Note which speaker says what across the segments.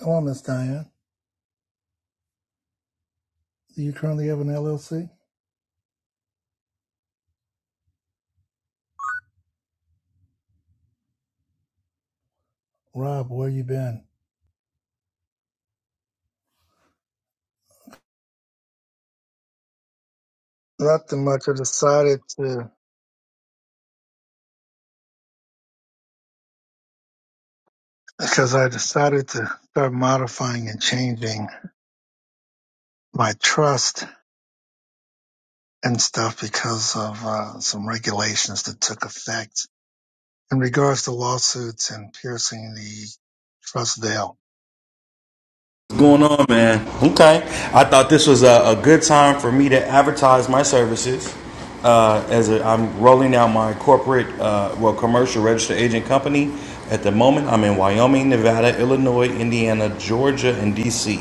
Speaker 1: Hello, Miss Diane. Do you currently have an LLC? Rob, where you been? Nothing much. I decided to because I decided to start modifying and changing my trust and stuff because of uh, some regulations that took effect in regards to lawsuits and piercing the trust veil.
Speaker 2: going on, man? Okay. I thought this was a, a good time for me to advertise my services. Uh, as a, I'm rolling out my corporate, uh, well, commercial registered agent company. At the moment, I'm in Wyoming, Nevada, Illinois, Indiana, Georgia, and DC.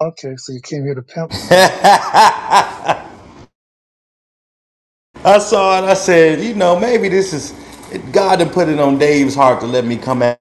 Speaker 1: Okay, so you came here to pimp me, huh?
Speaker 2: I saw it. I said, you know, maybe this is God had put it on Dave's heart to let me come back.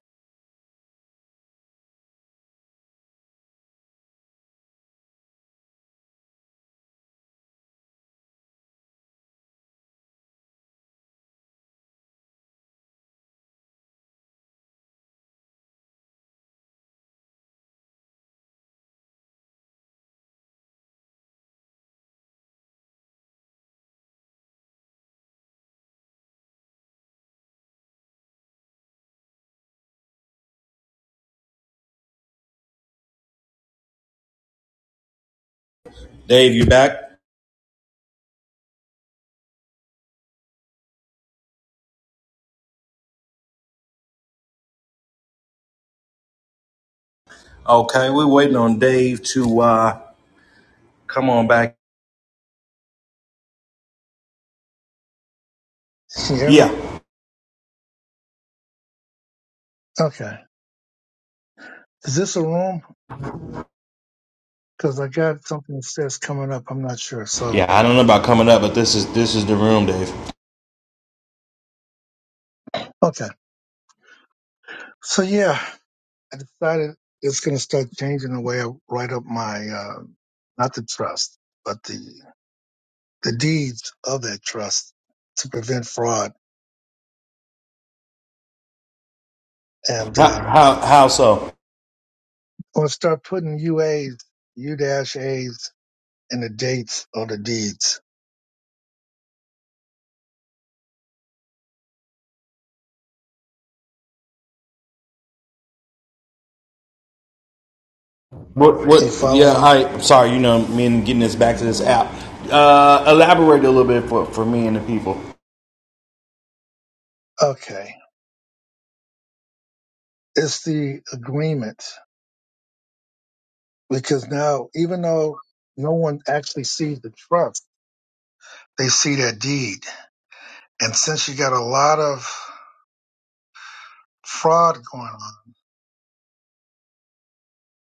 Speaker 2: Dave, you back? Okay, we're waiting on Dave to uh, come on back.
Speaker 1: Can you hear me?
Speaker 2: Yeah.
Speaker 1: Okay. Is this a room? Because I got something that says coming up. I'm not sure.
Speaker 2: Yeah,
Speaker 1: So,
Speaker 2: I don't know about coming up, but this is this is the room, Dave.
Speaker 1: okay. So, yeah. I decided it's going to start changing the way I write up my uh, not the trust, but the the deeds of that trust to prevent fraud. And
Speaker 2: How
Speaker 1: um,
Speaker 2: how how so?
Speaker 1: I'm going to start putting UAs, U dash A's, and the dates on the deeds.
Speaker 2: What what?
Speaker 1: You follow
Speaker 2: Yeah,
Speaker 1: me?
Speaker 2: I I'm sorry. You know, me and getting this back to this app. Uh, elaborate a little bit for for me and the people.
Speaker 1: Okay. It's the agreement because now, even though no one actually sees the trust, they see that deed. And since you got a lot of fraud going on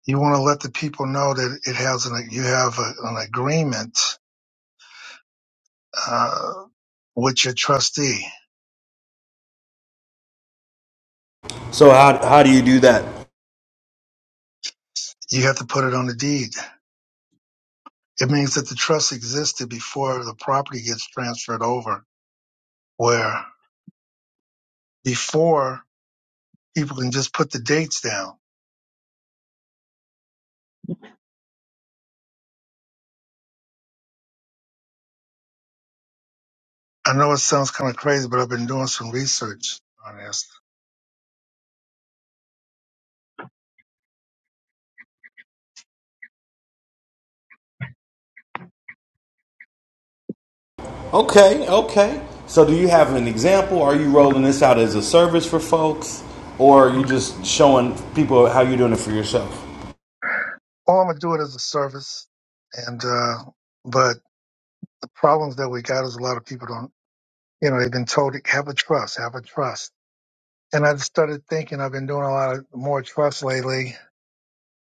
Speaker 1: you want to let the people know that it has an you have a, an agreement uh, with your trustee.
Speaker 2: So how how do you do that?
Speaker 1: You have to put it on the deed. It means that the trust existed before the property gets transferred over. Where before people can just put the dates down. I know it sounds kind of crazy, but I've been doing some research on this.
Speaker 2: Okay, okay. So do you have an example? Are you rolling this out as a service for folks, or are you just showing people how you're doing it for yourself?
Speaker 1: All I'm gonna do it as a service, and uh, but the problems that we got is a lot of people don't. You know, they've been told have a trust, have a trust And I've started thinking, I've been doing a lot of more trusts lately.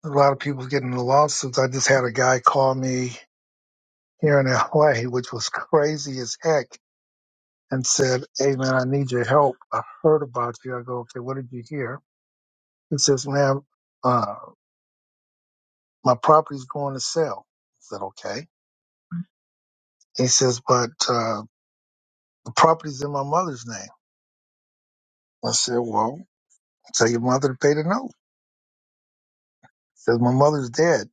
Speaker 1: A lot of people getting into lawsuits. I just had a guy call me here in LA, which was crazy as heck, and said, Hey man, I need your help. I heard about you. I go, Okay, what did you hear? He says, Ma'am, uh, my property's going to sell. I said, Okay. He says, But uh, the property's in my mother's name. I said, Well, tell your mother to pay the note. He says, My mother's dead.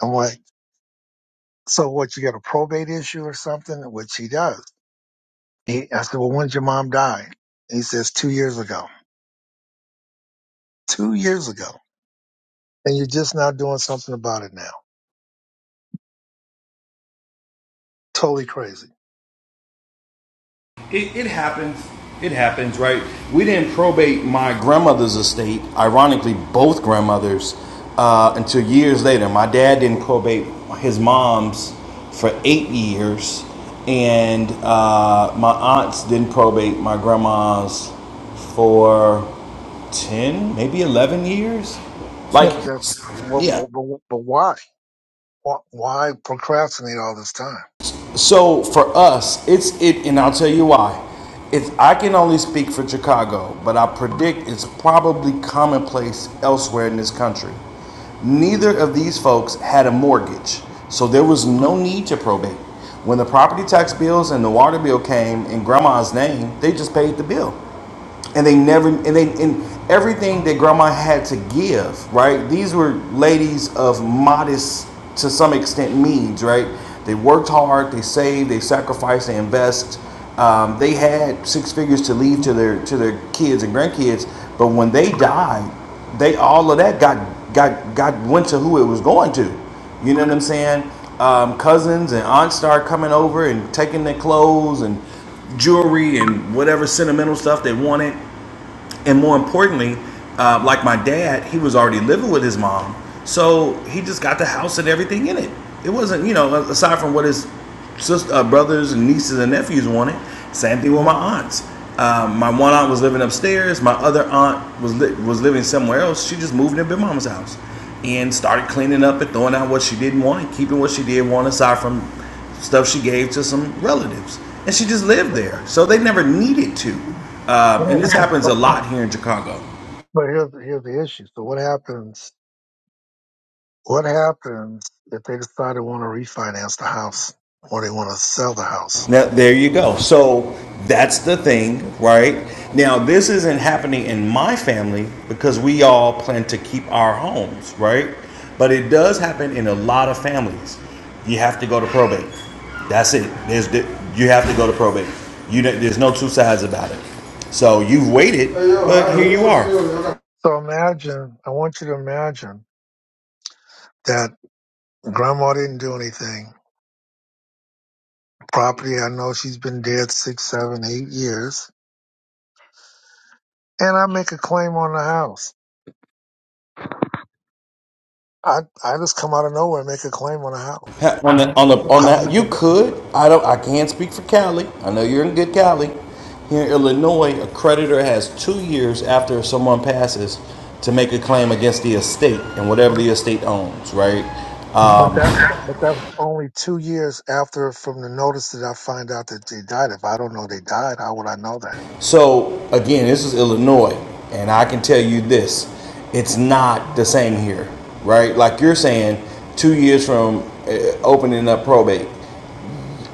Speaker 1: I'm like, so what you got a probate issue or something which he does He, I said, well, when did your mom die? He says, two years ago. Two years ago. And you're just now doing something about it now. Totally crazy.
Speaker 2: It, it happens. It happens, right? We didn't probate my grandmother's estate, ironically, both grandmothers, uh, until years later. My dad didn't probate his mom's for eight years, and uh, my aunts didn't probate my grandma's for 10, maybe 11 years.
Speaker 1: Yeah,
Speaker 2: Like,
Speaker 1: but that, wh-
Speaker 2: yeah,
Speaker 1: wh- but, but why? Why why procrastinate all this time?
Speaker 2: So for us, it's it, and I'll tell you why. It's I can only speak for Chicago, but I predict it's probably commonplace elsewhere in this country. Neither of these folks had a mortgage, so there was no need to probate. When the property tax bills and the water bill came in grandma's name, they just paid the bill and they never and they and everything that grandma had to give right these were ladies of modest to some extent means right they worked hard they saved they sacrificed they invest um, they had six figures to leave to their to their kids and grandkids but when they died they all of that got got got went to who it was going to you know what i'm saying um, cousins and aunts start coming over and taking their clothes and jewelry and whatever sentimental stuff they wanted and more importantly, uh, like my dad, he was already living with his mom, so he just got the house and everything in it. It wasn't, you know, aside from what his sister, uh, brothers and nieces and nephews wanted. Same thing with my aunts. Um, my one aunt was living upstairs. My other aunt was li- was living somewhere else. She just moved into Big Mama's house and started cleaning up and throwing out what she didn't want and keeping what she did want aside from stuff she gave to some relatives. And she just lived there, so they never needed to. Um, and
Speaker 1: Yeah.
Speaker 2: this happens a
Speaker 1: But,
Speaker 2: lot here in Chicago.
Speaker 1: but here's, here's the issue. So what happens? What happens if they decide they want to refinance the house or they want to sell the house?
Speaker 2: Now, there you go. So that's the thing, right? Now, this isn't happening in my family because we all plan to keep our homes, right? But it does happen in a lot of families. You have to go to probate. That's it. There's the, you have to go to probate. You there's no two sides about it. So you've waited, but here you are.
Speaker 1: So imagine, I want you to imagine that grandma didn't do anything. Property, I know she's been dead six, seven, eight years And I make a claim on the house. I I just come out of nowhere and make a claim on the house.
Speaker 2: Ha- On I the on the on
Speaker 1: How do
Speaker 2: that
Speaker 1: you?
Speaker 2: you
Speaker 1: prevent-
Speaker 2: could I don't I can't speak for Cali. I know you're in good Cali. Here in Illinois, a creditor has two years after someone passes to make a claim against the estate and whatever the estate owns, right?
Speaker 1: But
Speaker 2: Um,
Speaker 1: that's but that's only two years after from the notice that I find out that they died. If I don't know they died, how would I know that?
Speaker 2: so again, this is Illinois, and I can tell you this: it's not the same here, right? Like you're saying, two years from uh, opening up probate.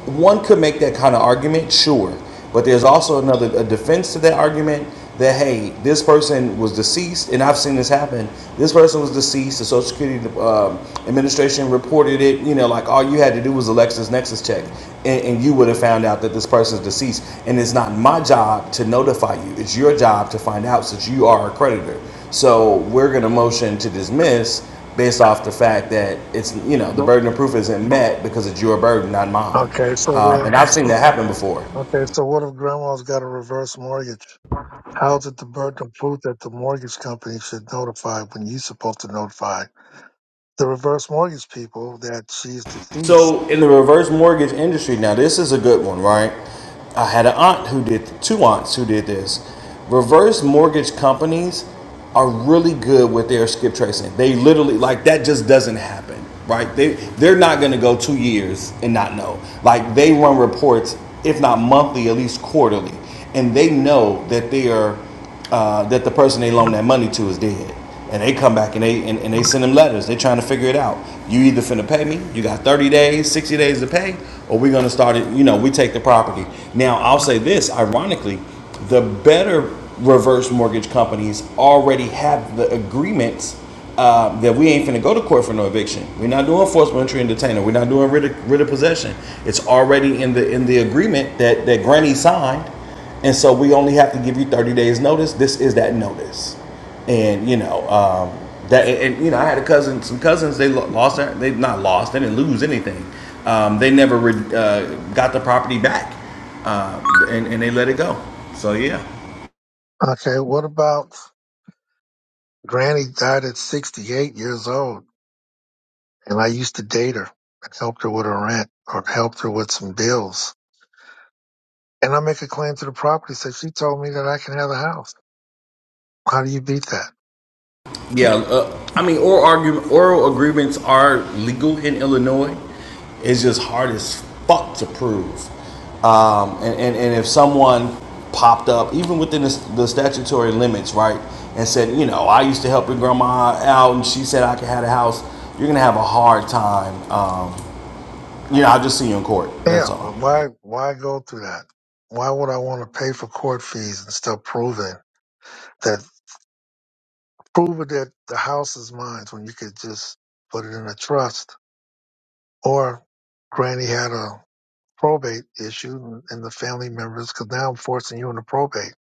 Speaker 2: one could make that kind of argument, sure. But there's also another a defense to that argument that hey, this person was deceased, and I've seen this happen. This person was deceased. The Social Security um, Administration reported it. You know, like all you had to do was a LexisNexis check, and, and you would have found out that this person's deceased. And it's not my job to notify you. It's your job to find out since you are a creditor. So we're gonna motion to dismiss based off the fact that it's you know the
Speaker 1: Nope.
Speaker 2: burden of proof isn't met because it's your burden, not mine.
Speaker 1: Okay, so
Speaker 2: Um,
Speaker 1: there.
Speaker 2: and I've seen that happen before.
Speaker 1: Okay, so what if Grandma's got a reverse mortgage? How's it the burden of proof that the mortgage company should notify when you're supposed to notify the reverse mortgage people that she's deceased?
Speaker 2: So in the reverse mortgage industry, now this is a good one, right? I had an aunt who did two aunts who did this. Reverse mortgage companies are really good with their skip tracing. They literally like that just doesn't happen, right? They they're not going to go 2 years and not know. Like they run reports if not monthly, at least quarterly, and they know that they are uh, that the person they loan that money to is dead. And they come back and they and, and they send them letters. They're trying to figure it out. You either finna pay me, you got 30 days, 60 days to pay, or we're gonna start it, you know, we take the property. Now I'll say this, ironically, the better reverse mortgage companies already have the agreements uh, that we ain't finna go to court for no eviction. We're not doing forcible entry and detainer. We're not doing writ of, writ of possession. It's already in the in the agreement that that Granny signed and so we only have to give you 30 days notice. This is that notice. And you know, um, that and, you know, I had a cousin, some cousins, they lost their, they not lost, they didn't lose anything. Um, they never re- uh, got the property back, uh, and, and they let it go. So yeah.
Speaker 1: Okay, what about Granny died at 68 years old? And I used to date her and helped her with her rent or helped her with some bills. And I make a claim to the property, So she told me that I can have the house. How do you beat that?
Speaker 2: Yeah, uh, I mean, oral argument, oral agreements are legal in Illinois. It's just hard as fuck to prove. Um, and, and, and if someone popped up, even within the, the statutory limits, right, and said, you know, I used to help your grandma out and she said I could have a house, you're going to have a hard time. Um, you know, I'll just see you in court. That's
Speaker 1: Yeah, but
Speaker 2: all.
Speaker 1: why why go through that? Why would I want to pay for court fees and stuff proving that proving that the house is mine when you could just put it in a trust? Or Granny had a probate issue and and the family members because now I'm forcing you into probate.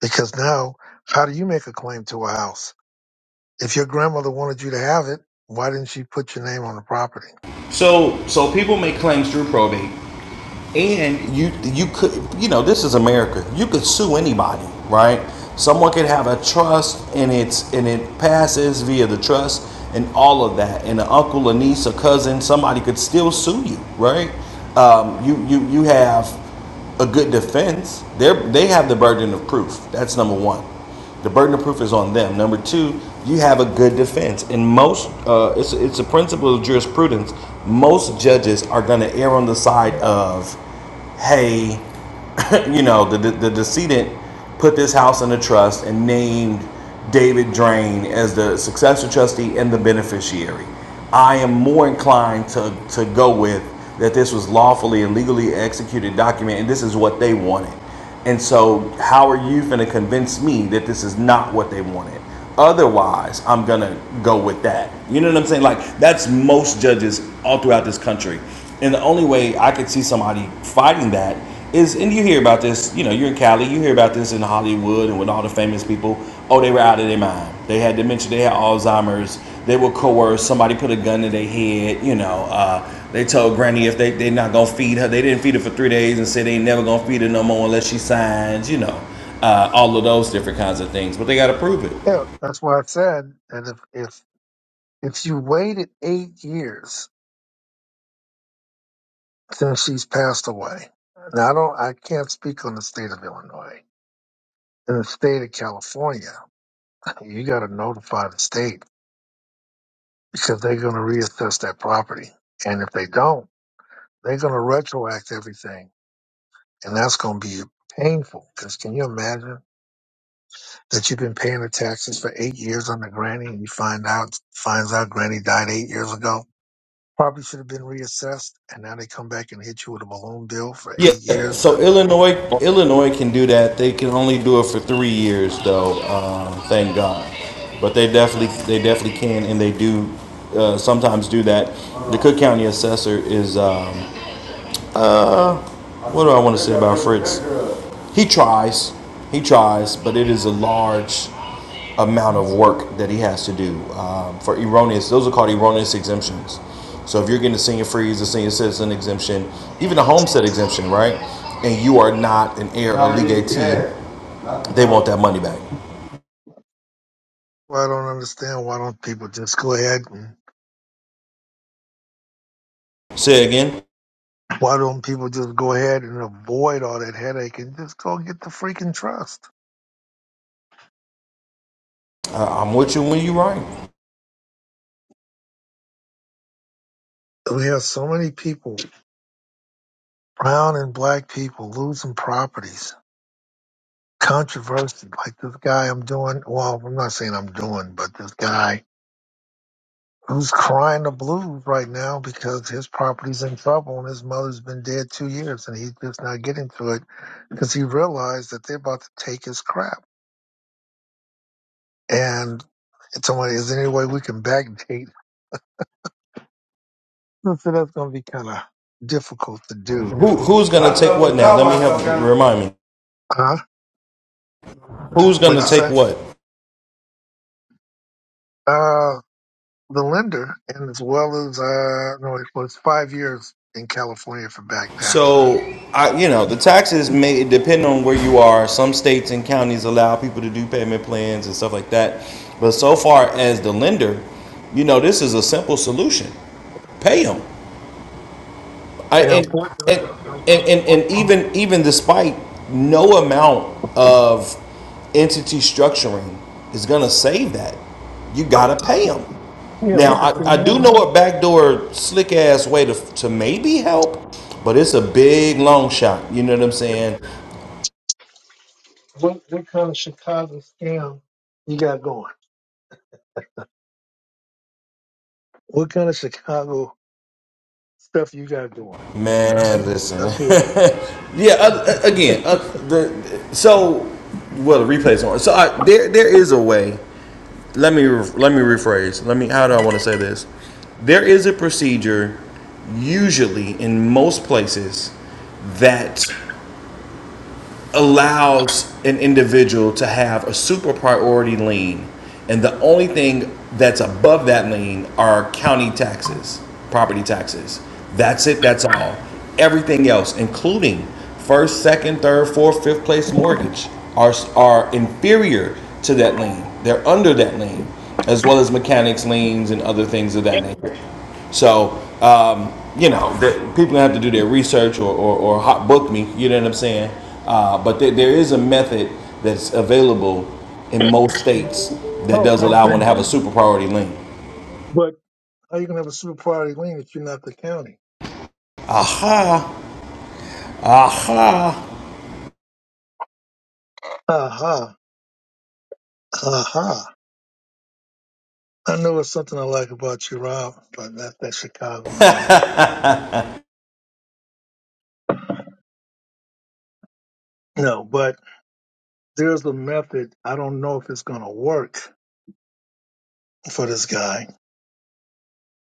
Speaker 1: Because now how do you make a claim to a house? If your grandmother wanted you to have it, why didn't she put your name on the property?
Speaker 2: So so people make claims through probate, and you you could you know this is America. You could sue anybody, right? Someone could have a trust and it's and it passes via the trust and all of that, and an uncle, a niece, a cousin, somebody could still sue you, right? Um, you you you have a good defense. They they have the burden of proof. That's number one. The burden of proof is on them. Number two, you have a good defense. and most, uh, it's it's a principle of jurisprudence. Most judges are going to err on the side of, hey, you know, the, the the decedent put this house in a trust and named David Drain as the successor trustee and the beneficiary. I am more inclined to to go with that this was lawfully and legally executed document, and this is what they wanted. And so, how are you going to convince me that this is not what they wanted? Otherwise, I'm going to go with that. You know what I'm saying? Like, that's most judges all throughout this country. And the only way I could see somebody fighting that is, and you hear about this, you know, you're in Cali, you hear about this in Hollywood and with all the famous people. Oh, they were out of their mind. They had dementia, they had Alzheimer's, they were coerced, somebody put a gun to their head, you know. Uh, they told Granny if they they not gonna feed her, they didn't feed her for three days and said they ain't never gonna feed her no more unless she signs. You know, uh, all of those different kinds of things. But they gotta prove it.
Speaker 1: Yeah, that's why I said that if if if you waited eight years since she's passed away, now I don't I can't speak on the state of Illinois. In the state of California, you got to notify the state because they're going to reassess that property, and if they don't, they're going to retroact everything, and that's going to be painful. Because can you imagine? that you've been paying the taxes for eight years on the granny and you find out finds out granny died eight years ago probably should have been reassessed and now they come back and hit you with a balloon bill for eight
Speaker 2: Yeah.
Speaker 1: years Uh,
Speaker 2: So Illinois Illinois can do that. They can only do it for three years though. Um, thank God. But they definitely they definitely can and they do. Uh, sometimes do that. The Cook County assessor is um, what do I want to say about Fritz? He tries, he tries, but it is a large amount of work that he has to do um, for erroneous. Those are called erroneous exemptions. So if you're getting a senior freeze, a senior citizen exemption, even a homestead exemption, right? And you are not an heir or Not they want that money back.
Speaker 1: well, i don't understand why don't people just go ahead and
Speaker 2: Say it again.
Speaker 1: why don't people just go ahead and avoid all that headache and just go get the freaking trust
Speaker 2: Uh, I'm with you when you are right.
Speaker 1: we have so many people brown and black people losing properties controversy like this guy i'm doing well i'm not saying i'm doing but this guy who's crying the blues right now because his property's in trouble and his mother's been dead two years and he's just not getting to it because he realized that they're about to take his crap. And it's only is there any way we can backdate? So that's going to be kind of difficult to do.
Speaker 2: Who who's gonna take what now? Let me help motherfucker. remind me.
Speaker 1: Huh?
Speaker 2: Who's
Speaker 1: What'd
Speaker 2: gonna
Speaker 1: you
Speaker 2: take
Speaker 1: say?
Speaker 2: what?
Speaker 1: Uh, the lender, and as well as, uh, no, it was five years in California for back taxes.
Speaker 2: So, I, you know, the taxes may depend on where you are. Some states and counties allow people to do payment plans and stuff like that. But so far as the lender, you know, this is a simple solution. Pay them. I,
Speaker 1: Yeah,
Speaker 2: and, and
Speaker 1: unfortunately.
Speaker 2: and and
Speaker 1: Uh, um,
Speaker 2: and even even despite no amount of entity structuring is gonna save that, you gotta pay them.
Speaker 1: yeah,
Speaker 2: Now
Speaker 1: but the
Speaker 2: I, I
Speaker 1: thing is,
Speaker 2: do know a backdoor slick ass way to to maybe help, but it's a big long shot. You know what I'm saying,
Speaker 1: What what kind of Chicago scam you got going? What kind of Chicago stuff you got going?
Speaker 2: man? Listen,
Speaker 1: Let's hear it.
Speaker 2: yeah. Uh, uh, again, uh, the so well the replay's on. So I, there there is a way. let me let me rephrase. Let me how do I want to say this? There is a procedure usually in most places that allows an individual to have a super priority lien, and the only thing that's above that lien are county taxes, property taxes. That's it, that's all. Everything else, including first, second, third, fourth, fifth place mortgage, are, are inferior to that lien. They're under that lien, as well as mechanics liens and other things of
Speaker 1: Yeah.
Speaker 2: that nature. So, um, you know, the, people have to do their research or, or, or hot book me. You know what I'm saying? Uh, but there, there is a method that's available in most states that
Speaker 1: Oh,
Speaker 2: does
Speaker 1: I
Speaker 2: allow
Speaker 1: hear
Speaker 2: one to
Speaker 1: you.
Speaker 2: have a super priority lien.
Speaker 1: But how you gonna have a super priority lien if you're not the county?
Speaker 2: Aha, aha.
Speaker 1: Aha, aha. I know it's something I like about you, Rob, but not that Chicago in you. No, but there's a method. I don't know if it's gonna work for this guy.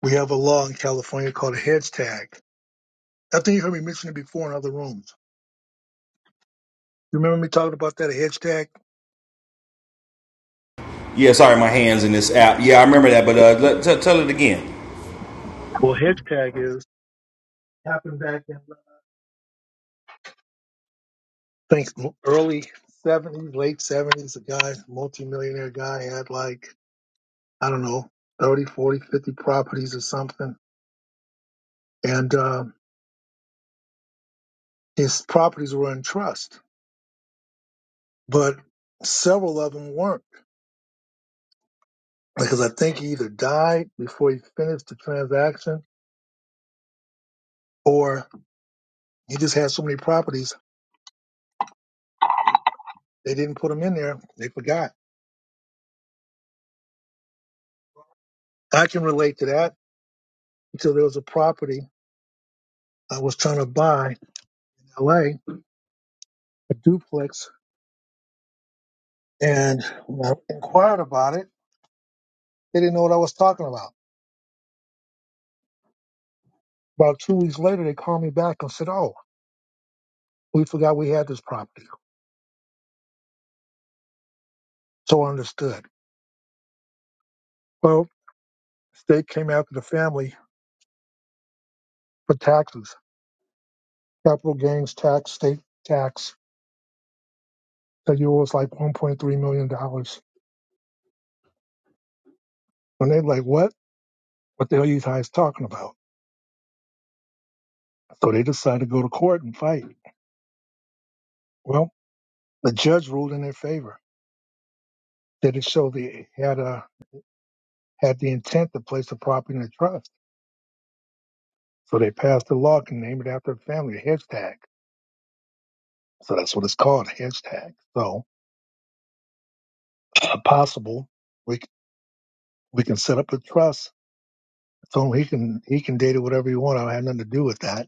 Speaker 1: We have a law in California called a hedge tag. I think you heard me mention it before in other rooms. You remember me talking about that a hedge tag?
Speaker 2: Yeah, sorry, my hands in this app. Yeah, I remember that, but uh, let, t- tell it again.
Speaker 1: Well, Hitchcock is happened back in I think early seventies, late seventies. A guy, multimillionaire guy, had like I don't know 30, 40, 50 properties or something, and um, his properties were in trust, but several of them weren't because I think he either died before he finished the transaction, or he just had so many properties they didn't put them in there. They forgot. I can relate to that because there was a property I was trying to buy in L.A. a a duplex And when I inquired about it, they didn't know what I was talking about. About two weeks later, they called me back and said, Oh, we forgot we had this property. So I understood. Well, state came after the family for taxes, capital gains tax, state tax. That year was like $1.3 million. dollars. And they're like, What? What the hell are you guys talking about? So they decided to go to court and fight. Well, the judge ruled in their favor. They it showed they had, uh, had the intent to place the property in a trust So they passed a law and named it after the family, a Hashtag. So that's what it's called, a Hashtag. So possible we c- we can set up a trust. So he can he can date it whatever he want. I don't have nothing to do with that.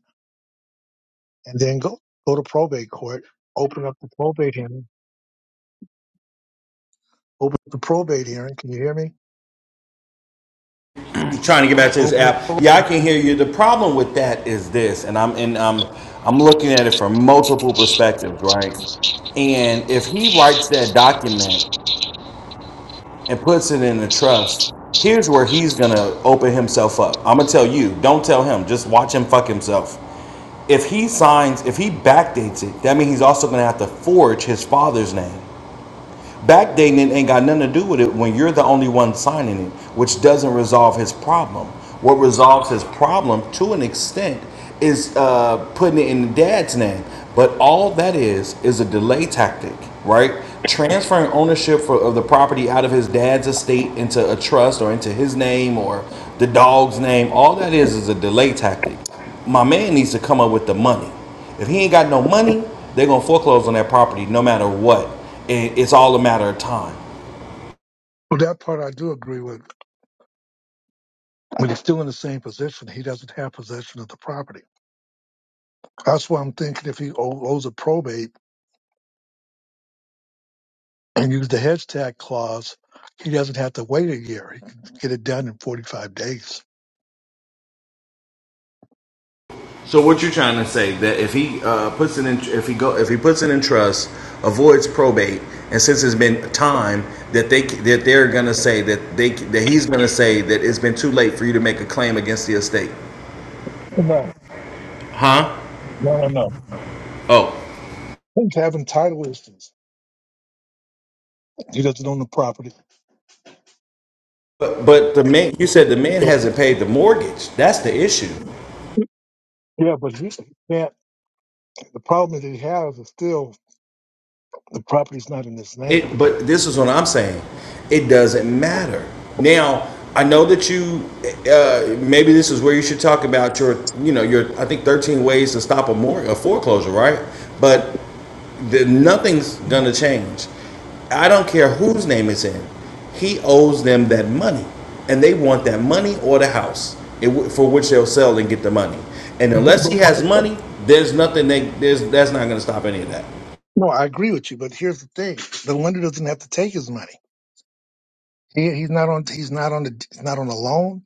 Speaker 1: And then go go to probate court, open up the probate hearing, open up the probate hearing. Can you hear me?
Speaker 2: I'm trying to get back to this
Speaker 1: Open up.
Speaker 2: app.
Speaker 1: Pro-
Speaker 2: Yeah, I can hear you. The problem with that is this, and I'm and um, I'm looking at it from multiple perspectives, right? And if he writes that document and puts it in the trust, here's where he's gonna open himself up. I'm gonna tell you, don't tell him, just watch him fuck himself. If he signs, if he backdates it, that means he's also gonna have to forge his father's name. Backdating it ain't got nothing to do with it when you're the only one signing it, which doesn't resolve his problem. What resolves his problem to an extent is uh, putting it in the dad's name. But all that is is a delay tactic, right? Transferring ownership for, of the property out of his dad's estate into a trust or into his name or the dog's name. All that is is a delay tactic. My man needs to come up with the money. If he ain't got no money, they're gonna foreclose on that property no matter what. it's all a matter of time.
Speaker 1: well, that part I do agree with. But he's still in the same position. He doesn't have possession of the property. That's why I'm thinking if he o- owes a probate and use the hedge tag clause, he doesn't have to wait a year. He can get it done in 45 days.
Speaker 2: So what you're trying to say that if he uh, puts it in, if he go, if he puts it in trust, avoids probate, and since it's been time that they that they're gonna say that they that he's gonna say that it's been too late for you to make a claim against the estate,
Speaker 1: No,
Speaker 2: huh?
Speaker 1: no, no, no.
Speaker 2: Oh,
Speaker 1: He's having title issues. He doesn't own the property.
Speaker 2: But but the man, you said the man
Speaker 1: So,
Speaker 2: hasn't paid the mortgage. That's the issue.
Speaker 1: yeah, but he can't. The problem that he has is still the property's not in his name.
Speaker 2: It, but this is what I'm saying. It doesn't matter. Now, I know that you, uh, maybe this is where you should talk about your, you know, your, I think 13 ways to stop a, mor- a foreclosure, right? But the, nothing's going to change. I don't care whose name it's in. He owes them that money, and they want that money or the house it for which they'll sell and get the money. And unless
Speaker 1: But,
Speaker 2: he has money, there's nothing they there's that's not going to stop any of that.
Speaker 1: No, I agree with you, but here's the thing: the lender doesn't have to take his money. He, he's not on. He's not on. The, he's not on a loan.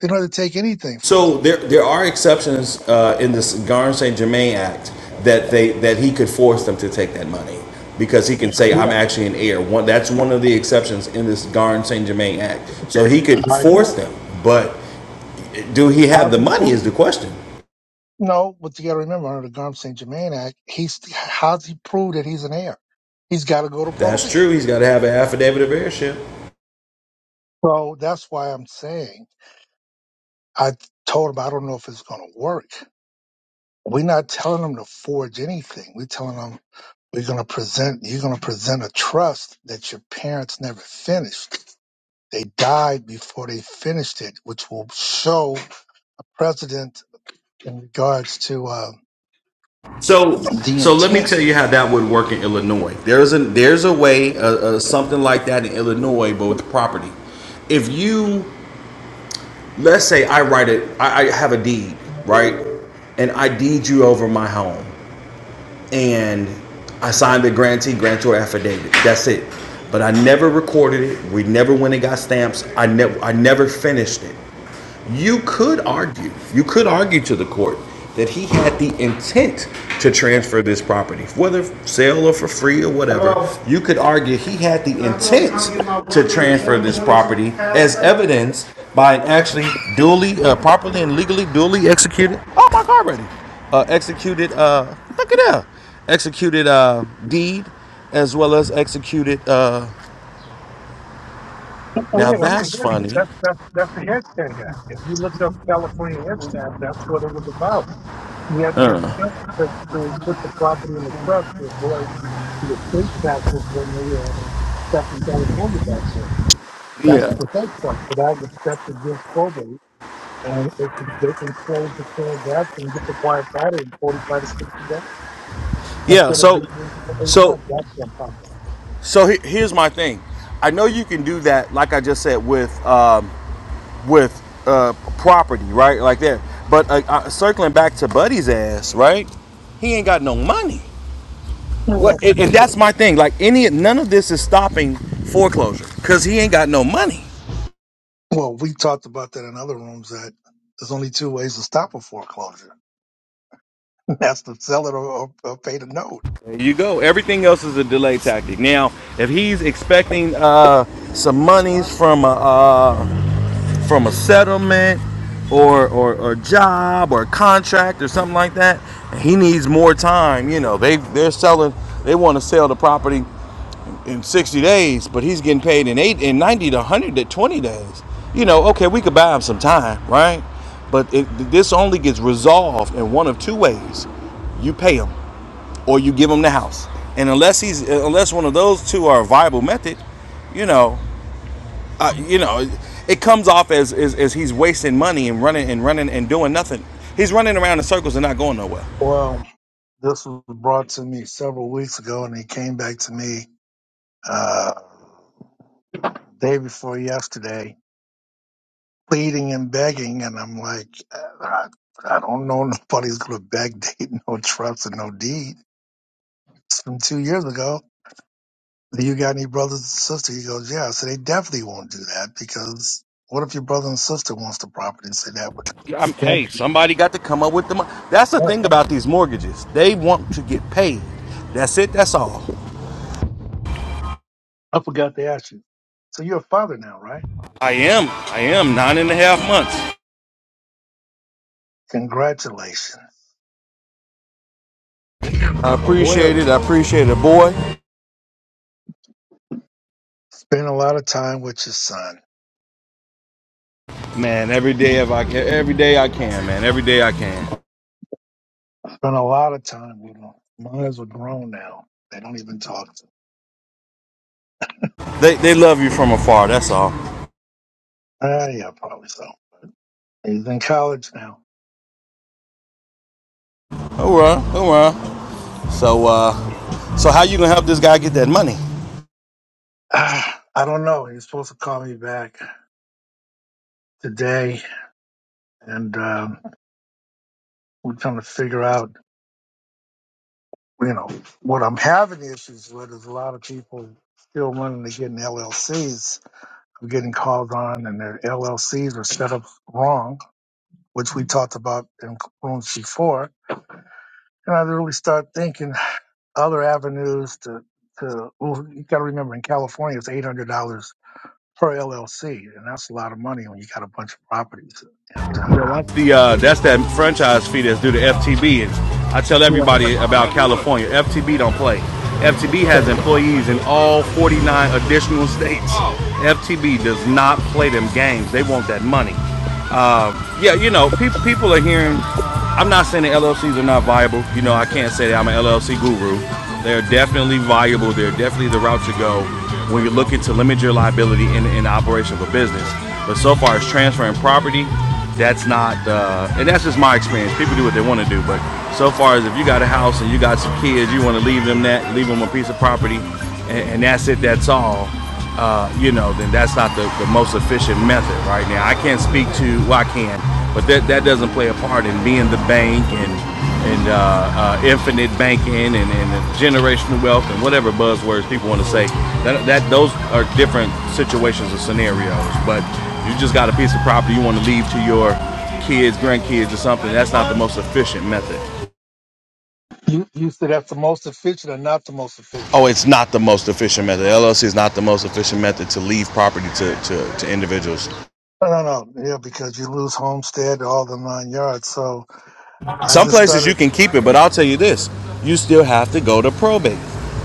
Speaker 1: They don't have to take anything from
Speaker 2: So there, there are exceptions uh, in this Garn Saint Germain Act that they that he could force them to take that money because he can say
Speaker 1: him.
Speaker 2: I'm
Speaker 1: Yeah, but
Speaker 2: actually an heir. One, that's one of the exceptions in this Garn Saint Germain Act. So he could
Speaker 1: I
Speaker 2: force
Speaker 1: agree.
Speaker 2: them, but do he have
Speaker 1: How's
Speaker 2: the
Speaker 1: he
Speaker 2: money is
Speaker 1: proved
Speaker 2: the
Speaker 1: it?
Speaker 2: question.
Speaker 1: No, but you got to remember under the Garm St. Germain Act, he's how's he prove that he's an heir? He's got to go to
Speaker 2: That's true.
Speaker 1: probate.
Speaker 2: He's got to have an affidavit of heirship.
Speaker 1: So that's why I'm saying I told him I don't know if it's going to work. We're not telling him to forge anything. We're telling him we're going to present. You're going to present a trust that your parents never finished They died before they finished it, which will show a precedent in regards to uh,
Speaker 2: So,
Speaker 1: the
Speaker 2: so let me
Speaker 1: intent.
Speaker 2: tell you how that would work in Illinois. There's a there's a way, uh, uh, something like that in Illinois, but with property if you Let's say I write it, I, I have a deed, right? And I deed you over my home and I signed the grantee, grantor affidavit. That's it. But I never recorded it. We never went and got stamps. I never I never finished it. You could argue, you could argue to the court that he had the intent to transfer this property, whether for sale or for free or whatever. You could argue he had the intent to transfer this property as evidenced by an actually duly, uh, properly and legally duly executed, oh my God, ready, uh, executed, uh, look at that, executed, uh, deed as well as executed, uh,
Speaker 1: Oh
Speaker 2: now
Speaker 1: yeah, that's the
Speaker 2: that's
Speaker 1: head.
Speaker 2: funny.
Speaker 1: That's that's that's the headstand guy. If you look up California headstand, that's what it was about. He had the
Speaker 2: Uh,
Speaker 1: intent to, to put the property in the trust to avoid the estate taxes when we were in stuck in California back then. That's
Speaker 2: Yeah.
Speaker 1: the fake stuff. So that was set against probate, and they can, they can close the transaction and get the quiet title in 45 to 60 days
Speaker 2: Yeah.
Speaker 1: instead of
Speaker 2: So,
Speaker 1: being in for eight
Speaker 2: so
Speaker 1: months. That's what I'm talking
Speaker 2: So he- here's my thing. I know you can do that, like I just said, with um, with uh, property, right, like that. But uh, uh, circling back to Buddy's ass, right? He ain't got no money.
Speaker 1: about. No,
Speaker 2: What?
Speaker 1: that's-
Speaker 2: And, and that's my thing. Like any, none of this is stopping foreclosure because he ain't got no money.
Speaker 1: Well, we talked about that in other rooms that there's only two ways to stop a foreclosure. That's to sell it or, or, or pay the note.
Speaker 2: There you go. Everything else is a delay tactic. Now, if he's expecting uh, some monies from a, from a settlement or, or or job or contract or something like that. He needs more time. You know, they they're selling. They want to sell the property in 60 days, but he's getting paid in eight in 90 to 120 days. You know, okay, we could buy him some time, right? But it, this only gets resolved in one of two ways: you pay him, or you give him the house. And unless he's unless one of those two are a viable method, you know, uh, you know, it, comes off as, as as he's wasting money and running and running and doing nothing. He's running around in circles and not going nowhere.
Speaker 1: Well, this was brought to me several weeks ago, and it came back to me uh, day before yesterday. pleading and begging, and I'm like, I, I don't know nobody's gonna backdate no trust and no deed. It's from two years ago. Do you got any brothers and sisters? He goes, yeah. So they definitely won't do that because what if your brother and sister wants the property and say that?
Speaker 2: I'm,
Speaker 1: Yeah.
Speaker 2: hey, somebody got to come up with the money. That's the thing about these mortgages. They want to get paid. That's it. That's all.
Speaker 1: I forgot to ask you. So you're a father now, right?
Speaker 2: I am. I am nine and a half months.
Speaker 1: Congratulations.
Speaker 2: I
Speaker 1: A boy or
Speaker 2: appreciate it. I
Speaker 1: girl?
Speaker 2: appreciate it, boy.
Speaker 1: Spend a lot of time with your son.
Speaker 2: Man, every day if I can, every day I can, man. Every day I can.
Speaker 1: Spend a lot of time with him. Mine is grown now. They don't even talk to him.
Speaker 2: They they love you from afar. That's all.
Speaker 1: Ah, yeah, probably so. He's in college now.
Speaker 2: All right. All right. So uh, so how you gonna help this guy get that money?
Speaker 1: Ah, I don't know. He's supposed to call me back today, and um, we're trying to figure out, you know, what I'm having issues with is a lot of people still wanting to get in LLCs. I'm getting called on, and their LLCs are set up wrong, which we talked about in rooms before. And I really start thinking other avenues to. To, well, you got to remember in California, it's $800 per LLC, and that's a lot of money when you got a bunch of properties. And uh,
Speaker 2: That's the uh, that's that franchise fee that's due to FTB. And I tell
Speaker 1: yeah,
Speaker 2: everybody about California. FTB don't play. FTB has
Speaker 1: so
Speaker 2: employees in all 49 additional states. FTB does not play them games. They want that money yeah, you know, people people are hearing. I'm not saying the LLCs are not viable. You know, I can't say that I'm an LLC guru. They're definitely viable. They're definitely the route to go when you're looking to limit your liability in, in the operation of a business. But so far as transferring property, that's not, uh, and that's just my experience. People do what they want to do. But so far as if you got a house and you got some kids, you want to leave them that, leave them a piece of property, and, and that's it, that's all uh, you know, then that's not the, the most efficient method right now. I can't speak to, well, I can, but that, that doesn't play a part in being the bank and, and uh, uh, infinite banking and, and generational wealth and whatever buzzwords people want to say. That, that Those are different situations or scenarios, but you just got a piece of property you want to leave to your kids, grandkids, or something. That's not the most efficient method.
Speaker 1: you you said that's the most efficient or not the most
Speaker 2: Oh,
Speaker 1: efficient?
Speaker 2: it's not the most efficient method. LLC is not the most efficient method to leave property to, to, to individuals.
Speaker 1: No, no, no. Yeah, because you lose homestead, all the nine yards. So I
Speaker 2: Some
Speaker 1: just
Speaker 2: places you
Speaker 1: started.
Speaker 2: can keep it, but I'll tell you this you still have to go to probate.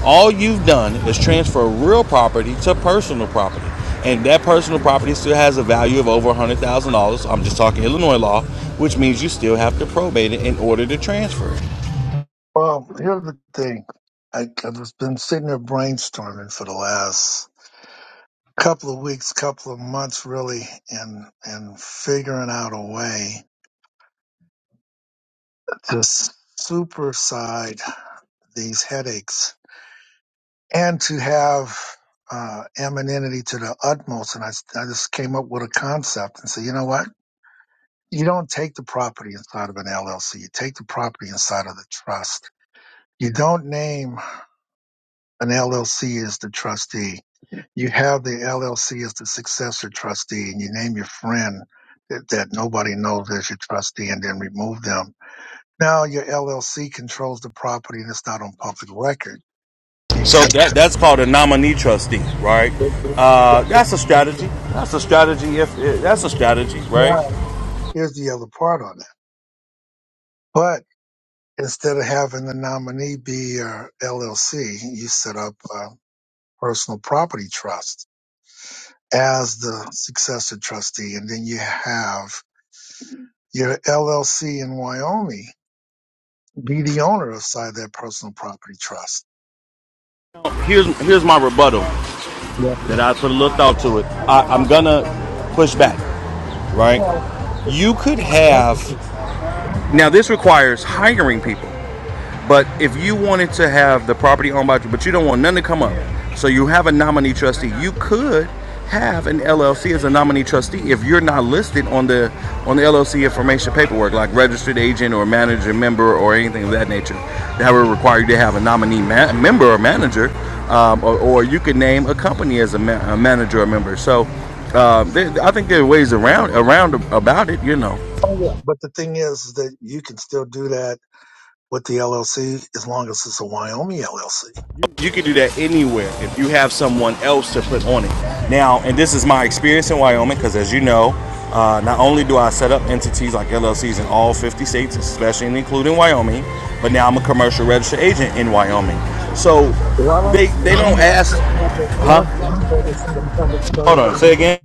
Speaker 2: All you've done is transfer real property to personal property. And that personal property still has a value of over $100,000. I'm just talking Illinois law, which means you still have to probate it in order to transfer it.
Speaker 1: Well, here's the thing. I, I've just been sitting there brainstorming for the last couple of weeks, couple of months really and and figuring out a way to superside these headaches and to have uh, amenity to the utmost. And I, s- I just came up with a concept and said, you know what? You don't take the property inside of an LLC. You take the property inside of the trust. You don't name An LLC is the trustee. You have the LLC as the successor trustee, and you name your friend that, that nobody knows as your trustee, and then remove them. Now your LLC controls the property, and it's not on public record
Speaker 2: So
Speaker 1: because
Speaker 2: that, that's called a nominee trustee, right? Uh, that's a strategy. That's a strategy. If, if that's a strategy, right?
Speaker 1: now here's the other part on it. But instead of having the nominee be your LLC, you set up a personal property trust as the successor trustee, and then you have your LLC in Wyoming be the owner of side that personal property trust.
Speaker 2: Here's here's my rebuttal
Speaker 1: Yeah.
Speaker 2: that I put a little thought to it. I, I'm gonna push back. right?
Speaker 1: Well,
Speaker 2: You could have Now, this requires hiring people. But if you wanted to have the property owned by, but you don't want none to come up, so you have a nominee trustee, you could have an LLC as a nominee trustee if you're not listed on the on the LLC information paperwork, like registered agent or manager member or anything of that nature. That would require you to have a nominee ma- member or manager, um, or, or you could name a company as a, ma- a manager or member. So uh, there, I think there are ways around around about it, you know.
Speaker 1: Oh, yeah. But the thing is that you can still do that with the LLC as long as it's a Wyoming LLC.
Speaker 2: You can do that anywhere if you have someone else to put on it. Now, and this is my experience in Wyoming because, as you know, uh, not only do I set up entities like LLCs in all 50 states, especially including Wyoming, but now I'm a commercial registered agent in Wyoming. So
Speaker 1: Why don't
Speaker 2: they
Speaker 1: you
Speaker 2: they
Speaker 1: say
Speaker 2: don't
Speaker 1: this
Speaker 2: ask.
Speaker 1: public? Why don't you say this is a public
Speaker 2: Hold
Speaker 1: service
Speaker 2: on, say
Speaker 1: announcement?
Speaker 2: again.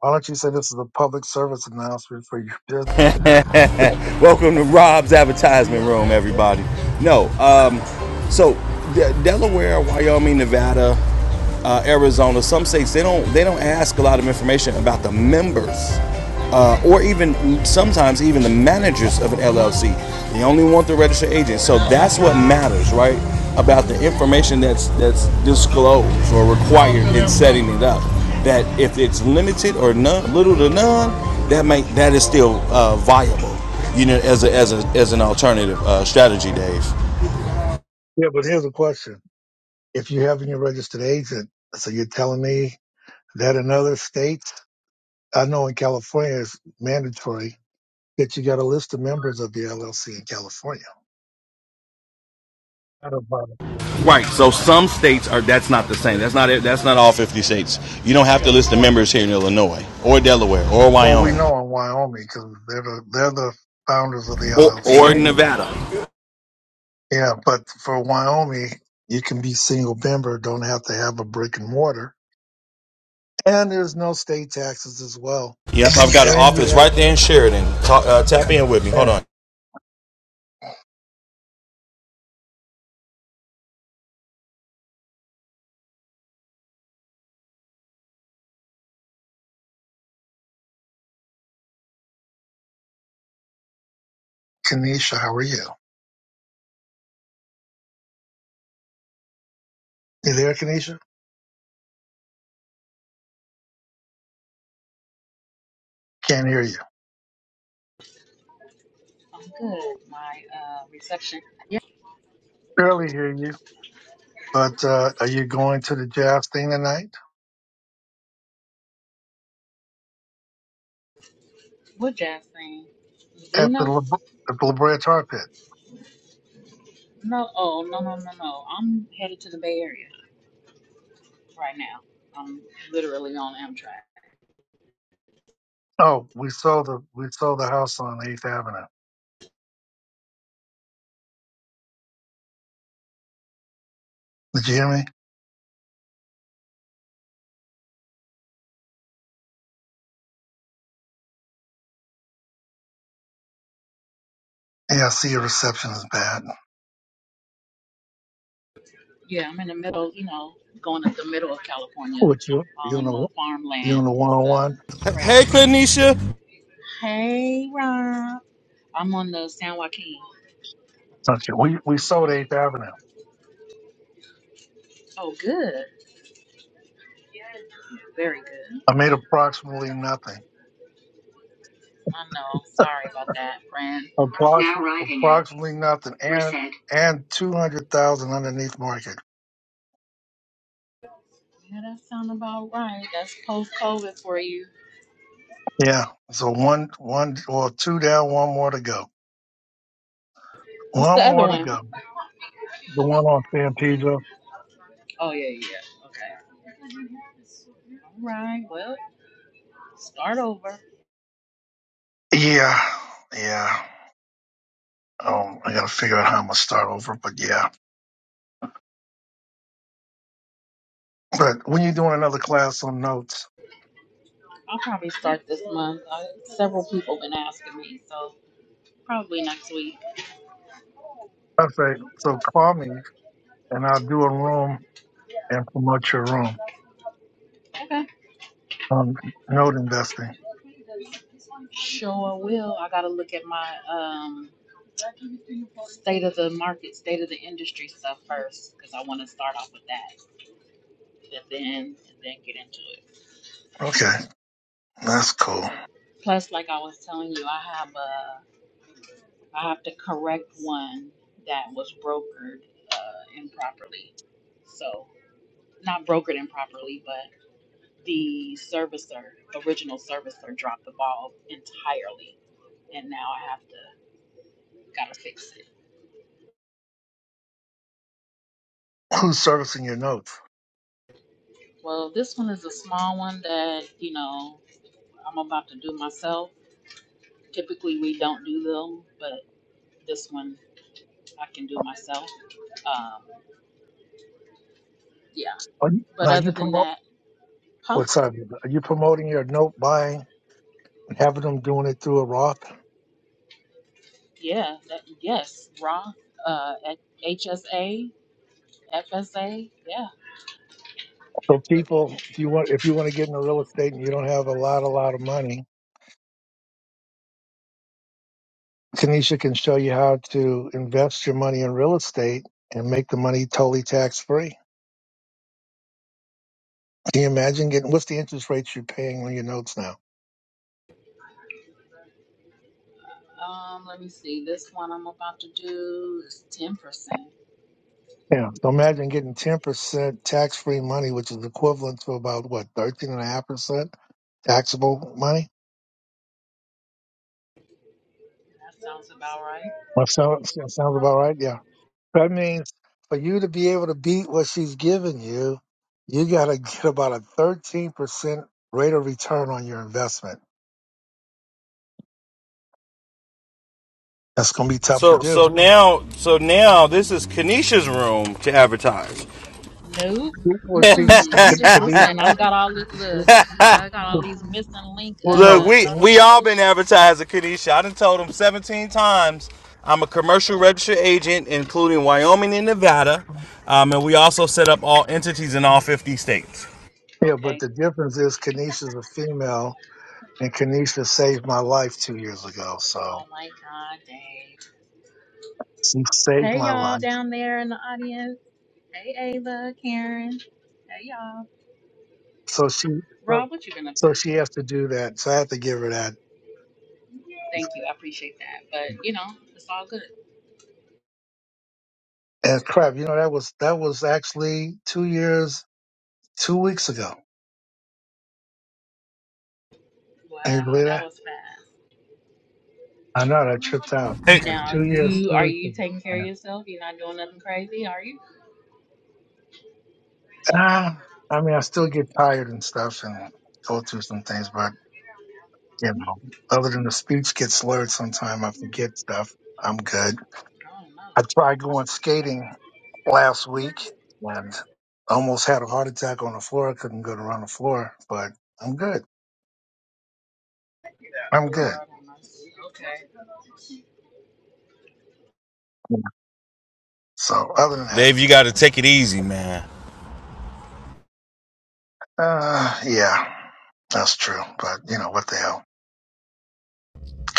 Speaker 1: Why don't you say this is a public service announcement for your business?
Speaker 2: Welcome to Rob's advertisement room, everybody. No, um, so De- Delaware, Wyoming, Nevada, uh, Arizona, some states they don't they don't ask a lot of information about the members, uh, or even sometimes even the managers of an LLC. They only want the registered agent. So that's what matters, right? About the information that's that's disclosed or required in setting it up. That if it's limited or none, little to none, that may that is still uh, viable you know, as a, as a, as an alternative uh, strategy, Dave.
Speaker 1: Yeah, but here's a question: If you haven't your registered agent, so you're telling me that in other states, I know in California it's mandatory that you got a list of members of the LLC in California. Out of, uh,
Speaker 2: Right. So some states are that's not the same. That's not it. That's not all 50 states. You don't have to list the members here in Illinois or Delaware or
Speaker 1: Well, we
Speaker 2: Wyoming.
Speaker 1: know in Wyoming because they're the, they're the founders of the
Speaker 2: Or,
Speaker 1: LLC
Speaker 2: or
Speaker 1: anyway.
Speaker 2: Nevada.
Speaker 1: Yeah, but for Wyoming, you can be single member, don't have to have a brick and mortar, and there's no state taxes as well.
Speaker 2: Yep, I've got an
Speaker 1: And you
Speaker 2: office
Speaker 1: have
Speaker 2: right there
Speaker 1: that.
Speaker 2: in Sheridan. Ta- uh, tap in with me.
Speaker 1: Yeah.
Speaker 2: Hold on.
Speaker 1: Kanisha, how are you? You there, Kanisha? Can't hear you.
Speaker 3: I'm good. My uh, reception. Yeah,
Speaker 1: Barely hear you. But uh, are you going to the jazz thing tonight
Speaker 3: what jazz thing? Blue
Speaker 1: at the
Speaker 3: Note?
Speaker 1: La, at the La Brea Tar Pit?
Speaker 3: No. Oh, no, no, no, no. I'm headed to the Bay Area right now. I'm literally on Amtrak.
Speaker 1: Oh, we sold the we sold the house on Eighth Avenue. Did you hear me? Hey, I see your reception is bad.
Speaker 3: Yeah, I'm in the middle. You know, going up the middle of California,
Speaker 1: What you
Speaker 3: all
Speaker 1: you on
Speaker 3: in the
Speaker 1: the you
Speaker 3: farmland
Speaker 1: on the one
Speaker 3: is
Speaker 1: on
Speaker 3: uh,
Speaker 1: one?
Speaker 2: Hey,
Speaker 3: crazy.
Speaker 2: Kanisha.
Speaker 3: Hey, Rob. I'm on the San Joaquin.
Speaker 1: Okay. We we sold Eighth Avenue.
Speaker 3: Oh, good. Very good.
Speaker 1: I made approximately nothing.
Speaker 3: I know. Sorry about that, friend. Now
Speaker 1: Approximately
Speaker 3: arriving at.
Speaker 1: approximately nothing,
Speaker 3: Mer-
Speaker 1: and and two hundred thousand underneath market.
Speaker 3: Yeah, that sound about right. That's post COVID for you.
Speaker 1: Yeah. So one one or two down, one more to go.
Speaker 3: What's the
Speaker 1: One
Speaker 3: other
Speaker 1: more to
Speaker 3: one?
Speaker 1: go. The one on San Pedro.
Speaker 3: Oh yeah, yeah. yeah. Okay. All right. Well, start over.
Speaker 1: Yeah. Yeah. Um, I gotta figure out how I'm gonna start over, but yeah. But when you're doing another class on notes,
Speaker 3: I'll probably start this month. Uh, several people been asking me, so probably next week.
Speaker 1: I say so. Call me and I'll do a room and promote your room
Speaker 3: Okay.
Speaker 1: on note investing.
Speaker 3: Sure will. I gotta look at my um state of the market, state of the industry stuff first, because I want to start off with that, and then and then get into it.
Speaker 1: Okay, that's cool.
Speaker 3: Plus, like I was telling you, I have a. I have to correct one that was brokered uh, improperly. So, not brokered improperly, but the servicer, original servicer, dropped the ball entirely. And now I have to, gotta fix it.
Speaker 1: Who's servicing your notes?
Speaker 3: Well, this one is a small one that, you know, I'm about to do myself. Typically, we don't do them, but this one I can do myself. Um, yeah.
Speaker 1: Are you,
Speaker 3: But
Speaker 1: now
Speaker 3: other
Speaker 1: you
Speaker 3: than
Speaker 1: promote
Speaker 3: that, huh?
Speaker 1: what's up? Are you promoting your note buying and having them doing it through a Roth?
Speaker 3: Yeah, that, yes, raw, uh, at HSA, FSA, yeah.
Speaker 1: So people, if you want, if you want to get into real estate and you don't have a lot, a lot of money, Tanisha can show you how to invest your money in real estate and make the money totally tax free. Can you imagine getting what's the interest rates you're paying on your notes now?
Speaker 3: Um, let me see, this one I'm about to do is ten percent.
Speaker 1: Yeah. So imagine getting 10% tax free money, which is equivalent to about what, 13.5% taxable money?
Speaker 3: That sounds about right.
Speaker 1: That sounds, that sounds about right. Yeah. That means for you to be able to beat what she's giving you, you got to get about a 13% rate of return on your investment. That's going to be tough to
Speaker 2: So
Speaker 1: do.
Speaker 2: so now so now this is Kanisha's room to advertise.
Speaker 3: Nope.
Speaker 1: Well, she's,
Speaker 3: Mm-mm. I'm just
Speaker 1: could be,
Speaker 3: listening. i got all these, look, I got
Speaker 1: well,
Speaker 3: all these missing link,
Speaker 2: Look,
Speaker 1: no.
Speaker 3: uh,
Speaker 2: we we all been
Speaker 3: notifications.
Speaker 2: advertising Kanisha. I done told them 17 times I'm a commercial registered agent, including Wyoming and Nevada. Um, and we also set up all entities in all 50 states.
Speaker 1: Yeah, but
Speaker 3: Okay.
Speaker 1: the difference is Kanisha's a female and Kanisha saved my life two years ago. So.
Speaker 3: Oh my God, Dave.
Speaker 1: She saved
Speaker 3: Hey
Speaker 1: my
Speaker 3: y'all
Speaker 1: life.
Speaker 3: down there in the audience. Hey Ava, Karen. Hey y'all.
Speaker 1: So she, so,
Speaker 3: Rob, what you been up to?
Speaker 1: so she has to do that. So I have to give her that.
Speaker 3: Thank you. I appreciate that. But you know, it's all good.
Speaker 1: And crap, you know that was that was actually two years, two weeks ago. Can you
Speaker 3: Wow,
Speaker 1: believe
Speaker 3: that
Speaker 1: that?
Speaker 3: was fast.
Speaker 1: I know that tripped out
Speaker 2: Hey,
Speaker 1: like
Speaker 3: Now
Speaker 1: two years,
Speaker 3: you
Speaker 1: two
Speaker 3: are
Speaker 1: weeks.
Speaker 3: you
Speaker 1: Ago.
Speaker 3: taking care of
Speaker 1: And,
Speaker 3: yourself? You're not doing nothing crazy, are you?
Speaker 1: ah, I mean, I still get tired and stuff and go through some things, but you know, other than the speech gets slurred sometime, I forget stuff. I'm good.
Speaker 3: I don't
Speaker 1: I
Speaker 3: know.
Speaker 1: tried going skating last week and almost had a heart attack on the floor. I couldn't go around the floor, but I'm good. I'm good.
Speaker 3: Lord have mercy. Okay.
Speaker 1: So other than that,
Speaker 2: Dave, you got to take it easy, man.
Speaker 1: uh, yeah, that's true. But you know what the hell?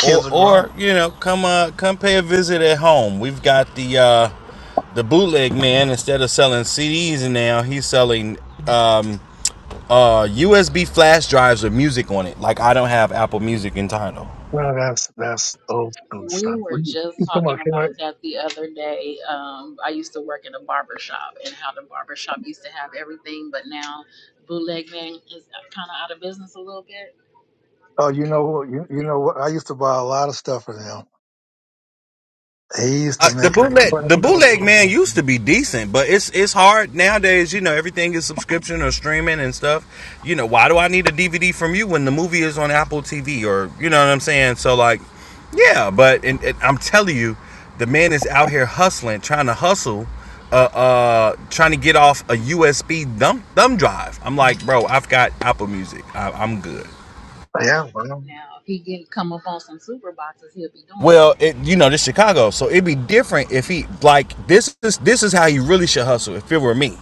Speaker 2: Or,
Speaker 1: are grown.
Speaker 2: or you know, come uh, come pay a visit at home. We've got the uh, the bootleg man. Instead of selling CDs now, he's selling um, uh, USB flash drives with music on it. Like I don't have Apple Music in title.
Speaker 1: No, that's that's old school
Speaker 3: We
Speaker 1: stuff.
Speaker 3: were
Speaker 1: What you,
Speaker 3: just
Speaker 1: you talking
Speaker 3: talking
Speaker 1: about,
Speaker 3: about
Speaker 1: Ken?
Speaker 3: that the other day. Um, I used to work in a barber shop and how the barber shop used to have everything, but now bootlegging is kind of out of business a little bit.
Speaker 1: Oh, you know what? You, you know what? I used to buy a lot of stuff from him. He used
Speaker 2: Uh,
Speaker 1: to
Speaker 2: the
Speaker 1: make a
Speaker 2: bootleg, the bootleg man used to be decent, but it's it's hard nowadays. You know, everything is subscription or streaming and stuff. You know, why do I need a DVD from you when the movie is on Apple TV or you know what I'm saying? So like, yeah, but and, and I'm telling you, the man is out here hustling, trying to hustle, uh, uh, trying to get off a USB thumb thumb drive. I'm like, bro, I've got Apple Music. I, I'm good.
Speaker 1: yeah, well,
Speaker 3: Now, if he can come up on some super boxes, he'll be doing
Speaker 2: Well,
Speaker 3: something.
Speaker 2: it, you know, this Chicago, so it'd be different if he like this is this is how you really should hustle. If it were me,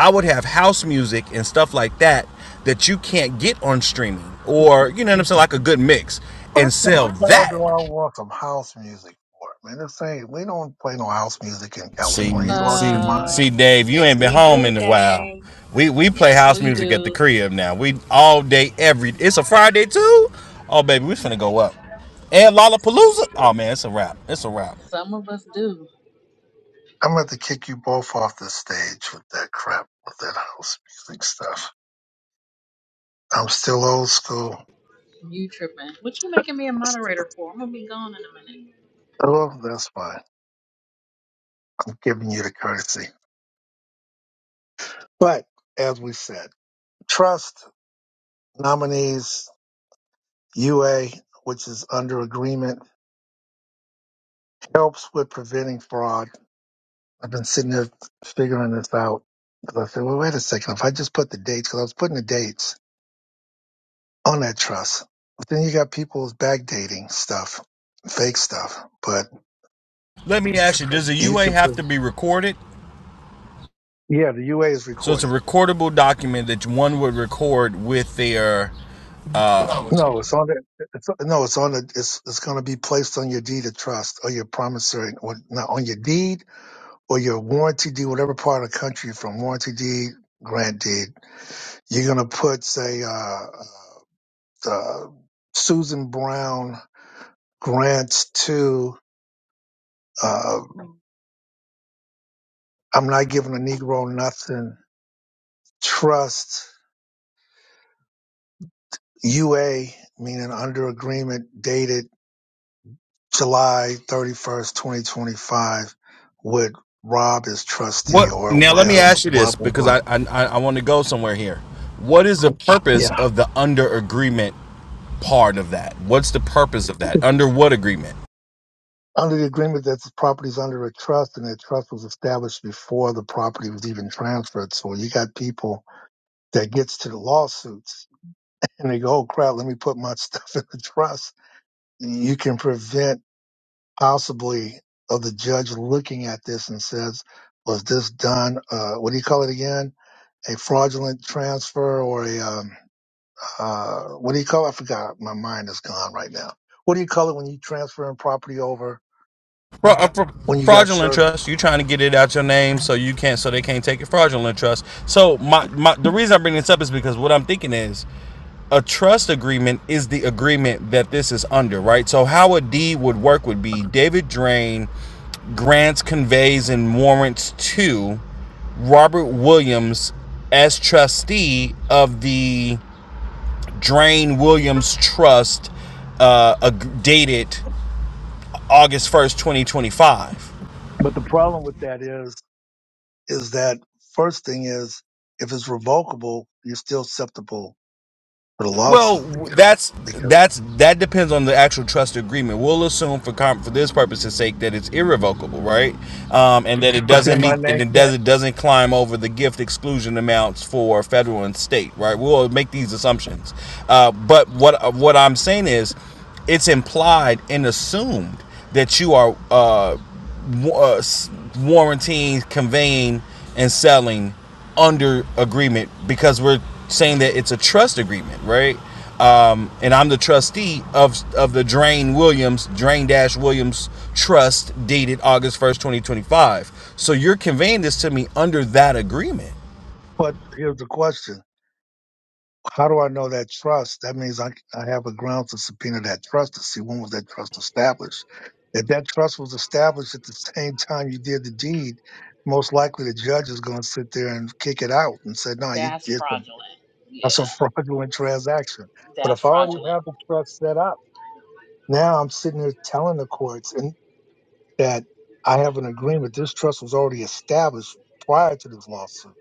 Speaker 2: I would have house music and stuff like that that you can't get on streaming, or you know what I'm saying, like a good mix,
Speaker 1: What
Speaker 2: and
Speaker 1: the
Speaker 2: sell
Speaker 1: hell
Speaker 2: that.
Speaker 1: do I want some house music for? Man, this ain't, we don't play no house music in California.
Speaker 2: See,
Speaker 1: You lost your
Speaker 2: see,
Speaker 1: mind.
Speaker 3: Uh,
Speaker 2: see, Dave, you
Speaker 3: yes,
Speaker 2: ain't been
Speaker 3: we
Speaker 2: home
Speaker 3: do,
Speaker 2: in a while.
Speaker 3: Dave.
Speaker 2: We we play
Speaker 3: Yes,
Speaker 2: house
Speaker 3: we
Speaker 2: music at the
Speaker 3: do.
Speaker 2: crib now. We all day every. It's a Friday too. Oh baby, we finna go up. And Lollapalooza. Oh man, it's a wrap. It's a wrap.
Speaker 3: Some of us do.
Speaker 1: I'm about to kick you both off the stage with that crap, with that house music stuff. I'm still old school.
Speaker 3: You tripping. What you making me a moderator for? I'm gonna be gone in a minute.
Speaker 1: Oh, that's fine. I'm giving you the courtesy. But as we said, trust nominees, UA, which is under agreement, helps with preventing fraud. I've been sitting there figuring this out. 'Cause I said, well, wait a second. If I just put the dates, because I was putting the dates on that trust, but then you got people's backdating stuff, fake stuff. But
Speaker 2: Let me ask you: Does a
Speaker 1: you
Speaker 2: UA
Speaker 1: can,
Speaker 2: have
Speaker 1: prove
Speaker 2: to be recorded?
Speaker 1: yeah, the UA is
Speaker 2: So it's a
Speaker 1: recorded.
Speaker 2: recordable document that one would record with their.
Speaker 1: No, it's on the, it's, no, it's on the, it's, it's going to be placed on your deed of trust or your promissory, or not on your deed or your warranty deed, whatever part of the country you're from, warranty deed, grant deed. You're going to put, say, uh, uh, uh, Susan Brown grants to uh, I'm not giving a Negro nothing trust UA meaning under agreement dated July 31st 2025 with Rob as trustee
Speaker 2: What
Speaker 1: or
Speaker 2: now? Let me
Speaker 1: as
Speaker 2: ask you
Speaker 1: blah
Speaker 2: this
Speaker 1: blah
Speaker 2: because
Speaker 1: blah
Speaker 2: I I, I want to go somewhere here. What is the purpose
Speaker 1: yeah
Speaker 2: of the under agreement part of that? What's the purpose of that? Under what agreement?
Speaker 1: under the agreement that the property is under a trust and that trust was established before the property was even transferred so you got people that gets to the lawsuits and they go oh crap let me put my stuff in the trust you can prevent possibly of the judge looking at this and says, was this done, uh, what do you call it again? A fraudulent transfer or a, um, uh, what do you call it? I forgot. My mind is gone right now. What do you call it when you transferring property over
Speaker 2: Fra- uh, fra-
Speaker 1: when you got
Speaker 2: fraudulent
Speaker 1: served?
Speaker 2: trust. You are trying to get it out your name so you can't so they can't take it. Fraudulent trust. So my, my the reason I bring this up is because what I'm thinking is a trust agreement is the agreement that this is under, right? So how a deed would work would be David Drain grants, conveys, and warrants to Robert Williams as trustee of the Drain Williams Trust, uh, dated August first, twenty twenty five.
Speaker 1: But the problem with that is, is that first thing is if it's revocable, you're still susceptible for the
Speaker 2: Well,
Speaker 1: lawsuit
Speaker 2: that's
Speaker 1: because,
Speaker 2: that's that depends on the actual trust agreement. We'll assume for com- for this purpose's sake that it's irrevocable, right? Um, and that it
Speaker 1: but
Speaker 2: doesn't
Speaker 1: then my
Speaker 2: meet and
Speaker 1: name
Speaker 2: it does
Speaker 1: can't,
Speaker 2: it doesn't climb over the gift exclusion amounts for federal and state, right? We'll make these assumptions. Uh, but what uh, what I'm saying is, it's implied and assumed that you are uh, wa- uh, warranting, conveying, and selling under agreement because we're saying that it's a trust agreement, right? Um, and I'm the trustee of of the Drain Williams Drain Dash Williams Trust dated August 1st, 2025. So you're conveying this to me under that agreement.
Speaker 1: but here's the question. How do I know that trust? That means I, I have a ground to subpoena that trust to see when was that trust established. If that trust was established at the same time you did the deed, most likely the judge is going to sit there and kick it out and say, "No, you
Speaker 3: That's
Speaker 1: did some,
Speaker 3: fraudulent. Yeah,
Speaker 1: that's a fraudulent transaction." But
Speaker 3: that's
Speaker 1: if I already
Speaker 3: fraudulent.
Speaker 1: have the trust set up, now I'm sitting here telling the courts and that I have an agreement. This trust was already established prior to this lawsuit,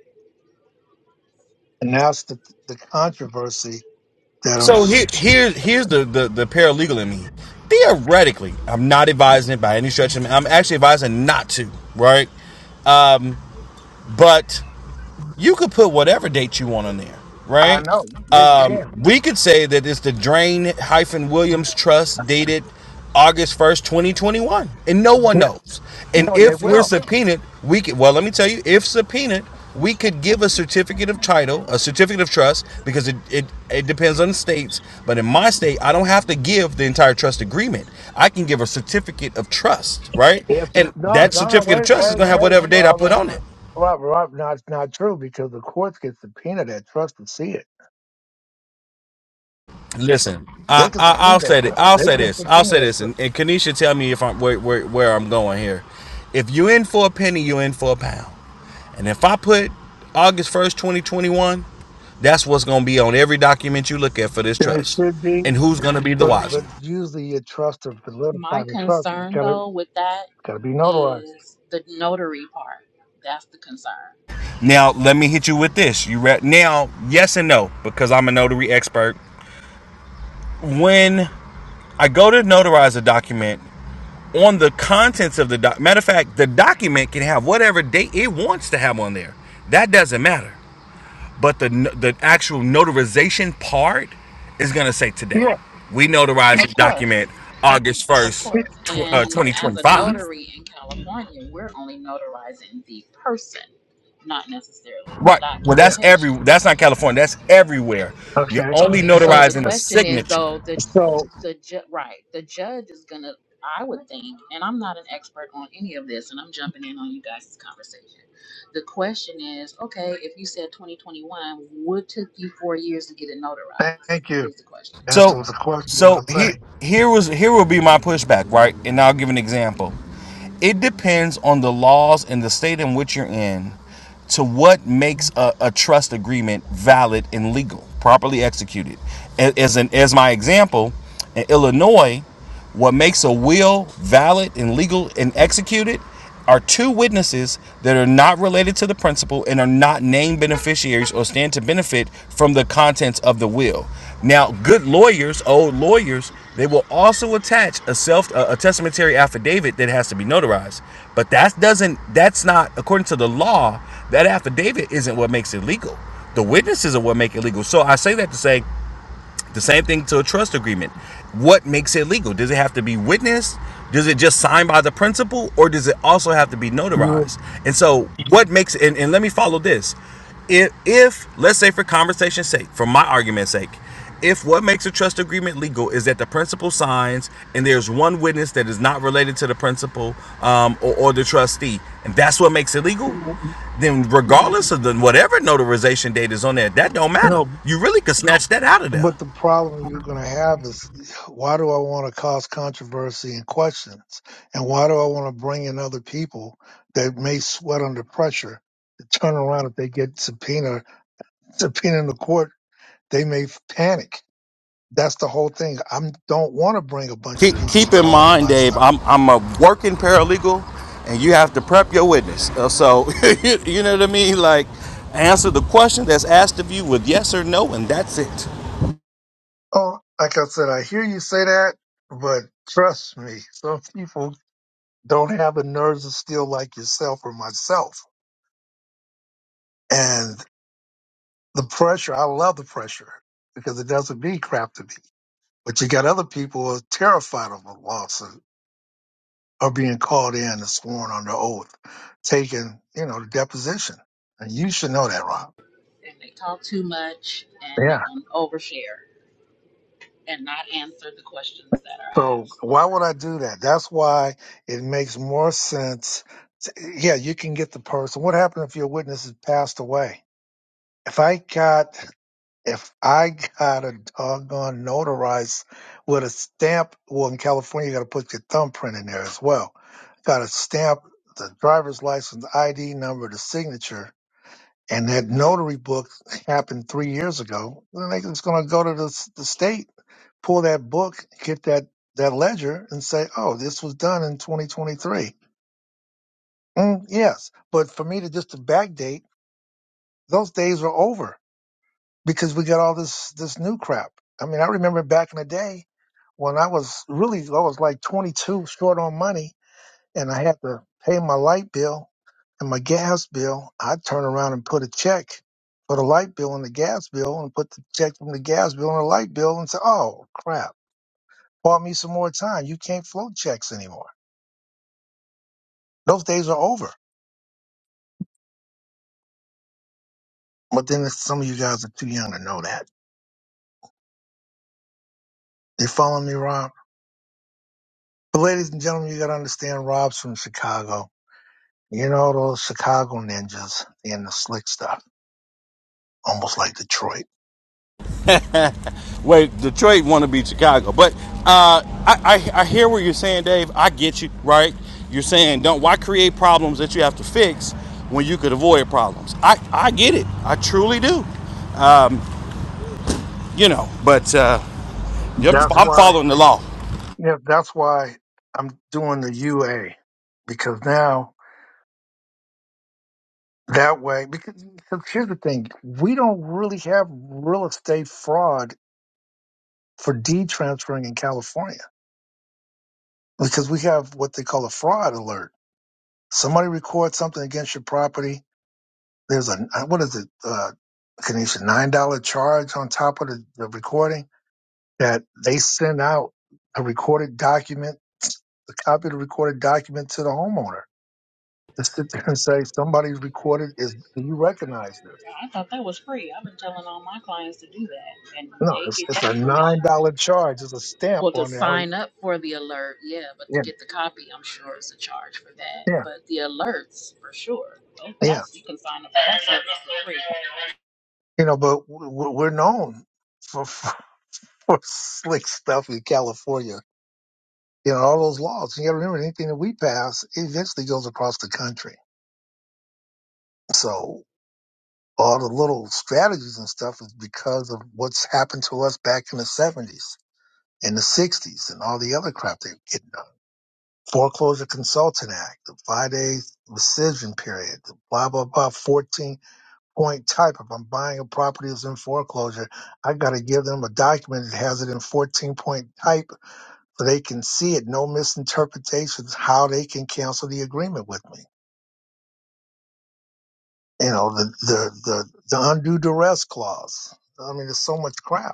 Speaker 1: and that's the the controversy that I'm.
Speaker 2: So here, here here's the, the the paralegal in me. Theoretically, I'm not advising it by any stretch. of I'm actually advising not to, right? But you could put whatever date you want on there,
Speaker 1: I
Speaker 2: right?
Speaker 1: know. Yeah, you can.
Speaker 2: Um, we could say that it's the Drain Williams Trust dated August 1st, 2021, and no one
Speaker 1: Yeah,
Speaker 2: knows. And
Speaker 1: no, they
Speaker 2: if we're
Speaker 1: will.
Speaker 2: subpoenaed, we could, well, let me tell you, if subpoenaed, we could give a certificate of title, a certificate of trust, because it, it, it depends on the states. But in my state, I don't have to give the entire trust agreement. I can give a certificate of trust, right?
Speaker 1: If
Speaker 2: And
Speaker 1: no,
Speaker 2: that
Speaker 1: no, no,
Speaker 2: certificate of
Speaker 1: wait,
Speaker 2: trust is
Speaker 1: wait,
Speaker 2: going to have
Speaker 1: wait.
Speaker 2: whatever date I
Speaker 1: Well,
Speaker 2: put
Speaker 1: look,
Speaker 2: on it.
Speaker 1: Rob, Rob, not not true because the courts can subpoena that trust to see it.
Speaker 2: Listen, I,
Speaker 1: They can
Speaker 2: I
Speaker 1: subpoena
Speaker 2: I'll
Speaker 1: that
Speaker 2: say that
Speaker 1: trust.
Speaker 2: I'll
Speaker 1: They
Speaker 2: say
Speaker 1: can
Speaker 2: this. I'll
Speaker 1: subpoena
Speaker 2: say
Speaker 1: that
Speaker 2: this,
Speaker 1: trust,
Speaker 2: and, and Kanisha, tell me if I'm where, where where I'm going here. If you in for a penny, you in for a pound. And if I put August first, twenty twenty one, that's what's gonna be on every document you look at for this
Speaker 1: and it
Speaker 2: trust.
Speaker 1: should be.
Speaker 2: And who's gonna be the
Speaker 1: But
Speaker 2: wiser?
Speaker 1: but usually a trust to
Speaker 3: My
Speaker 1: solidify the trust, it's
Speaker 3: concern
Speaker 1: gotta
Speaker 3: though with that
Speaker 1: gotta be notarized.
Speaker 3: is the notary part. That's the concern.
Speaker 2: Now let me hit you with this. You re- now yes and no because I'm a notary expert. When I go to notarize a document, on the contents of the doc. Matter of fact, the document can have whatever date it wants to have on there. That doesn't matter. But the no- the actual notarization part is gonna say today.
Speaker 1: Yeah,
Speaker 2: We notarize
Speaker 3: Of
Speaker 2: this document
Speaker 3: course.
Speaker 2: August
Speaker 3: Of
Speaker 2: first,
Speaker 1: it-
Speaker 3: course. And
Speaker 2: uh, twenty
Speaker 3: as
Speaker 2: twenty
Speaker 3: a
Speaker 2: five.
Speaker 1: it-
Speaker 3: notary in California, we're only notarizing the person, not necessarily the
Speaker 2: Right. Well,
Speaker 1: yeah.
Speaker 2: that's
Speaker 3: documentation.
Speaker 2: every. That's not California. That's everywhere. You're
Speaker 1: Okay.
Speaker 2: only
Speaker 3: So the
Speaker 2: notarizing a
Speaker 3: question is
Speaker 2: signature.
Speaker 3: though the
Speaker 1: So
Speaker 3: the ju- right the judge is gonna I would think and I'm not an expert on any of this and I'm jumping in on you guys' conversation. The question is okay if you said 2021 what took you four years to get it notarized
Speaker 1: thank you.
Speaker 3: is the question.
Speaker 1: That's
Speaker 2: So,
Speaker 1: what the question I
Speaker 2: so
Speaker 1: would
Speaker 2: here,
Speaker 1: say.
Speaker 2: here was here will be my pushback, right? And I'll give an example. It depends on the laws and the state in which you're in, to what makes a, a trust agreement valid and legal, properly executed. As an as my example, in Illinois, what makes a will valid and legal and executed are two witnesses that are not related to the principal and are not named beneficiaries or stand to benefit from the contents of the will. Now, good lawyers, old lawyers, they will also attach a self a, a testamentary affidavit that has to be notarized. But that doesn't that's not according to the law, that affidavit isn't what makes it legal. The witnesses are what make it legal. So I say that to say the same thing to a trust agreement. What makes it legal? Does it have to be witnessed? Does it just sign by the principal, or does it also have to be
Speaker 1: You
Speaker 2: notarized? And so, what makes it, and, and let me follow this. If, if let's say for conversation's sake, for my argument's sake, if what makes a trust agreement legal is that the principal signs and there's one witness that is not related to the principal um, or, or the trustee, and that's what makes it legal, then regardless of the whatever notarization date is on there, that don't matter.
Speaker 1: no,
Speaker 2: You really could No, snatch that out of there.
Speaker 1: But the problem you're going to have is why do I want to cause controversy and questions? And why do I want to bring in other people that may sweat under pressure to turn around if they get subpoena, subpoena in the court, they may f- panic. That's the whole thing. I don't want to bring a bunch of
Speaker 2: Keep,
Speaker 1: people
Speaker 2: keep in
Speaker 1: involved in
Speaker 2: mind,
Speaker 1: my
Speaker 2: Dave,
Speaker 1: stuff.
Speaker 2: I'm, I'm a working paralegal and you have to prep your witness. Uh, So, you, you know what I mean? Like, answer the question that's asked of you with yes or no, and that's it.
Speaker 1: Oh, like I said, I hear you say that, but trust me, some people don't have the nerves of steel like yourself or myself. and. The pressure, I love the pressure because it doesn't mean crap to me. But you got other people who are terrified of a lawsuit or being called in and sworn under oath, taking, you know, the deposition. And you should know that, Rob.
Speaker 3: And they talk too much and they're
Speaker 1: Yeah.
Speaker 3: gonna overshare and not answer the questions that are
Speaker 1: So
Speaker 3: asked.
Speaker 1: why would I do that? That's why it makes more sense. To, yeah, you can get the person. What happened if your witness has passed away? If I got If I got a doggone notarized with a stamp, well, in California, you got to put your thumbprint in there as well. Got to stamp the driver's license, ID number, the signature, and that notary book happened three years ago. Then they just going to go to the, s- the state, pull that book, get that, that ledger, and say, oh, this was done in 2023. Mm, yes. But for me to just to backdate, those days are over because we got all this this new crap. I mean, I remember back in the day when I was really I was like 22 short on money and I had to pay my light bill and my gas bill. I'd turn around and put a check for the light bill and the gas bill and put the check from the gas bill and the light bill and say, "Oh, crap. Bought me some more time. You can't float checks anymore." Those days are over. But then some of you guys are too young to know that. You following me, Rob? But ladies and gentlemen, you got to understand Rob's from Chicago You know those Chicago ninjas and the slick stuff, almost like Detroit.
Speaker 2: Wait, Detroit want to be Chicago. But uh, I, I, I hear what you're saying, Dave. I get you, right? You're saying, don't why create problems that you have to fix when you could avoid problems? I, I get it. I truly do, you know. But uh, yep,
Speaker 1: That's
Speaker 2: I'm
Speaker 1: why.
Speaker 2: following the law.
Speaker 1: Yeah, that's why I'm doing the UA because now that way. Because, because here's the thing: we don't really have real estate fraud for deed transferring in California because we have what they call a fraud alert. Somebody records something against your property. There's a what is it? Uh, Kanisha, nine dollar charge on top of the, the recording that they send out a recorded document, a copy of the recorded document to the homeowner to sit there and say, somebody's recorded is, do you recognize this?
Speaker 3: Well, I thought that was free. I've been telling all my clients to do that, and
Speaker 1: No,
Speaker 3: they
Speaker 1: it's,
Speaker 3: get
Speaker 1: it's a
Speaker 3: that information
Speaker 1: $9 charge. It's a stamp
Speaker 3: Well, to
Speaker 1: on there. I re-
Speaker 3: sign up for the alert, yeah, but to
Speaker 1: Yeah,
Speaker 3: get the copy, I'm sure it's a charge for that.
Speaker 1: yeah,
Speaker 3: But the alerts, for sure, That-
Speaker 1: yeah.
Speaker 3: that's you can sign up for that service for free.
Speaker 1: You know, but w- w- we're known for, for slick stuff in California. You know, all those laws. You got to remember anything that we pass eventually goes across the country. So all the little strategies and stuff is because of what's happened to us back in the 70s in the 60s and all the other crap they're getting done, Foreclosure Consultant Act, the five day rescission period, the blah, blah, blah, 14 point type. If I'm buying a property that's in foreclosure, I got to give them a document that has it in 14 point type so they can see it, no misinterpretations, how they can cancel the agreement with me. You know, the, the, the, the undue duress clause. I mean, there's so much crap.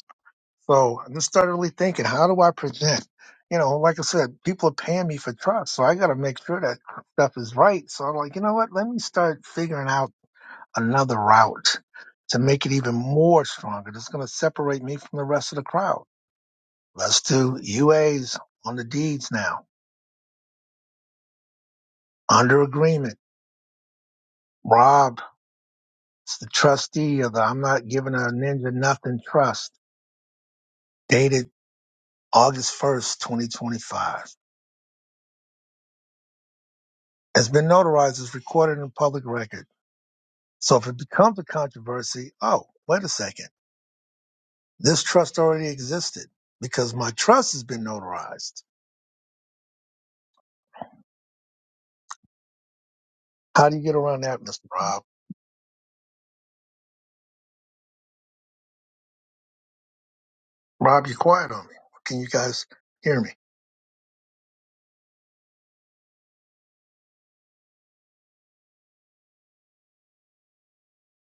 Speaker 1: So I just started really thinking, how do I present? You know, like I said, people are paying me for trust, so I got to make sure that stuff is right. So I'm like, you know what? Let me start figuring out another route to make it even more stronger. That's going to separate me from the rest of the crowd. Let's do UAs on the deeds now, under agreement. Rob is the trustee of the I'm not giving a ninja nothing trust, dated August 1st, 2025. Has been notarized, is recorded in public record So if it becomes a controversy, oh, wait a second, this trust already existed because my trust has been notarized. How do you get around that, Mr. Rob? Rob, you're quiet on me. Can you guys hear me?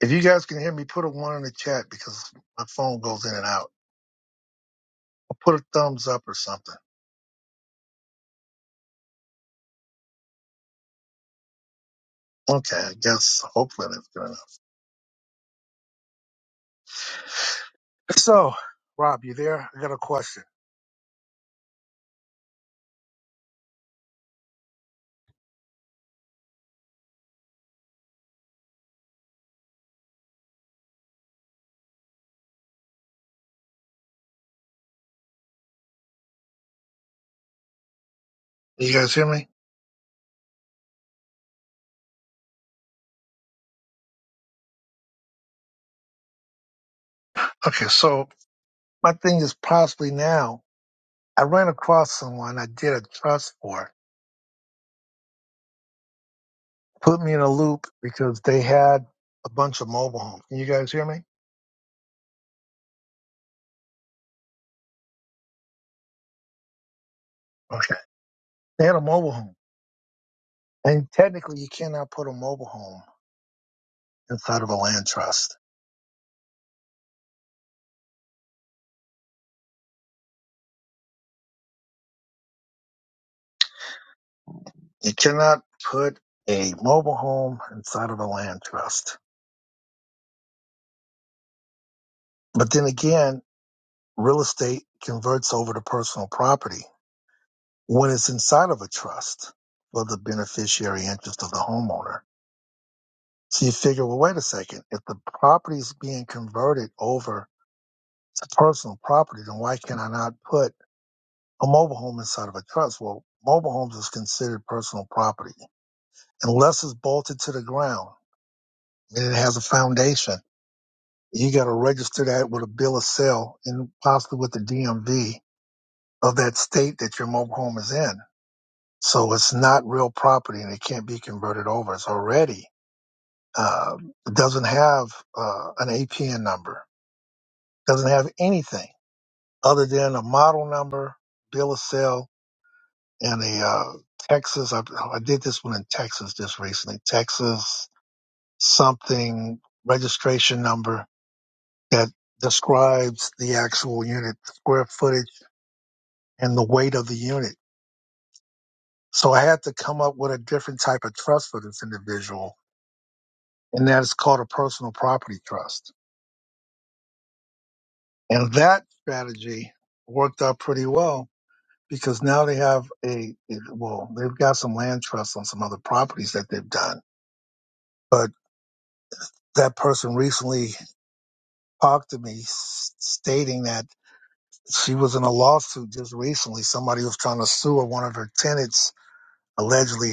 Speaker 1: If you guys can hear me, put a one in the chat because my phone goes in and out. Or put a thumbs up or something. Okay, I guess hopefully that's good enough. So, Rob, you there? I got a question. You guys hear me? Okay, so my thing is possibly now I ran across someone I did a trust for put me in a loop because they had a bunch of mobile homes. Can you guys hear me? Okay. They had a mobile home. And technically, you cannot put a mobile home inside of a land trust. You cannot put a mobile home inside of a land trust. But then again, real estate converts over to personal property when it's inside of a trust for the beneficiary interest of the homeowner. So you figure, well, wait a second. If the property is being converted over to personal property, then why can I not put a mobile home inside of a trust. Well, mobile homes is considered personal property unless it's bolted to the ground and it has a foundation. You got to register that with a bill of sale and possibly with the DMV of that state that your mobile home is in. So it's not real property and it can't be converted over. It's already uh, it doesn't have uh, an APN number, doesn't have anything other than a model number, bill of sale, in the uh, Texas. I, I did this one in Texas just recently. Texas something registration number that describes the actual unit, the square footage, and the weight of the unit. So I had to come up with a different type of trust for this individual, and that is called a personal property trust. And that strategy worked out pretty well because now they have a well, they've got some land trusts on some other properties that they've done, but that person recently talked to me s- stating that she was in a lawsuit just recently. Somebody was trying to sue her. One of her tenants allegedly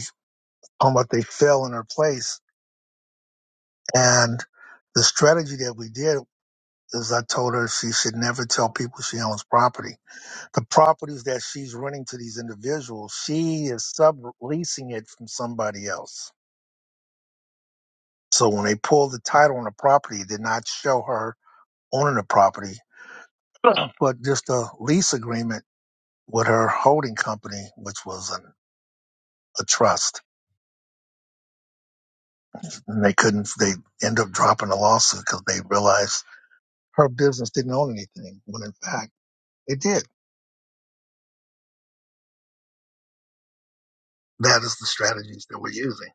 Speaker 1: on what they fell in her place. And the strategy that we did is I told her she should never tell people she owns property. The properties that she's renting to these individuals, she is subleasing it from somebody else. So when they pulled the title on the property, it did not show her owning the property, but just a lease agreement with her holding company, which was an, a trust. And they couldn't, they ended up dropping the lawsuit because they realized her business didn't own anything, when in fact it did. That is the strategies that we're using.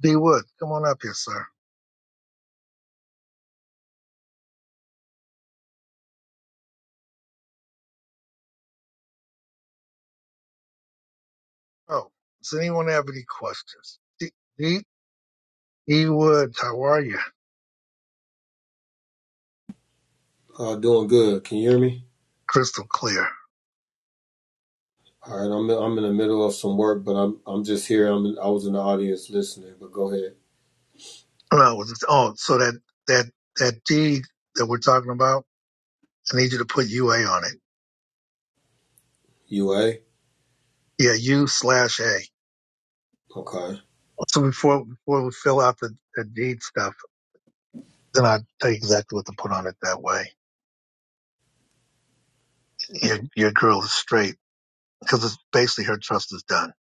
Speaker 1: D Wood, come on up here, sir. Oh, does anyone have any questions? D, D, D Wood, how are you?
Speaker 4: Uh, doing good. Can you hear me?
Speaker 1: Crystal clear.
Speaker 4: All right, I'm I'm in the middle of some work, but I'm I'm just here. I'm in, I was in the audience listening, but go ahead.
Speaker 1: No, it was just, oh, so that, that, that D that we're talking about, I need you to put UA on it.
Speaker 4: UA.
Speaker 1: Yeah, U slash A.
Speaker 4: Okay.
Speaker 1: So before before we fill out the, the deed stuff, then I tell you exactly what to put on it. That way, your your girl is straight because it's basically her trust is done.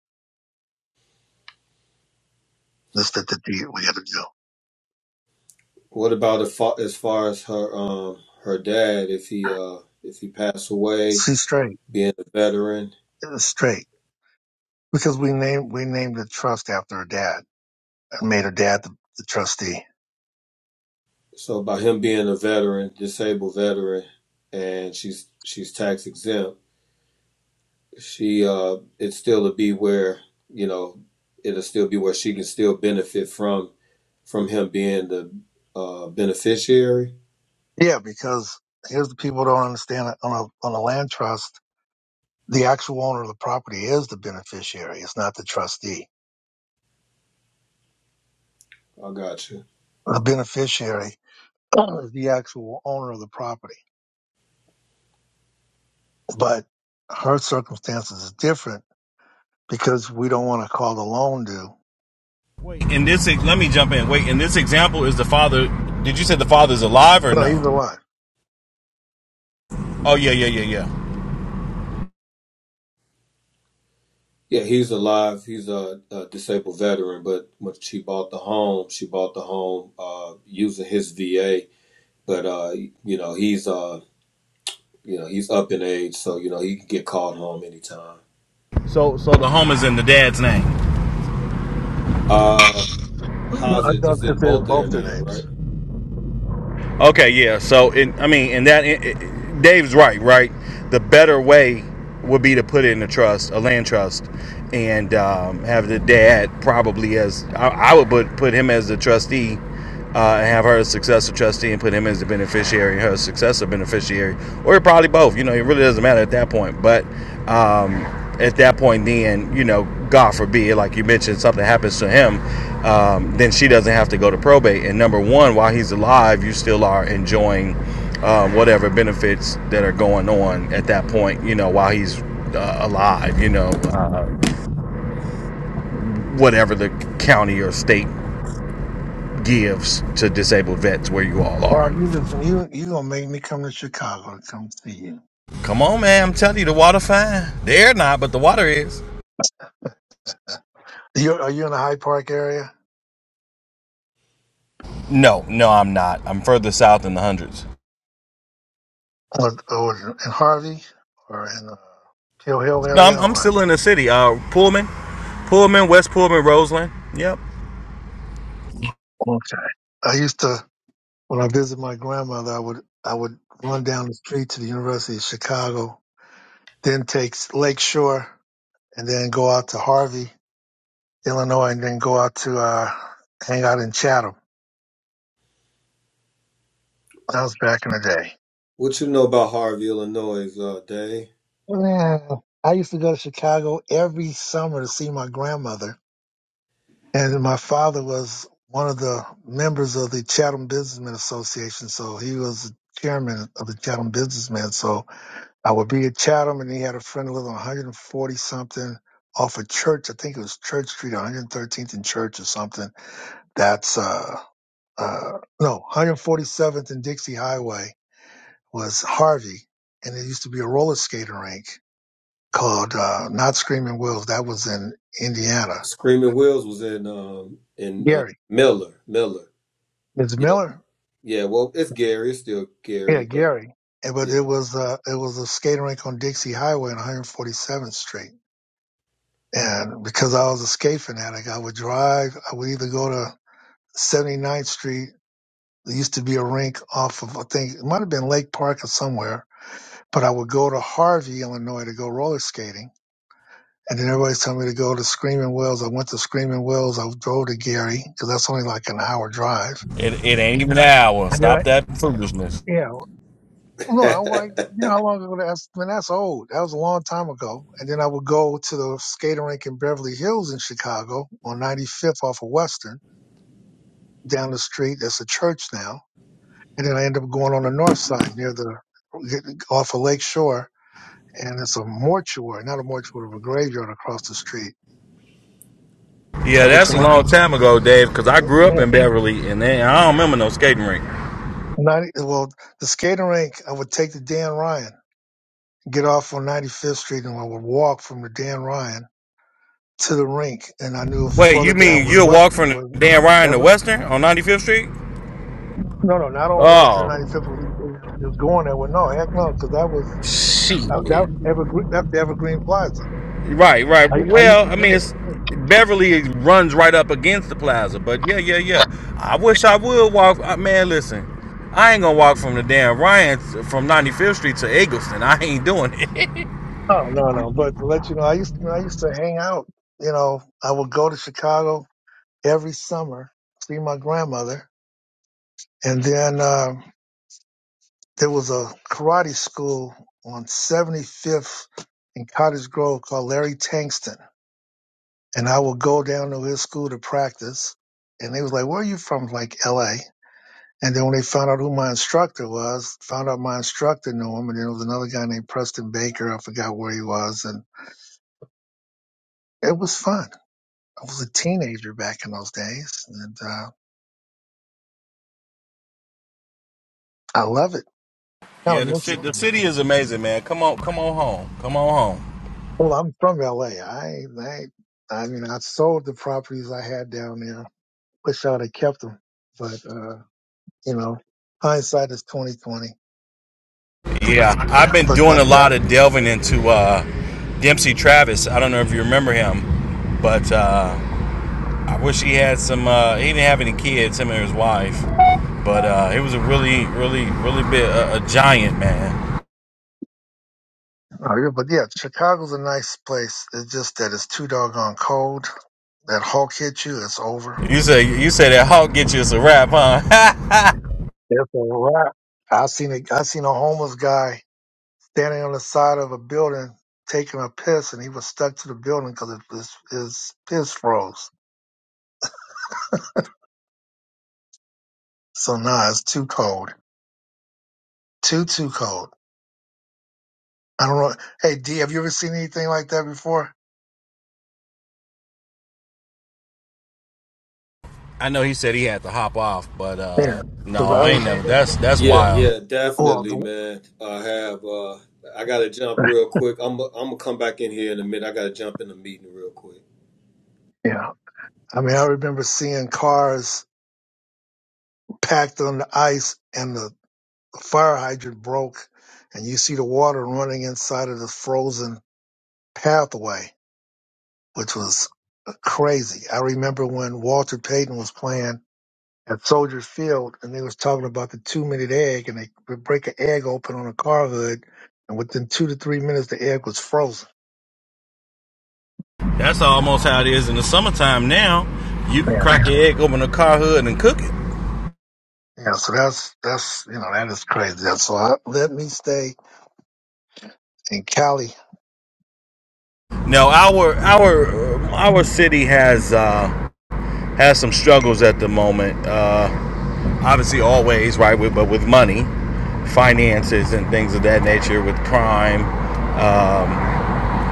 Speaker 1: This that the deed we got to do.
Speaker 4: What about if, as far as her um her dad if he uh if he passed away
Speaker 1: She's straight,
Speaker 4: being a veteran?
Speaker 1: It's straight because we named we named the trust after her dad. I made her dad the, the trustee.
Speaker 4: So by him being a veteran, disabled veteran, and she's she's tax exempt, she uh it's still to be where you know it'll still be where she can still benefit from from him being the uh beneficiary
Speaker 1: Yeah, because here's the people don't understand it. on a on a land trust. The actual owner of the property is the beneficiary. It's not the trustee.
Speaker 4: I got you.
Speaker 1: The beneficiary is the actual owner of the property but her circumstances is different because we don't want to call the loan due.
Speaker 2: Wait, in this, let me jump in. Wait, in this example, is the father? Did you say the father's alive or
Speaker 1: No, either
Speaker 2: no?
Speaker 1: one.
Speaker 2: Oh yeah, yeah, yeah, yeah.
Speaker 4: Yeah, he's alive. He's a, a disabled veteran, but when she bought the home, she bought the home uh, using his VA. But uh, you know, he's uh, you know, he's up in age, so you know he can get called home anytime.
Speaker 2: So, so the home is in the dad's name.
Speaker 4: Uh,
Speaker 1: No,
Speaker 4: how's
Speaker 1: I
Speaker 4: it?
Speaker 1: don't-
Speaker 4: It's
Speaker 1: if
Speaker 4: in
Speaker 1: they're
Speaker 4: both of their
Speaker 1: both their
Speaker 4: name, right?
Speaker 1: names.
Speaker 2: Okay, yeah. So, in, I mean, in that, it, it, Dave's right, right. The better way would be to put it in a trust, a land trust, and um, have the dad probably as I, I would put put him as the trustee, uh, and have her as successor trustee, and put him as the beneficiary, her successor beneficiary, or probably both. You know, it really doesn't matter at that point. But um, at that point, then you know, God forbid, like you mentioned, something happens to him, um, then she doesn't have to go to probate. And number one, while he's alive, you still are enjoying um, whatever benefits that are going on at that point. You know, while he's uh, alive, you know, uh, whatever the county or state gives to disabled vets where you all
Speaker 1: Well,
Speaker 2: are.
Speaker 1: you just you you gonna make me come to Chicago to come see you.
Speaker 2: Come on, man! I'm telling you, the water fine. The air not, but the water is.
Speaker 1: you are you in the Hyde Park area,
Speaker 2: No, no, I'm not. I'm further south in the hundreds.
Speaker 1: or, or in Harvey, or in uh, Hill Hill
Speaker 2: No, I'm,
Speaker 1: area, or
Speaker 2: I'm
Speaker 1: what?
Speaker 2: still in the city. Uh, Pullman, Pullman, West Pullman, Roseland. Yep.
Speaker 1: Okay. I used to when I visited my grandmother, I would I would run down the street to the University of Chicago, then take Lake Shore, and then go out to Harvey Illinois and then go out to uh, hang out in Chatham. That was back in the day.
Speaker 4: What you know about Harvey, Illinois? Uh, Dave
Speaker 1: Man, I used to go to Chicago every summer to see my grandmother, and my father was one of the members of the Chatham Businessmen Association, so he was the chairman of the Chatham Businessmen. So I would be at Chatham, and he had a friend who lived on 140 something off of Church. I think it was Church Street, 113th and Church or something. That's uh uh no 147th and Dixie Highway was Harvey, and it used to be a roller skating rink called uh, Not Screaming Wolves. That was in Indiana.
Speaker 4: Screaming Wills was in um in uh,
Speaker 1: Gary,
Speaker 4: Miller, Miller.
Speaker 1: Ms.
Speaker 4: Yeah,
Speaker 1: Miller,
Speaker 4: yeah. Well, it's Gary. It's still
Speaker 1: yeah,
Speaker 4: Gary, but
Speaker 1: Gary. And, but
Speaker 4: yeah.
Speaker 1: it was uh, it was a skating rink on Dixie Highway on 147th Street. And because I was a skate fanatic, I would drive. I would either go to 79th Street. There used to be a rink off of I think it might have been Lake Park or somewhere. But I would go to Harvey, Illinois, to go roller skating And then everybody's telling me to go to Screaming Wells. I went to Screaming Wells. I drove to Gary because that's only like an hour drive.
Speaker 2: It, it ain't even an hour.
Speaker 1: And then
Speaker 2: Stop
Speaker 1: I,
Speaker 2: that foolishness.
Speaker 1: yeah, no, I like, you know how long ago that's, man, that's old. That was a long time ago. And then I would go to the skating rink in Beverly Hills in Chicago on 95th off of Western down the street. That's a church now. And then I end up going on the north side near the, off of Lake Shore. And it's a mortuary, not a mortuary, but a graveyard across the street.
Speaker 2: Yeah,
Speaker 1: So every
Speaker 2: that's a
Speaker 1: time
Speaker 2: long time ago, Dave. Because I grew
Speaker 1: I,
Speaker 2: up in Beverly, and then I don't remember no skating rink.
Speaker 1: Ninety. Well, the skating rink. I would take the Dan Ryan, get off on 95th Street, and I would walk from the Dan Ryan to the rink. And I knew
Speaker 2: Wait, you
Speaker 1: further down
Speaker 2: mean
Speaker 1: was
Speaker 2: you'll walk
Speaker 1: Western.
Speaker 2: from the
Speaker 1: Where
Speaker 2: Dan Ryan to
Speaker 1: ever,
Speaker 2: Western on 95th Street?
Speaker 1: no, no, not on Western
Speaker 2: Oh,
Speaker 1: 95th was, was going there. Well, no, heck no, because that was uh,
Speaker 2: shit.
Speaker 1: that was Evergreen. That's the Evergreen Plaza.
Speaker 2: Right, right.
Speaker 1: I I used
Speaker 2: Well,
Speaker 1: to
Speaker 2: I mean,
Speaker 1: there.
Speaker 2: it's Beverly runs right up against the plaza, but yeah, yeah, yeah. I wish I would walk. uh, Man, listen, I ain't gonna walk from the damn Ryan from 95th Street to Eggleston. I ain't doing it.
Speaker 1: Oh no, no. But to let you know, I used to I used to hang out. You know, I would go to Chicago every summer, see my grandmother, and then. Uh, There was a karate school on 75th in Cottage Grove called Larry Tankston. And I would go down to his school to practice. And they was like, where are you from? Like LA. And then when they found out who my instructor was, found out my instructor knew him. And then there was another guy named Preston Baker. I forgot where he was. And it was fun. I was a teenager back in those days. And uh, I love it. Kind
Speaker 2: Yeah,
Speaker 1: of
Speaker 2: the
Speaker 1: miss
Speaker 2: city,
Speaker 1: it.
Speaker 2: the city is amazing, man. Come on, come on home. Come on home.
Speaker 1: Well, I'm from LA. I, I, I mean, I sold the properties I had down there wish I'd have kept him. But uh, you know, hindsight is twenty twenty.
Speaker 2: Yeah, I've been
Speaker 1: But my
Speaker 2: doing a
Speaker 1: dad,
Speaker 2: lot of delving into uh, Dempsey Travis. I don't know if you remember him, but. Uh, I wish he had some. Uh, he didn't have any kids, him and his wife. But uh, he was a really, really, really big a, a giant man.
Speaker 1: oh, yeah, but yeah, Chicago's a nice place. It's just that it's too doggone cold. That Hulk hit you, it's over.
Speaker 2: You say you say that Hawk gets you as a rap, huh?
Speaker 1: It's a wrap. I seen a I seen a homeless guy standing on the side of a building taking a piss, and he was stuck to the building because his his piss froze. So nah, it's too cold. Too too cold. I don't know. Hey D, have you ever seen anything like that before?
Speaker 2: I know he said he had to hop off, but
Speaker 1: Yeah,
Speaker 2: uh,
Speaker 1: cause I
Speaker 2: no, ain't
Speaker 1: remember.
Speaker 2: never. That's that's
Speaker 4: Yeah,
Speaker 2: wild.
Speaker 4: yeah,
Speaker 1: Well,
Speaker 4: definitely,
Speaker 1: the,
Speaker 4: man. I have uh I gotta jump real quick. I'm I'm gonna come back in here in a minute. I gotta jump in a meeting real quick.
Speaker 1: yeah. I mean, I remember seeing cars packed on the ice and the fire hydrant broke, and you see the water running inside of the frozen pathway, which was crazy. I remember when Walter Payton was playing at Soldier Field, and they was talking about the two minute egg, and they would break an egg open on a car hood, and within two to three minutes, the egg was frozen.
Speaker 2: That's almost how it is in the summertime now. You can
Speaker 1: Yeah.
Speaker 2: crack your egg open a car hood and cook it.
Speaker 1: Yeah. So that's that's you know that is crazy. That's so I, let me stay in Cali
Speaker 2: No, our our our city has uh, has some struggles at the moment. Uh, obviously, always right, with, but with money, finances, and things of that nature, with crime, um,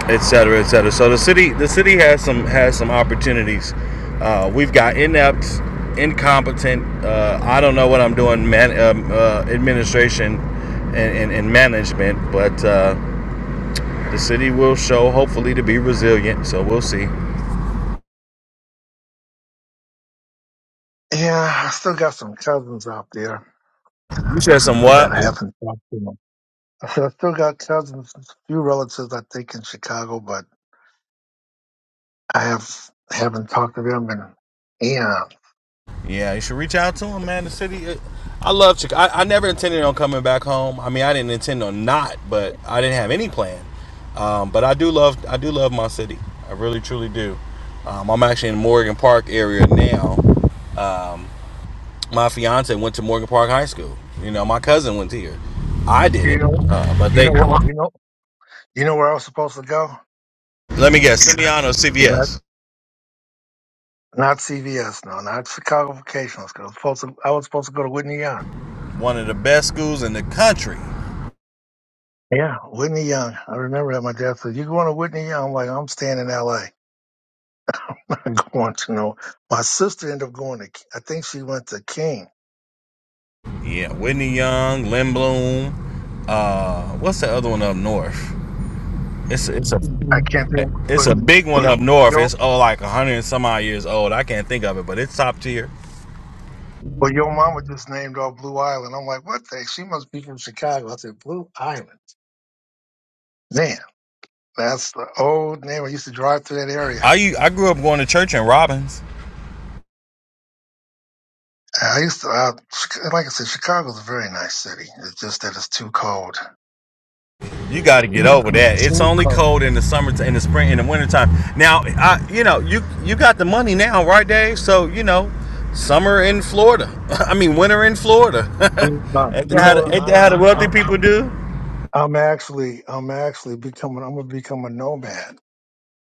Speaker 2: et cetera, et cetera. So the city, the city has some has some opportunities. Uh, we've got inept, incompetent. Uh, I don't know what I'm doing, man, um, uh, administration and, and, and management, but uh, the city will show hopefully to be resilient. So we'll see. You
Speaker 1: Yeah, I still got some cousins out there
Speaker 2: said some
Speaker 1: that
Speaker 2: what?
Speaker 1: I haven't talked to them. I said I still got cousins, a few relatives I think in Chicago, but I have haven't talked to them. And yeah,
Speaker 2: Yeah, you should reach out to him, man. The city. It, I love Chicago. I, I never intended on coming back home. I mean, I didn't intend on not, but I didn't have any plan. Um, but I do love. I do love my city. I really, truly do. Um, I'm actually in Morgan Park area now. Um, my fiance went to Morgan Park High School. You know, my cousin went here. I
Speaker 1: you know,
Speaker 2: didn't, uh, but
Speaker 1: you
Speaker 2: they.
Speaker 1: know what, you know, you know where I was supposed to go?
Speaker 2: Let me guess. Simeon or
Speaker 1: Yeah, not,
Speaker 2: CVS.
Speaker 1: not CVS, no, not Chicago Vocational School. I was supposed to, I was supposed to go to Whitney Young.
Speaker 2: One of the best schools in the country.
Speaker 1: Yeah, Whitney Young. I remember that my dad said, "You going to Whitney Young?" I'm like, "I'm staying in L.A. am not going to know." My sister ended up going to. I think she went to King
Speaker 2: Yeah, Whitney Young, Lynn Bloom. Uh, what's the other one up north? It's it's a
Speaker 1: I can't think,
Speaker 2: it's
Speaker 1: but
Speaker 2: a big one
Speaker 1: but
Speaker 2: up north.
Speaker 1: your
Speaker 2: It's oh like a hundred and some odd years old. I can't think of it, but it's top tier.
Speaker 1: but your mama just named off Blue Island. I'm like, what the? She must be from Chicago. I said, Blue Island. Man, that's the old name. I used to drive through that area.
Speaker 2: I u- I grew up going to church in Robbins.
Speaker 1: I used to, uh, like I said, Chicago's a very nice city. It's just that it's too cold.
Speaker 2: You got to get over that. It's
Speaker 1: Too
Speaker 2: only
Speaker 1: cold.
Speaker 2: cold in the summer, in the spring, in the wintertime. Now, I you know you you got the money now, right, Dave? So you know, summer in Florida. I mean, winter in Florida.
Speaker 1: Too cold.
Speaker 2: ain't that
Speaker 1: You
Speaker 2: how
Speaker 1: know, what?
Speaker 2: the, ain't
Speaker 1: I,
Speaker 2: that how the
Speaker 1: I'm
Speaker 2: wealthy
Speaker 1: I'm
Speaker 2: people do?
Speaker 1: I'm actually I'm actually becoming. I'm gonna become a nomad.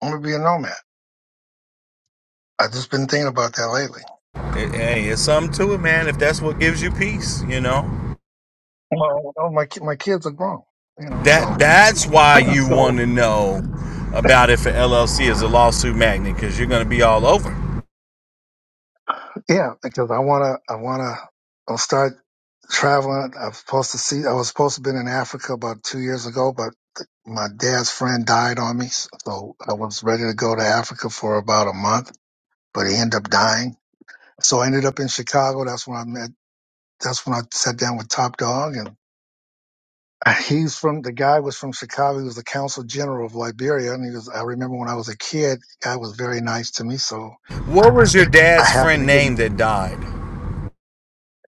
Speaker 1: I'm gonna be a nomad. I've just been thinking about that lately.
Speaker 2: It- hey, it's something to it, man. If that's what gives you peace, you know
Speaker 1: Well, oh, my ki- my kids are grown. You know,
Speaker 2: that
Speaker 1: so
Speaker 2: that's why you
Speaker 1: so
Speaker 2: want to know about if an LLC is a lawsuit magnet because you're going to be all over.
Speaker 1: Yeah, because I wanna, I wanna, I'll start traveling. I'm supposed to see. I was supposed to have been in Africa about two years ago, but th- my dad's friend died on me, so I was ready to go to Africa for about a month, but he ended up dying. So I ended up in Chicago. That's when I met. That's when I sat down with Top Dog, and he's from. The guy was from Chicago. He was the consul general of Liberia, and he was. I remember when I was a kid, the guy was very nice to me. So
Speaker 2: What was your
Speaker 1: I
Speaker 2: dad's
Speaker 1: happened
Speaker 2: friend
Speaker 1: to get.
Speaker 2: name that died?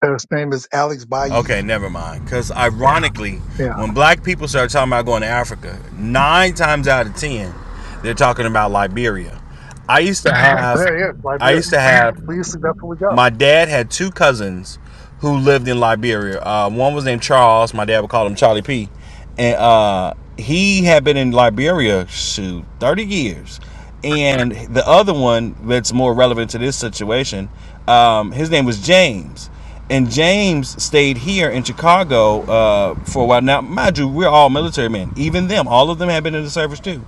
Speaker 1: His name is Alex
Speaker 2: Okay,
Speaker 1: Bayi.
Speaker 2: never mind. Because ironically, when black people start talking about going to Africa, nine times out of ten, they're talking about Liberia. I used to have,
Speaker 1: Yeah, yeah, is, right
Speaker 2: I
Speaker 1: there.
Speaker 2: used to have
Speaker 1: We used to, that's where we go.
Speaker 2: my dad had two cousins who lived in Liberia. Uh, one was named Charles. My dad would call him Charlie P. And uh, he had been in Liberia shoot thirty years. And the other one that's more relevant to this situation, um, his name was James. And James stayed here in Chicago uh, for a while. Now, mind you, we're all military men. Even them, all of them had been in the service too.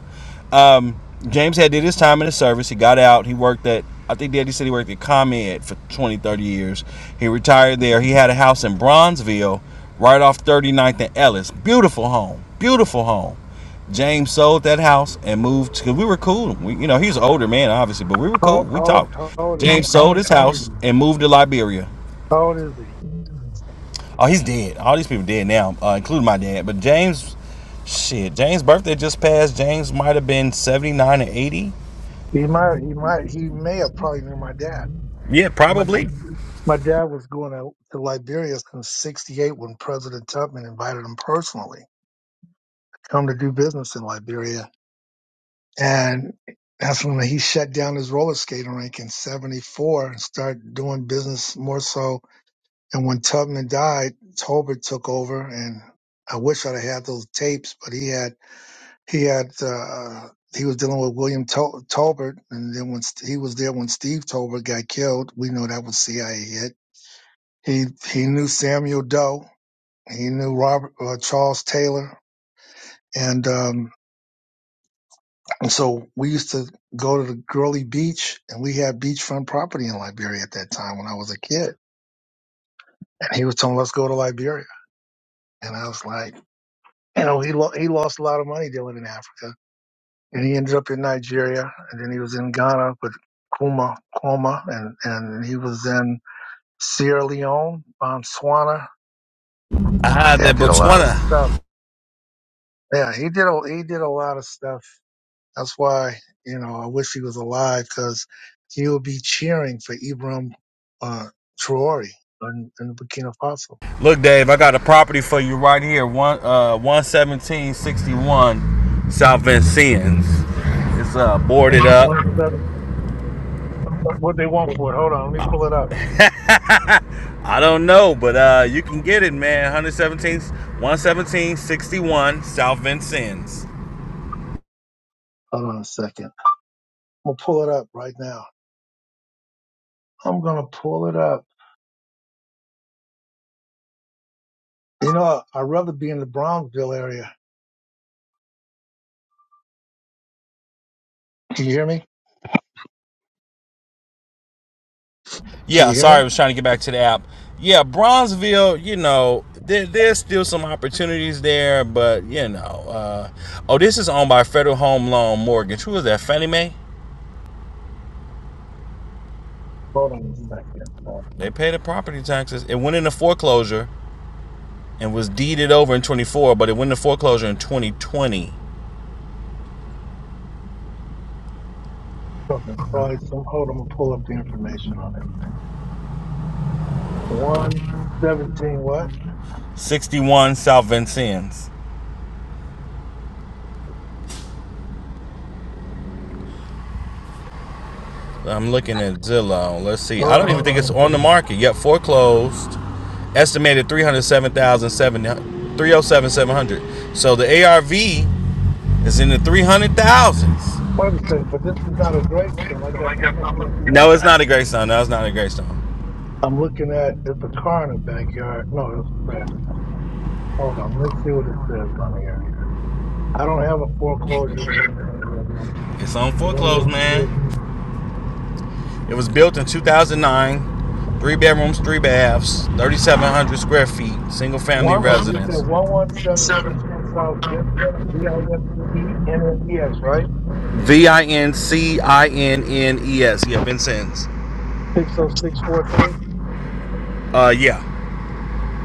Speaker 2: Um, James had did his time in the service. He got out. He worked at I think Daddy said he worked at ComEd for 20, 30 years. He retired there. He had a house in Bronzeville, right off Thirty Ninth and Ellis. Beautiful home. Beautiful home. James sold that house and moved because we were cool. We, you know, he's an older man, obviously, but we were
Speaker 1: How,
Speaker 2: cool. We
Speaker 1: how, old,
Speaker 2: talked.
Speaker 1: how old is
Speaker 2: James
Speaker 1: he?
Speaker 2: sold his house and moved to Liberia.
Speaker 1: How old is he?
Speaker 2: Oh, he's dead. All these people dead now, uh, including my dad. But James, shit, James' birthday just passed. James might have been 79 or 80.
Speaker 1: He might, he might, he may have probably knew my dad.
Speaker 2: Yeah,
Speaker 1: My,
Speaker 2: probably.
Speaker 1: my dad was going to, to Liberia since 68 when President Tubman invited him personally come to do business in Liberia. And that's when he shut down his roller skating rink in 74 and started doing business more so. And when Tubman died, Tolbert took over and I wish I'd have had those tapes, but he had He had uh, he was dealing with William Tal- Talbert, and then when St- he was there when Steve Tolbert got killed, we know that was CIA hit. He he knew Samuel Doe, he knew Robert uh, Charles Taylor, and um, and so we used to go to the Gurley Beach, and we had beachfront property in Liberia at that time when I was a kid. And he was telling us let's go to Liberia, and I was like, you know, he lo- he lost a lot of money dealing in Africa and he ended up in Nigeria, and then he was in Ghana with Kuma Kuma, and and he was in Sierra Leone, Botswana.
Speaker 2: I
Speaker 1: My
Speaker 2: had that
Speaker 1: dad did a lot of
Speaker 2: Botswana.
Speaker 1: stuff. Yeah, he did a he did a lot of stuff. That's why you know I wish he was alive because he would be cheering for Ibrahim uh, Traore in, in Burkina Faso.
Speaker 2: Look, Dave, I got a property for you right here. One uh one seventeen sixty one South Vincennes. It's uh boarded up.
Speaker 1: One seven. What they want for it? Hold on, let me pull it up.
Speaker 2: I don't know, but uh you can get it, man. 117 11761 South Vincennes.
Speaker 1: Hold on a second. I'm gonna pull it up right now. I'm gonna pull it up. You know, I'd rather be in the Bronxville area. Can you hear me? Can
Speaker 2: Yeah,
Speaker 1: you hear
Speaker 2: sorry, I
Speaker 1: me?
Speaker 2: was trying to get back to the app. Yeah, Bronzeville, you know, there, there's still some opportunities there, but you know, uh oh, this is owned by Federal Home Loan Mortgage. Who is that? Fannie Mae?
Speaker 1: Hold on a second. Uh,
Speaker 2: They paid the property taxes. It went into foreclosure and was deeded over in 24, but it went into foreclosure in 2020.
Speaker 1: hold on, probably some, hold on, I'm gonna pull up the information on it. One seventeen. What?
Speaker 2: 61 South Vincennes. I'm looking at Zillow. Let's see. I
Speaker 1: Hold
Speaker 2: don't
Speaker 1: on
Speaker 2: even
Speaker 1: a
Speaker 2: think it's on
Speaker 1: second.
Speaker 2: the market yet. Foreclosed. Estimated 307,700. 307,700. So the ARV is in the 300,000s.
Speaker 1: Wait a second. But this is not a great stone. I got. I must be in the
Speaker 2: No,
Speaker 1: back.
Speaker 2: it's not a Greystone. No, it's not a Greystone.
Speaker 1: I'm looking at. It's a car in the backyard. No, it's trash. Hold on. Let me see what it says on here. I don't have a foreclosure thing on here.
Speaker 2: It's on
Speaker 1: So let me
Speaker 2: foreclosed,
Speaker 1: look through.
Speaker 2: man. It was built in 2009. Three bedrooms, three baths, 3,700 square feet, single family
Speaker 1: One way, you said
Speaker 2: residence.
Speaker 1: 11761 South Vincent, V-I-N-C-E, N-N-E-S, right?
Speaker 2: V I N C I N N E S. Yeah, Vincennes.
Speaker 1: 60643?
Speaker 2: Uh, yeah.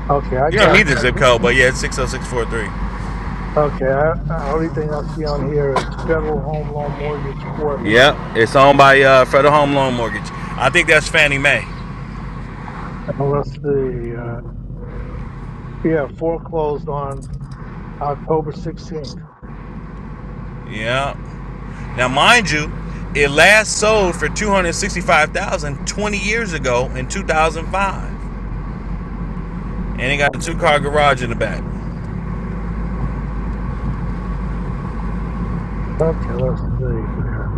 Speaker 1: Okay, I
Speaker 2: You don't
Speaker 1: got,
Speaker 2: need the zip code, but yeah, it's 60643.
Speaker 1: okay, I, I only thing I see on here is Federal Home Loan Mortgage Corp.
Speaker 2: Yeah, It's owned by uh, Federal Home Loan Mortgage. I think that's Fannie Mae.
Speaker 1: And let's see, uh, yeah, foreclosed on October 16th.
Speaker 2: Yeah. Now, mind you, it last sold for 265000 20 years ago in 2005. and they got a two car garage in the back.
Speaker 1: Okay, let's see here.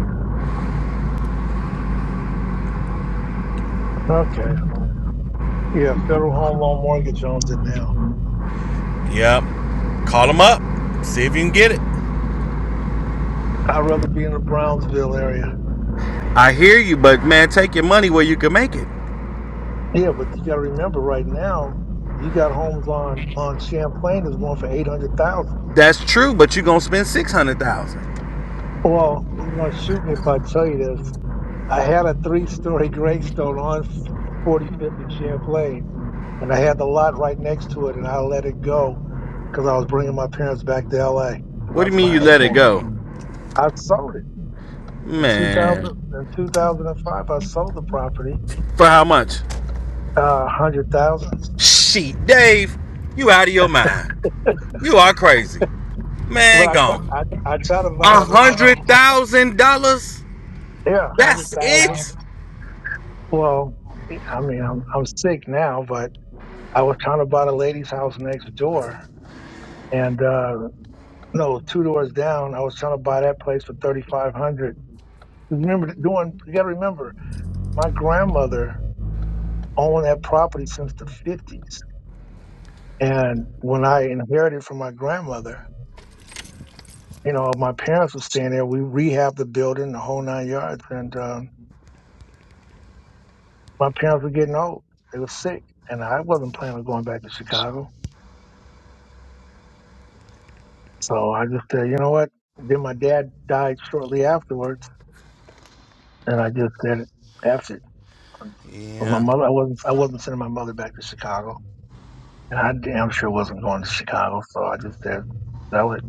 Speaker 1: Okay, well, yeah, Federal Home Loan Mortgage owns it now.
Speaker 2: Yep. Call them up. See if you can get it.
Speaker 1: I'd rather be in the Brownsville area.
Speaker 2: I hear you, but man, take your money where you can make it.
Speaker 1: Yeah, but you got to remember right now, you got homes on on Champlain that's going for 800,000.
Speaker 2: That's true, but you gonna spend six hundred thousand. dollars.
Speaker 1: Well, you're going to shoot me if I tell you this. I had a three-story gravestone on 45th and Champlain, and I had the lot right next to it, and I let it go because I was bringing my parents back to L.A. Because
Speaker 2: What
Speaker 1: I
Speaker 2: do you
Speaker 1: said
Speaker 2: mean you
Speaker 1: I ain't
Speaker 2: let it
Speaker 1: going to.
Speaker 2: go,
Speaker 1: I sold it in 2000.
Speaker 2: man?
Speaker 1: In 2005, I sold the property,
Speaker 2: For how much?
Speaker 1: uh, hundred thousand.
Speaker 2: Shit, Dave, you out of your mind. You are crazy,
Speaker 1: But
Speaker 2: man.
Speaker 1: I, tr-
Speaker 2: Gone.
Speaker 1: I, I tried to buy
Speaker 2: A
Speaker 1: it.
Speaker 2: hundred thousand dollars.
Speaker 1: Yeah, hundred
Speaker 2: That's
Speaker 1: thousand.
Speaker 2: it.
Speaker 1: Well, I mean, I'm I'm sick now, but I was trying to buy the lady's house next door, and uh No, two doors down. I was trying to buy that place for thirty five hundred. Remember doing? You got to remember, my grandmother owned that property since the fifties, and when I inherited from my grandmother, you know, my parents were staying there. We rehabbed the building, the whole nine yards, and um, my parents were getting old. They were sick, and I wasn't planning on going back to Chicago. So I just said, you know what? Then my dad died shortly afterwards, and I just said, "That's it. But my
Speaker 2: Yeah,
Speaker 1: mother, I wasn't, I wasn't sending my mother back to Chicago, and I damn sure wasn't going to Chicago. So I just said, sell it,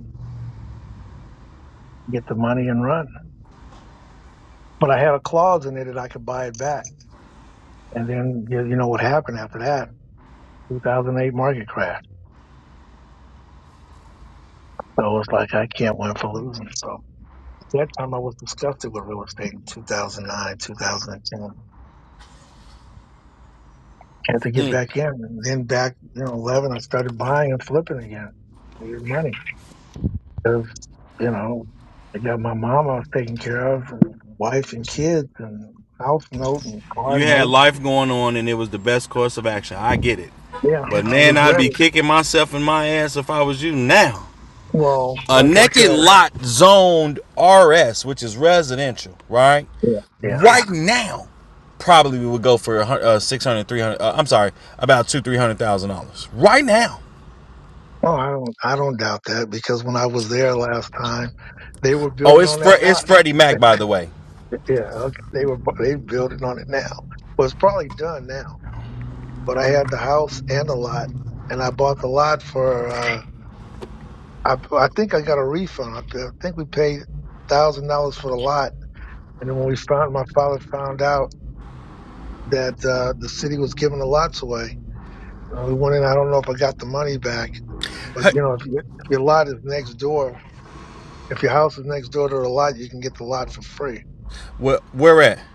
Speaker 1: get the money, and run. But I had a clause in there that I could buy it back. And then you, you know what happened after that? 2008 market crash. So it was like I can't win for losing. So at that time, I was disgusted with real estate in 2009, 2010. Had to get back in, and then back, you know, 11, I started buying and flipping again. Needed money. because you know I got my mom I was taking care of, and wife and kids, and house note and car
Speaker 2: You had
Speaker 1: note.
Speaker 2: life going on, and it was the best course of action. I get it,
Speaker 1: Yeah,
Speaker 2: but
Speaker 1: I
Speaker 2: man, I'd
Speaker 1: regret
Speaker 2: be
Speaker 1: it.
Speaker 2: kicking myself in my ass if I was you now.
Speaker 1: Well,
Speaker 2: A
Speaker 1: like I
Speaker 2: naked
Speaker 1: said,
Speaker 2: lot zoned RS, which is residential, right?
Speaker 1: yeah, yeah.
Speaker 2: Right now, probably we would go for a uh, 600 uh, i'm sorry about two three hundred thousand dollars right now
Speaker 1: Oh, I don't, I don't doubt that because when I was there last time, they were
Speaker 2: oh
Speaker 1: building
Speaker 2: it's
Speaker 1: on that
Speaker 2: Fre- it's
Speaker 1: lot.
Speaker 2: freddie mac by the way
Speaker 1: Yeah, okay, they were, bu- they building on it now. Well, it's probably done now, but I had the house and the lot, and I bought the lot for. uh I, I think I got a refund. I, I think we paid thousand dollars for the lot And then when we found, my father found out that uh, the city was giving the lots away. Uh, we went in. I don't know if I got the money back, but
Speaker 2: Hey,
Speaker 1: you know, if, you- if your lot is next door, if your house is next door to the lot, you can get the lot for free.
Speaker 2: where, where at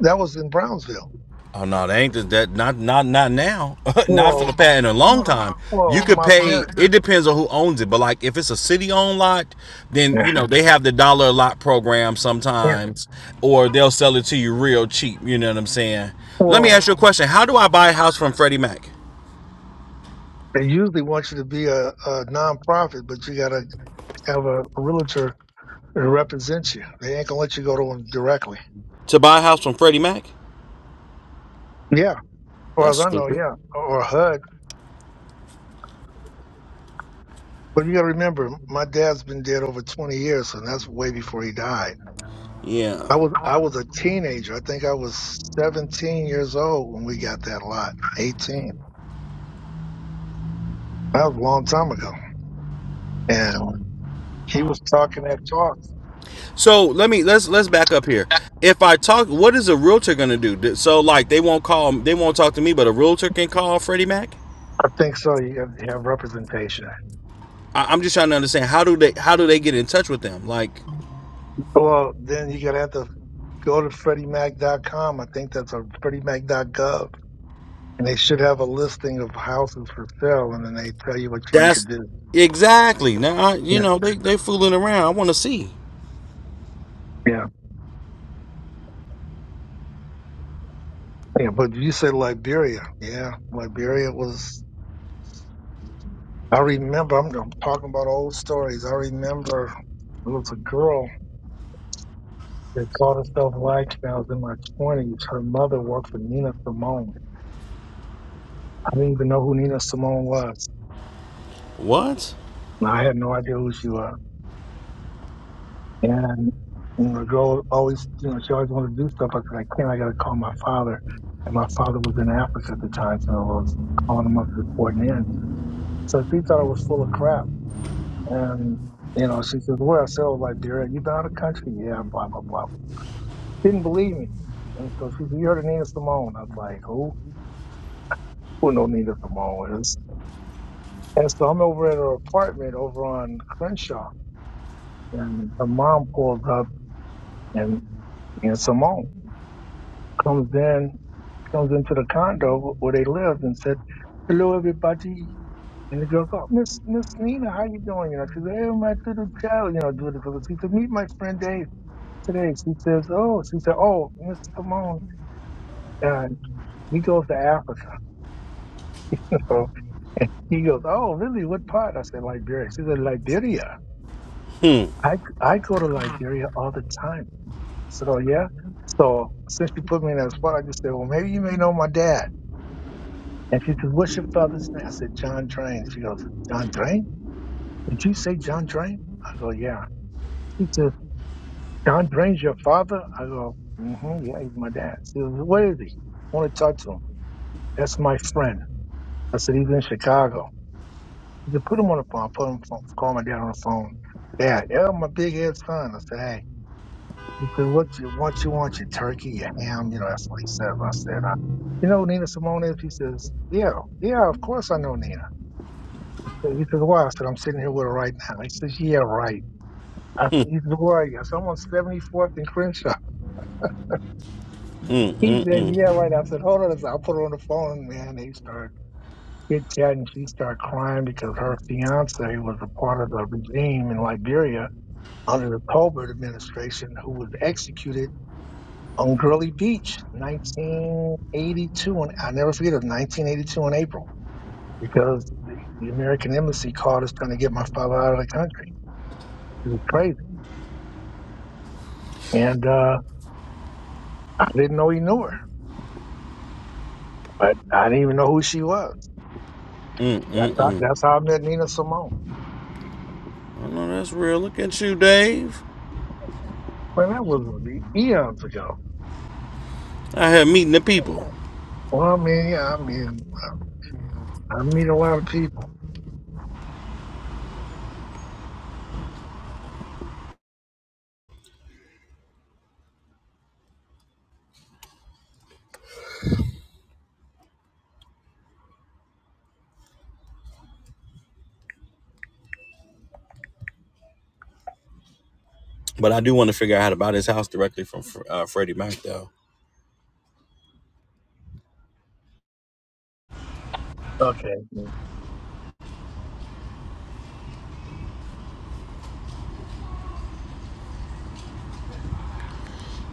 Speaker 1: That was in Brownsville.
Speaker 2: Oh no, they ain't that. Not not not now. not for the
Speaker 1: Well,
Speaker 2: past in a long
Speaker 1: well,
Speaker 2: time. You
Speaker 1: well,
Speaker 2: could
Speaker 1: my
Speaker 2: pay.
Speaker 1: parents.
Speaker 2: It depends on who owns it, but like if it's a city-owned lot, then
Speaker 1: Yeah.
Speaker 2: you know they have the dollar lot program
Speaker 1: yeah.
Speaker 2: sometimes, or they'll sell it to you real cheap. You know what I'm saying? Let me
Speaker 1: Well,
Speaker 2: ask you a question. How do I buy a house from Freddie Mac?
Speaker 1: they usually want you to be a, a nonprofit, but you got to have a, a realtor to represent you. They ain't gonna let you go to them directly.
Speaker 2: To buy a house from Freddie Mac?
Speaker 1: Yeah, as far as
Speaker 2: That's
Speaker 1: I know,
Speaker 2: stupid.
Speaker 1: yeah, or, or HUD But you got to remember, my dad's been dead over 20 years, and that's way before he died.
Speaker 2: Yeah.
Speaker 1: I was I was a teenager. I think I was 17 years old when we got that lot. 18. That was a long time ago. And he was talking that talk.
Speaker 2: So let me let's let's back up here. If I talk, what is a realtor gonna do? So like they won't call, they won't talk to me, but a realtor can call Freddie Mac.
Speaker 1: I think so. You got to have representation.
Speaker 2: I, I'm just trying to understand how do they how do they get in touch with them? Like
Speaker 1: Well, then you got to have to go to freddie mac dot com. I think that's a freddie mac dot gov, and they should have a listing of houses for sale, and then they tell you what you need to
Speaker 2: that's
Speaker 1: do.
Speaker 2: exactly now. I, you
Speaker 1: Yeah.
Speaker 2: know they they fooling around. I want to see
Speaker 1: yeah. Yeah, but you said Liberia. Yeah, Liberia was. I remember. I'm, I'm talking about old stories. I remember it was a girl that called herself Light when I was in my twenties. Her mother worked for Nina Simone. I didn't even know who Nina Simone was.
Speaker 2: what.
Speaker 1: And I had no idea who she was. And, and the girl always, you know, she always wanted to do stuff. I said, I can't. I got to call my father. And my father was in Africa at the time, so I was calling him up, reporting in. So she thought I was full of crap. And, you know, she says, Well, so like, Derek, you been out of the country? Yeah, blah, blah, blah. Didn't believe me. And so she said, You heard of Nina Simone? I was like, Who? Who know Nina Simone is? And so I'm over at her apartment over on Crenshaw, and her mom pulls up, and Nina Simone comes in, comes into the condo where they lived and said, Hello, everybody. And the girl goes, Miss Miss Nina, how you doing? You know, she said, Hey, I'm at the hotel, you know, do this. so She said, Meet my friend Dave. today. She says, "Oh," she said, "Oh, Miss Simone." And he goes to Africa. So, and he goes, "Oh, really? What part?" I said, "Liberia." She said, "Liberia." I I go to Liberia all the time. I said, "Oh yeah." So since you put me in that spot, I just said, "Well, maybe you may know my dad." And she says, "What's your father's name?" I said, "John Drain." She goes, "John Drain? Did you say John Drain?" I go, "Yeah." She says, "John Drain's your father?" I go, "Mm-hmm. Yeah, he's my dad." She goes, "Where is he?" I want to talk to him. That's my friend. I said he's in Chicago. He said, put him on the phone. I put him phone, call my dad on the phone. Dad, yeah, my big head son. I said, hey, he said, what you what you want? Your turkey, your ham? You know, that's what he said. I said, I, you know who Nina Simone is? He says, yeah, yeah, of course I know Nina. I said- He says, why? I said, I'm sitting here with her right now. He says, yeah, right. I said, he says, where are you? I said, I'm on 74th and Crenshaw. He said, yeah, right. I said, hold on. I said, I'll put her on the phone, man. They started. chit chat and she started crying because her fiance was a part of the regime in Liberia under the Colbert administration who was executed on Gurley Beach, 1982. And i never forget it, 1982 in April because the, the American embassy called us trying to get my father out of the country. It was crazy. And uh, I didn't know he knew her, but I didn't even know who she was. That's how, that's how I met Nina Simone.
Speaker 2: I know that's real. Look at you, Dave.
Speaker 1: Well, that was like, eons ago.
Speaker 2: I have meeting the people,
Speaker 1: Well, I mean, yeah, I mean, I meet a lot of people.
Speaker 2: but I do want to figure out how to buy this house directly from uh, Freddie Mac though.
Speaker 1: Okay. Like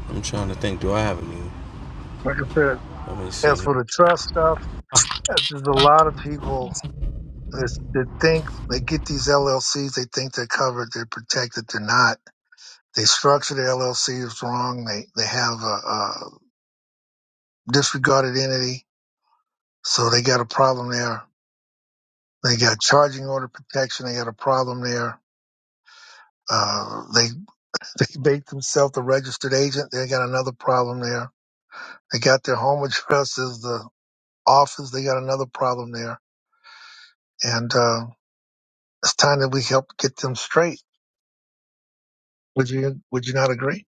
Speaker 2: I'm trying to think. Do I have any?
Speaker 1: I said,
Speaker 2: Let me
Speaker 1: as
Speaker 2: see.
Speaker 1: for the trust stuff, there's a lot of people that that think they get these LLCs, they think they're covered, they're protected, they're not. They structure the LLCs wrong. They they have a, a disregarded entity, so they got a problem there. They got charging order protection. They got a problem there. Uh, they they make themselves a registered agent. They got another problem there. They got their home address as the office. They got another problem there and uh, it's time that we help get them straight. Would you Would you not agree?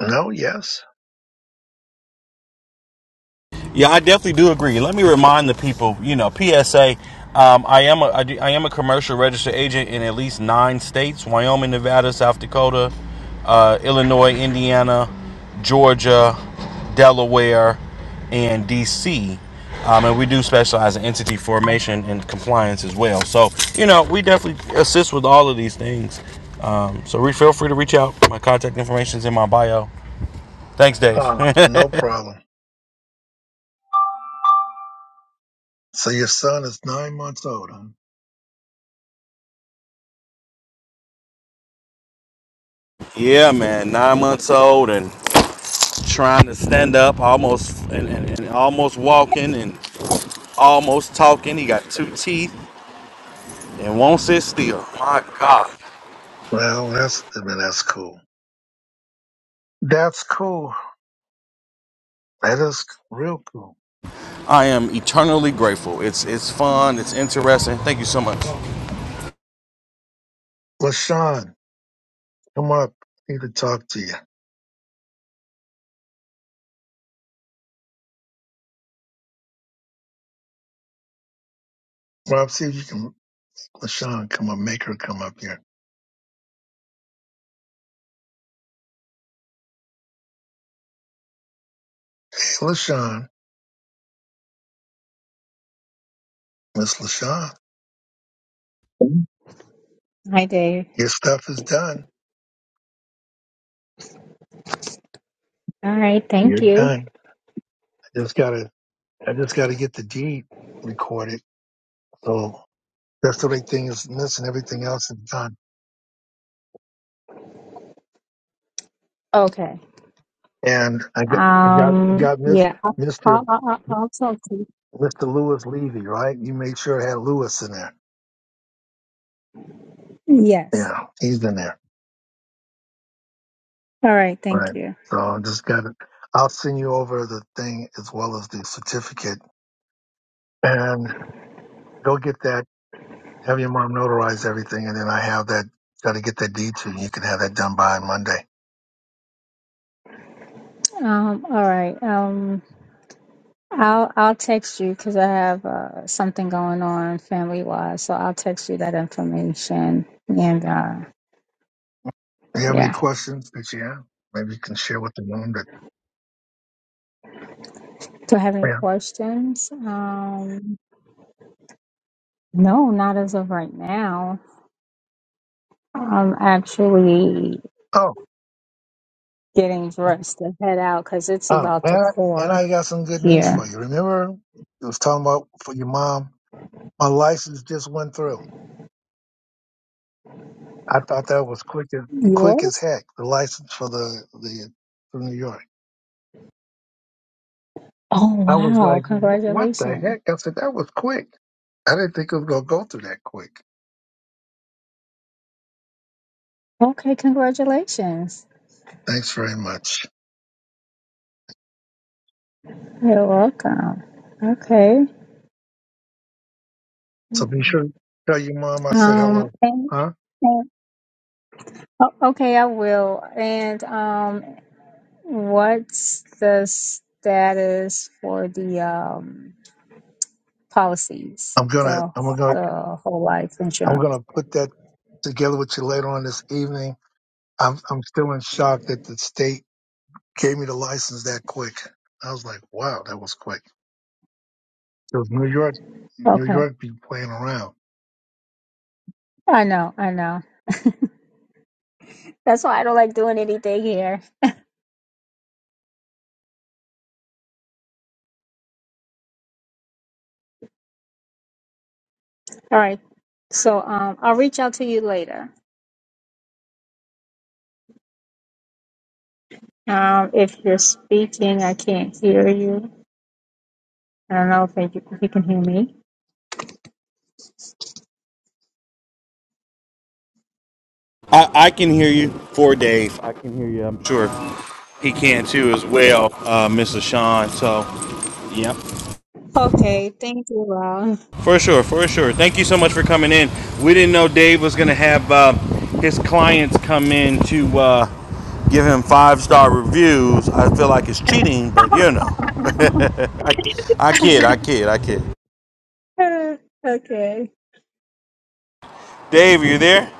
Speaker 1: No, yes,
Speaker 2: Yeah, I definitely do agree. Let me remind the people, you know, PSA. Um, I am a I, do, I am a commercial registered agent in at least nine states: Wyoming, Nevada, South Dakota, uh, Illinois, Indiana, Georgia, Delaware, and DC. Um, and we do specialize in entity formation and compliance as well. So, you know, we definitely assist with all of these things. Um, so, re- feel free to reach out. My contact information is in my bio. Thanks, Dave.
Speaker 1: uh, no problem. So your son is nine months old. Huh?
Speaker 2: yeah, man, nine months old and trying to stand up, almost and, and, and almost walking and almost talking. He got two teeth and won't sit still. My God,
Speaker 1: Well, that's I mean, that's cool. That's cool. That is real cool.
Speaker 2: I am eternally grateful. It's it's fun. It's interesting. Thank you so much.
Speaker 1: LaShawn, come up. I need to talk to you. Rob, see if you can. LaShawn, come up. Make her come up here. Hey, LaShawn, Miss LaShawn,
Speaker 5: Hi, Dave.
Speaker 1: your stuff is done.
Speaker 5: All right, thank
Speaker 1: You're
Speaker 5: you.
Speaker 1: done. I just gotta. I just gotta get the deed recorded. So That's the big thing is missing everything else at the time.
Speaker 5: Okay.
Speaker 1: And I got, I got, I
Speaker 5: Um,
Speaker 1: got Miss,
Speaker 5: yeah, I'll,
Speaker 1: Mr.
Speaker 5: I'll, I'll I'll talk to you.
Speaker 1: Mr. Lewis Levy, right? You made sure it had Lewis in there.
Speaker 5: Yes.
Speaker 1: Yeah, he's in there,
Speaker 5: All right, thank
Speaker 1: right?
Speaker 5: you.
Speaker 1: So I just got it. I'll send you over the thing as well as the certificate and go get that. Have your mom notarize everything, and then I have that. Got to get that deed to you. You can have that done by Monday.
Speaker 5: Um, all right. Um, I'll I'll text you because I have uh, something going on family wise, so I'll text you that information. And uh,
Speaker 1: Do you have any
Speaker 5: yeah,
Speaker 1: questions that you have? Maybe you can share with the mom that.
Speaker 5: do I have any
Speaker 1: Yeah.
Speaker 5: questions? Um, no, not as of right now. I'm actually
Speaker 1: oh.
Speaker 5: getting dressed to head out because it's
Speaker 1: Oh,
Speaker 5: about
Speaker 1: and
Speaker 5: to
Speaker 1: I, and
Speaker 5: pour
Speaker 1: I got some good news
Speaker 5: here.
Speaker 1: for you. Remember, it was talking about for your mom. My license just went through. I thought that was quick as quick as
Speaker 5: Yours?
Speaker 1: heck. The license for the the for New York.
Speaker 5: Oh,
Speaker 1: I was
Speaker 5: wow.
Speaker 1: like, "Wh- what the
Speaker 5: Congratulations.
Speaker 1: heck? I said that was quick. I didn't think it was gonna go through that quick.
Speaker 5: Okay, congratulations.
Speaker 1: Thanks very much.
Speaker 5: You're welcome. Okay.
Speaker 1: So be sure to tell your mom I said
Speaker 5: Um,
Speaker 1: hello.
Speaker 5: and,
Speaker 1: Huh?
Speaker 5: and oh, okay, I will. And um, what's the status for the um policies,
Speaker 1: I'm gonna
Speaker 5: the
Speaker 1: I'm gonna
Speaker 5: the whole life
Speaker 1: I'm
Speaker 5: insurance?
Speaker 1: gonna put that together with you later on this evening. I'm I'm still in shock that the state Gave me the license that quick. I was like, wow, that was quick. It was New York. New
Speaker 5: Okay,
Speaker 1: York be playing around.
Speaker 5: I know, I know. That's why I don't like doing anything here. All right, so um, I'll reach out to you later. Um, if you're speaking, I can't hear you. I don't know if you, if you can hear me.
Speaker 2: I, I can hear you for Dave. I can hear you. I'm sure he can too as well, uh, Mr. Sean. So, yep.
Speaker 5: Okay, thank you, Rob.
Speaker 2: For sure, for sure. Thank you so much for coming in. We didn't know Dave was gonna have uh, his clients come in to uh, give him five star reviews. I feel like it's cheating, but you know, I, I kid, I kid, I kid.
Speaker 5: okay.
Speaker 2: Dave, are you there?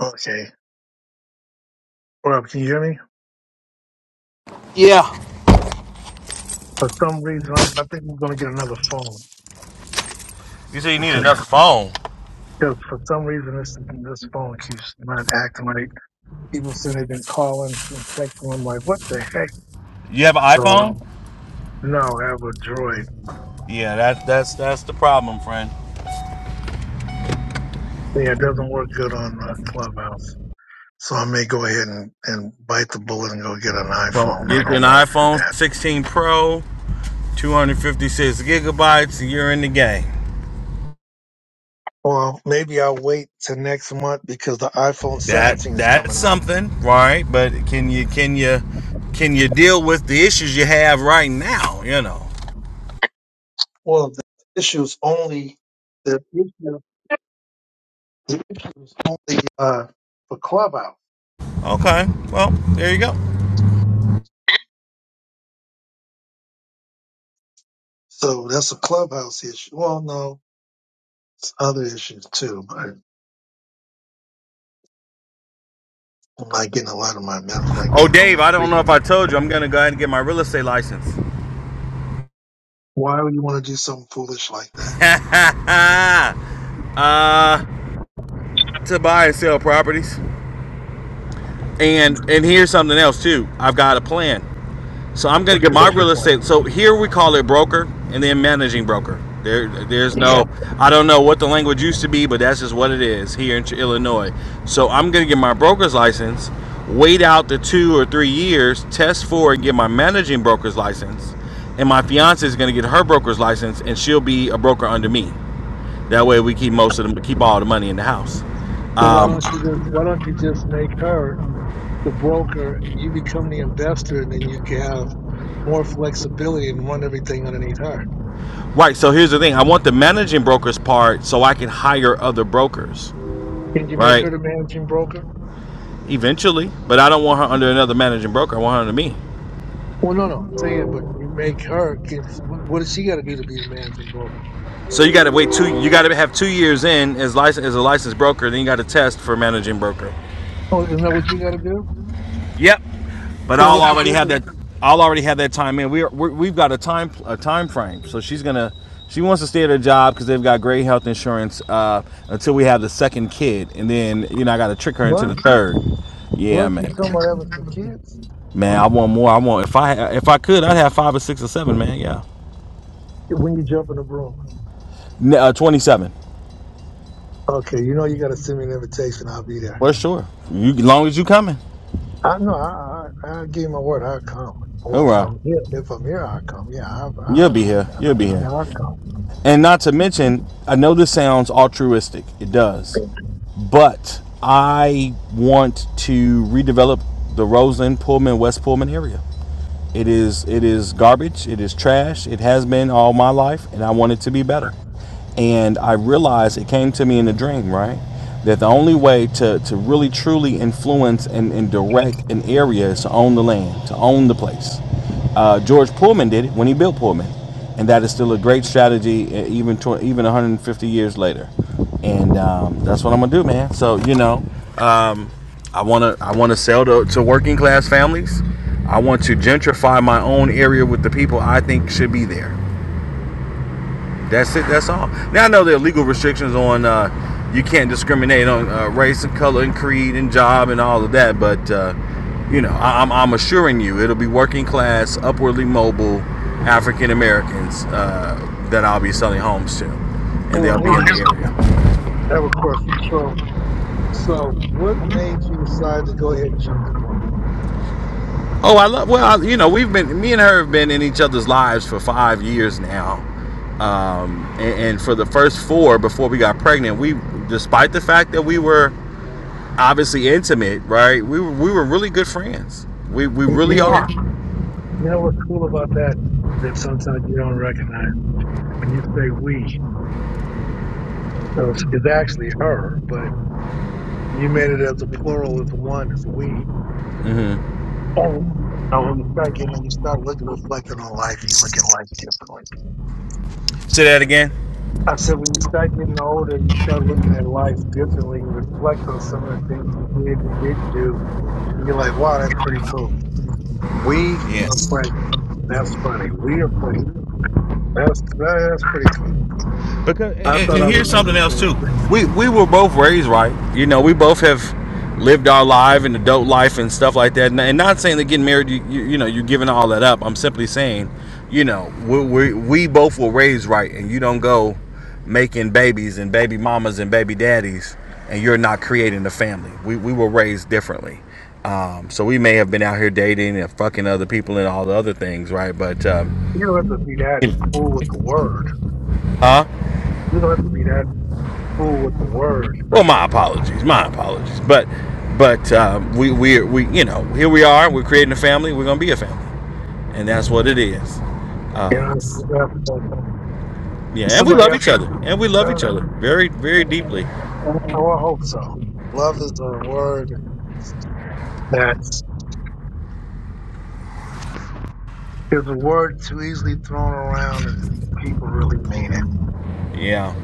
Speaker 1: Okay. Rob, can you hear me? For some reason, I'm, I think we're going to get another phone
Speaker 2: You say you need
Speaker 1: because,
Speaker 2: another phone.
Speaker 1: because for some reason this this phone keeps not acting right. People said they've been calling, been texting. I'm like, what the heck?
Speaker 2: You have an
Speaker 1: So
Speaker 2: iPhone?
Speaker 1: now I have a Droid.
Speaker 2: Yeah, that's that's that's the problem, friend.
Speaker 1: Yeah, it doesn't work good on uh, Clubhouse. So I may go ahead and, and bite the bullet and go get an iPhone. I
Speaker 2: Get an
Speaker 1: don't want to do
Speaker 2: iPhone
Speaker 1: that.
Speaker 2: 16 Pro, 256 gigabytes, and you're in the game.
Speaker 1: Well, maybe I'll wait till next month because the iPhone
Speaker 2: that
Speaker 1: 17 is
Speaker 2: that's
Speaker 1: coming out.
Speaker 2: something right but can you can you can you deal with the issues you have right now you know
Speaker 1: Well, the issue's only the issue, the issue is only uh, for Clubhouse,
Speaker 2: okay well there you go
Speaker 1: so that's a Clubhouse issue. Well, no, it's other issues too, but I'm not getting a lot of my messages. I
Speaker 2: oh
Speaker 1: get so
Speaker 2: dave
Speaker 1: many
Speaker 2: i don't know if
Speaker 1: freaking.
Speaker 2: i told you i'm gonna go ahead and get my real estate license
Speaker 1: Why would you want to do something foolish like that?
Speaker 2: uh to buy and sell properties and and here's something else too i've got a plan So I'm going to get my
Speaker 1: What's your
Speaker 2: real
Speaker 1: plan?
Speaker 2: estate. So here we call it broker and then managing broker. There, there's
Speaker 1: Yeah.
Speaker 2: no, I don't know what the language used to be, but that's just what it is here in Illinois. So I'm going to get my broker's license, wait out the two or three years, test for and get my managing broker's license. And my fiance is going to get her broker's license and she'll be a broker under me. That way we keep most of them, keep all the money in the house.
Speaker 1: Well, why
Speaker 2: Um,
Speaker 1: don't you just why don't you just make her the broker? You become the investor, and then you can have more flexibility and run everything underneath her.
Speaker 2: right. So here's the thing. I want the managing brokers part so I can hire other brokers
Speaker 1: Can you make
Speaker 2: right?
Speaker 1: her the managing broker?
Speaker 2: Eventually, but I don't want her under another managing broker. I want her under me.
Speaker 1: Well, no, no, I'm saying, but you make her. 'Cause what, what does she got to do to be the managing broker?
Speaker 2: So you got to wait two. You got to have two years in as license as a licensed broker. Then you got to test for managing broker.
Speaker 1: Oh, isn't that what you got to do?
Speaker 2: Yep. But
Speaker 1: Then
Speaker 2: I'll
Speaker 1: what's the
Speaker 2: already have
Speaker 1: difference?
Speaker 2: that. I'll already have that time in. We're, we're we've got a time a time frame. So she's gonna she wants to stay at her job because they've got great health insurance uh, until we have the second kid, and then you know I got to trick her into
Speaker 1: What?
Speaker 2: the third. Yeah,
Speaker 1: What you
Speaker 2: man.
Speaker 1: talking about having some kids
Speaker 2: Man, I want more. I want if I if I could, I'd have five or six or seven, man. Yeah.
Speaker 1: when you jump in the room?
Speaker 2: Uh, Twenty seven.
Speaker 1: Okay, you know you got to send me an invitation. I'll be there.
Speaker 2: Well, sure. You, as long as you coming,
Speaker 1: I no, I I, I gave my word. I'll come. Well, if
Speaker 2: hoorah!
Speaker 1: I'm here, if I'm here, I'll come. Yeah, I
Speaker 2: You'll
Speaker 1: I
Speaker 2: be here. You'll be
Speaker 1: I
Speaker 2: here.
Speaker 1: I'll come.
Speaker 2: And not to mention, I know this sounds altruistic. It does, but I want to redevelop the Roseland, Pullman, West Pullman area. It is it is garbage. It is trash. It has been all my life, and I want it to be better. And I realized it came to me in a dream, right? That the only way to, to really truly influence and, and direct an area is to own the land, to own the place. Uh, George Pullman did it when he built Pullman, and that is still a great strategy, uh, even tw- even 150 years later. And um, that's what I'm gonna do, man. So you know, um, I want to I want to sell to, to working class families. I want to gentrify my own area with the people I think should be there. That's it. That's all. Now I know there are legal restrictions on uh, you can't discriminate on uh, race and color and creed and job and all of that. But uh, you know, I, I'm, I'm assuring you, it'll be working class, upwardly mobile African Americans uh, that I'll be selling homes to, and
Speaker 1: Well,
Speaker 2: they'll be
Speaker 1: here's a
Speaker 2: in
Speaker 1: question.
Speaker 2: the area.
Speaker 1: I have a question. So, so what made you decide to go ahead and jump the broom?
Speaker 2: Oh, I love. Well, I, you know, we've been me and her have been in each other's lives for five years now, um, and, and for the first four before we got pregnant, we, despite the fact that we were obviously intimate, right? We were we were really good friends. We we
Speaker 1: You you
Speaker 2: really
Speaker 1: know.
Speaker 2: are.
Speaker 1: You know what's cool about that? That sometimes you don't recognize when you say we, it's, it's actually her, but you made it as a plural as one as we. Oh, now when you start getting, when you start looking, reflecting on life, you look at life differently.
Speaker 2: Say that again.
Speaker 1: I said, when you start getting older, you start looking at life differently. You reflect on some of the things you did and didn't do, and you're like, wow, that's pretty cool. We are
Speaker 2: Yes.
Speaker 1: pregnant. That's funny. We are pregnant. That's that's pretty cool.
Speaker 2: Because and,
Speaker 1: I
Speaker 2: and
Speaker 1: thought I would
Speaker 2: here's something
Speaker 1: never say
Speaker 2: else
Speaker 1: that.
Speaker 2: too. We we were both raised right. You know, we both have lived our life and adult life and stuff like that. And, and not saying that getting married, you, you you know, you're giving all that up. I'm simply saying, you know, we we, we both were raised right, and you don't go making babies and baby mamas and baby daddies, and you're not creating a family. We we were raised differently. Um, so we may have been out here dating and fucking other people and all the other things, right? But um,
Speaker 1: You don't have to be that cruel with the word.
Speaker 2: huh?
Speaker 1: You don't have to be that cruel with the word.
Speaker 2: Well, my apologies, my apologies. But but um, we we we you know here we are. We're creating a family. We're gonna be a family, and that's what it is.
Speaker 1: You
Speaker 2: Um,
Speaker 1: know, that's funny.
Speaker 2: yeah, and we
Speaker 1: somebody
Speaker 2: love
Speaker 1: has
Speaker 2: each
Speaker 1: to.
Speaker 2: other, and we love each
Speaker 1: Uh,
Speaker 2: other very very deeply.
Speaker 1: oh, I hope so. Love is a word that's is a word too easily thrown around, and people really mean it.
Speaker 2: Yeah,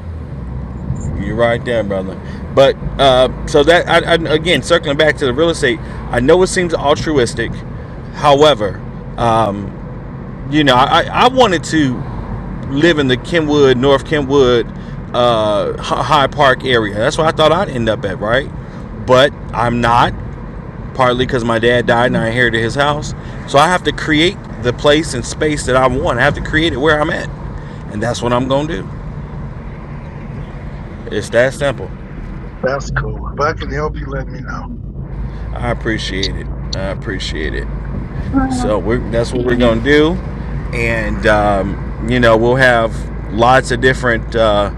Speaker 2: you're right there, brother. But uh, so that I, I, again, circling back to the real estate, I know it seems altruistic. However, um, you know, I I wanted to. live in the Kenwood, North Kenwood, uh, H- High Park area. That's where I thought I'd end up at, right? But I'm not, partly because my dad died and I inherited his house. So I have to create the place and space that I want. I have to create it where I'm at. And that's what I'm going to do. It's that simple.
Speaker 1: That's cool. If I can help you, let me know.
Speaker 2: I appreciate it. I appreciate it.
Speaker 5: Um,
Speaker 2: So we're, that's what we're gonna do, and um, you know we'll have lots of different uh,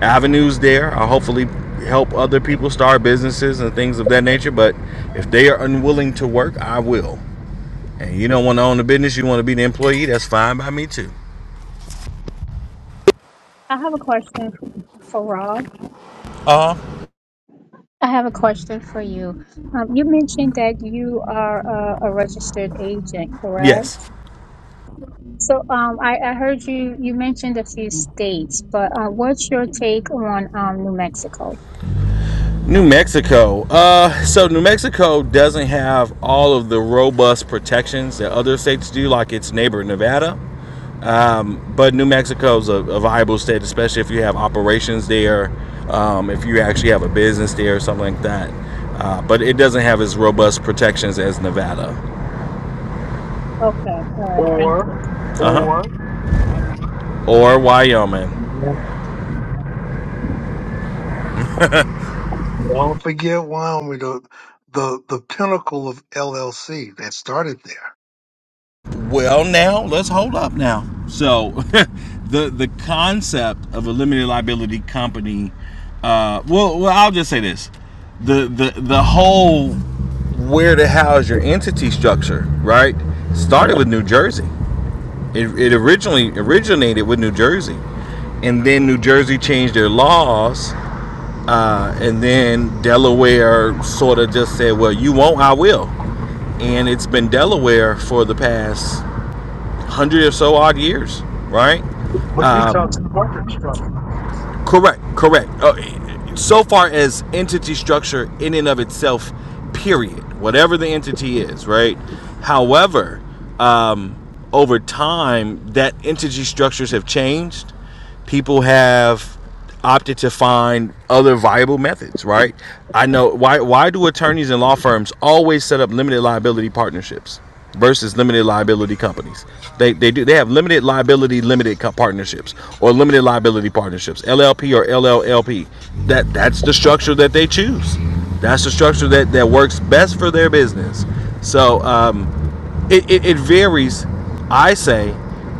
Speaker 2: avenues there. I'll hopefully help other people start businesses and things of that nature. But if they are unwilling to work, I will. And you don't want to own the business; you want to be the employee. That's fine by me too.
Speaker 5: I have a question f- for Rob.
Speaker 2: Uh huh.
Speaker 5: I have a question for you. Um, you mentioned that you are a, a registered agent, correct?
Speaker 2: Yes.
Speaker 5: So um, I, I heard you, you mentioned a few states, but uh, what's your take on um, New Mexico?
Speaker 2: New Mexico. Uh, so New Mexico doesn't have all of the robust protections that other states do, like its neighbor Nevada. Um, but New Mexico is a, a viable state, especially if you have operations there, um, if you actually have a business there or something like that. Uh, but it doesn't have as robust protections as Nevada,
Speaker 5: Okay, all right, thank
Speaker 1: Or,
Speaker 5: you.
Speaker 2: uh huh,
Speaker 1: or
Speaker 2: or Wyoming.
Speaker 1: don't forget, Wyoming, the the the pinnacle of LLC that started there.
Speaker 2: Well, now let's hold up now. So, the the concept of a limited liability company. Uh, well, well, I'll just say this: the the the whole where to house your entity structure, right? Started with New Jersey. It, it originally originated with New Jersey, and then New Jersey changed their laws, uh, and then Delaware sort of just said, "Well, you won't, I will," and it's been Delaware for the past hundred or so odd years, right?
Speaker 1: But you talking corporate structures,
Speaker 2: Correct, correct. Uh, so far as entity structure in and of itself, period, whatever the entity is, right? However, um, over time, that entity structures have changed. People have opted to find other viable methods, right? I know why. Why do attorneys and law firms always set up limited liability partnerships? versus limited liability companies. They, they do they have limited liability limited co- partnerships or limited liability partnerships LLP or LLLP. That that's the structure that they choose. That's the structure that that works best for their business. So um, it, it, it varies i say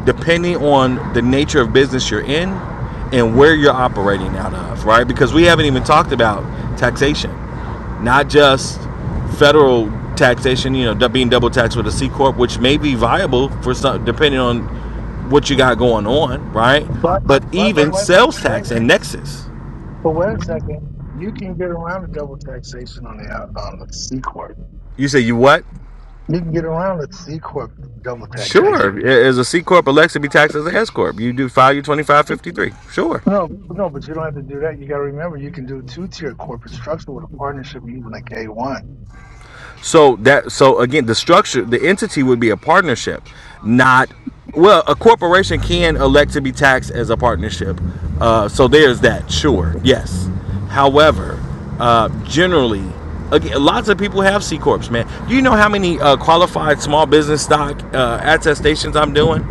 Speaker 2: depending on the nature of business you're in and where you're operating out of right because we haven't even talked about taxation not just federal taxation you know being double taxed with a c corp which may be viable for some depending on what you got going on right
Speaker 1: but.
Speaker 2: but
Speaker 1: but but
Speaker 2: even
Speaker 1: wait, wait,
Speaker 2: sales
Speaker 1: wait.
Speaker 2: tax and nexus
Speaker 1: But wait a second. You can get around the double taxation on the on the C corp.
Speaker 2: you say you what
Speaker 1: You can get around the C corp double taxation.
Speaker 2: sure as a c corp alexa be taxed as a s corp you do file your 2553 sure
Speaker 1: No, no, but you don't have to do that. You got to remember, you can do two tier corporate structure with a partnership, even a K one.
Speaker 2: So that so again the structure the entity would be a partnership, not well a corporation can elect to be taxed as a partnership. Uh, so there's that sure yes. However, uh, generally, again, lots of people have C corps. Man, do you know how many uh, qualified small business stock uh, attestations I'm doing?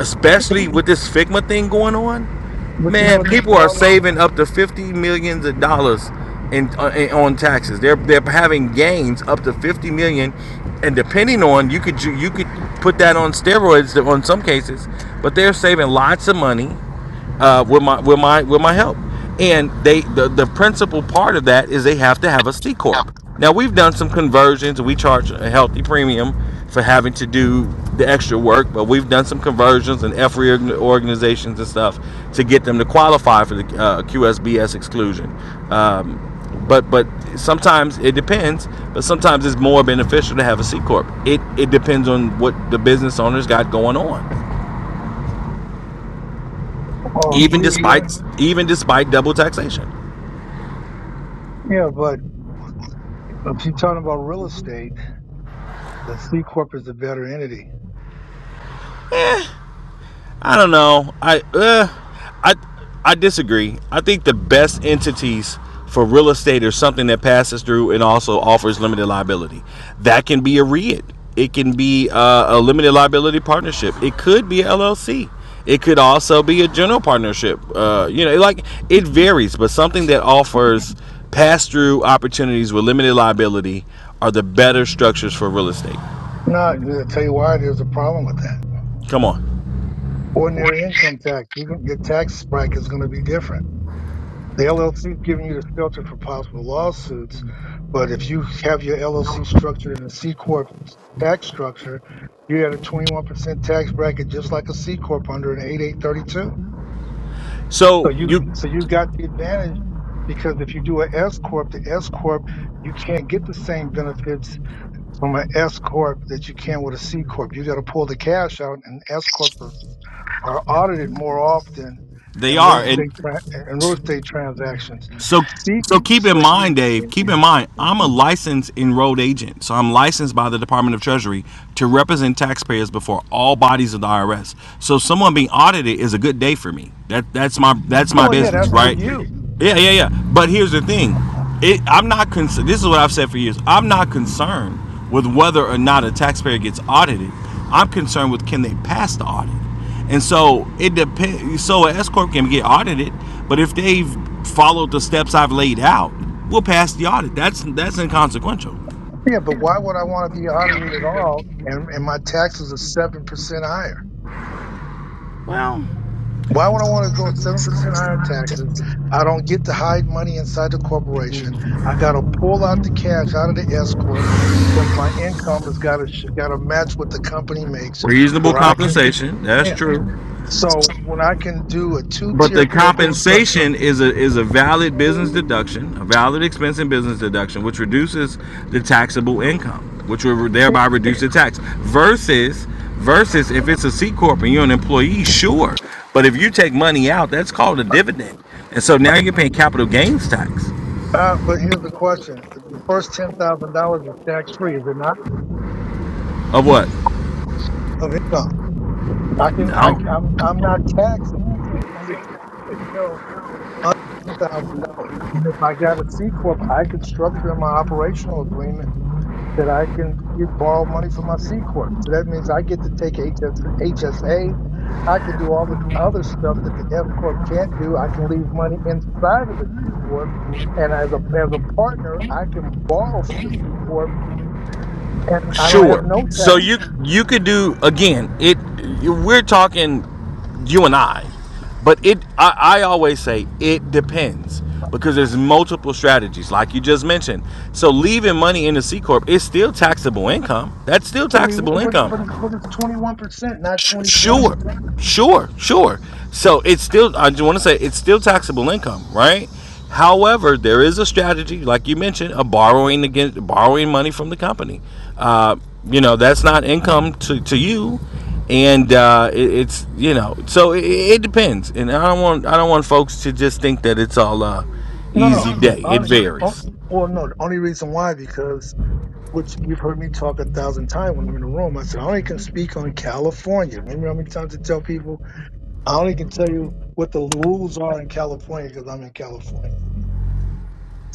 Speaker 2: especially with this Figma thing going on,
Speaker 1: But you know
Speaker 2: man,
Speaker 1: what the
Speaker 2: people are
Speaker 1: problem?
Speaker 2: saving up to fifty millions of dollars in, uh, in- on taxes. They're they're having gains up to fifty million, and depending on you could you, you could put that on steroids on some cases, but they're saving lots of money uh, with my with my with my help. And they the, the principal part of that is they have to have a C corp. Now we've done some conversions. We charge a healthy premium for having to do the extra work, but we've done some conversions and F reorg- organizations and stuff to get them to qualify for the uh, QSBS exclusion. Um, but but sometimes it depends. But sometimes it's more beneficial to have a C corp. It it depends on what the business owners got going on.
Speaker 1: Oh,
Speaker 2: Even
Speaker 1: usually, on-
Speaker 2: despite even despite double taxation.
Speaker 1: yeah. But if you're talking about real estate, the C corp is the better entity.
Speaker 2: I don't know. I uh, I I disagree. I think the best entities for real estate are something that passes through and also offers limited liability. That can be a REIT. It can be uh, a limited liability partnership. It could be LLC. It could also be a general partnership. Uh, you know, like it varies, but something that offers pass through opportunities with limited liability are the better structures for real estate.
Speaker 1: No, I'll tell you why. There's a problem with that.
Speaker 2: Come on.
Speaker 1: Ordinary income tax. We're gonna, your tax bracket is going to be different. The LLC is giving you the shelter for possible lawsuits, but if you have your LLC structured in a C corp tax structure, you're at a 21% tax bracket, just like a C corp under an 8832.
Speaker 2: So
Speaker 1: So you
Speaker 2: you
Speaker 1: so you got the advantage because if you do an S corp, the S corp you can't get the same benefits from an S corp that you can with a C corp. You got to pull the cash out, and S corp are audited more often
Speaker 2: they
Speaker 1: in real
Speaker 2: are and
Speaker 1: estate tran- in real estate transactions.
Speaker 2: So
Speaker 1: See,
Speaker 2: so keep in
Speaker 1: wait.
Speaker 2: mind, Dave, keep in mind, I'm a licensed enrolled agent. So I'm licensed by the Department of Treasury to represent taxpayers before all bodies of the IRS. So someone being audited is a good day for me. That that's my that's my
Speaker 1: Well, yeah,
Speaker 2: business,
Speaker 1: that's for
Speaker 2: right?
Speaker 1: you.
Speaker 2: Yeah, yeah, yeah. But here's the thing. It, I'm not concerned. This is what I've said for years. I'm not concerned with whether or not a taxpayer gets audited. I'm concerned with can they pass the audit? And so it depends. So an S corp can get audited, but if they've followed the steps I've laid out, we'll pass the audit. That's that's inconsequential.
Speaker 1: Yeah, but why would I want to be audited at all? And and my taxes are seven percent higher. Why would I want to go seven percent higher in taxes? I don't get to hide money inside the corporation. I got to pull out the cash out of the S corp because my income has got to got to match what the company makes,
Speaker 2: Reasonable
Speaker 1: or I can.
Speaker 2: compensation. That's
Speaker 1: Yeah.
Speaker 2: true.
Speaker 1: So when I can do a two
Speaker 2: But the
Speaker 1: tier corporate structure.
Speaker 2: compensation is a is a valid business deduction, a valid expense and business deduction, which reduces the taxable income, which will thereby reduce the tax. Versus versus if it's a C corp and you're an employee, sure. But if you take money out, that's called a dividend, and so now you're paying capital gains tax
Speaker 1: Uh, but here's the question: the first ten thousand dollars is tax free, is it not?
Speaker 2: of what?
Speaker 1: Of income, I can I
Speaker 2: No.
Speaker 1: I'm I'm not taxed at ten under ten- what the hell under ten thousand dollars. And if I got a C corp, I can structure in my operational agreement that I can get borrow money from my C corp. So that means I get to take HS HSAs. I can do all the other stuff that the F corp can't do. I can leave money inside of the C corp, and as a as a partner, I can borrow from the C corp and I don't have
Speaker 2: Sure.
Speaker 1: no
Speaker 2: So
Speaker 1: taxes.
Speaker 2: you you could do again. It we're talking you and I, but it I, I always say it depends because there's multiple strategies like you just mentioned. So leaving money in the C corp is still taxable income. That's still
Speaker 1: Twenty,
Speaker 2: taxable
Speaker 1: but
Speaker 2: income.
Speaker 1: but it's- but it's twenty one percent, not
Speaker 2: Sh-
Speaker 1: twenty seven.
Speaker 2: sure, sure, sure. So it's still, I just want to say, it's still taxable income, right? However, there is a strategy, like you mentioned, of borrowing against borrowing money from the company. Uh, you know, that's not income to, to you, and uh, it, it's you know, so it, it depends. And I don't want I don't want folks to just think that it's all uh,
Speaker 1: No,
Speaker 2: easy
Speaker 1: no.
Speaker 2: day. It
Speaker 1: Only, on,
Speaker 2: varies.
Speaker 1: well, no. The only reason why because which you've heard me talk a thousand times when I'm in the room. I said I only can speak on California. Remember how many times I tell people I only can tell you what the rules are in California because I'm in California.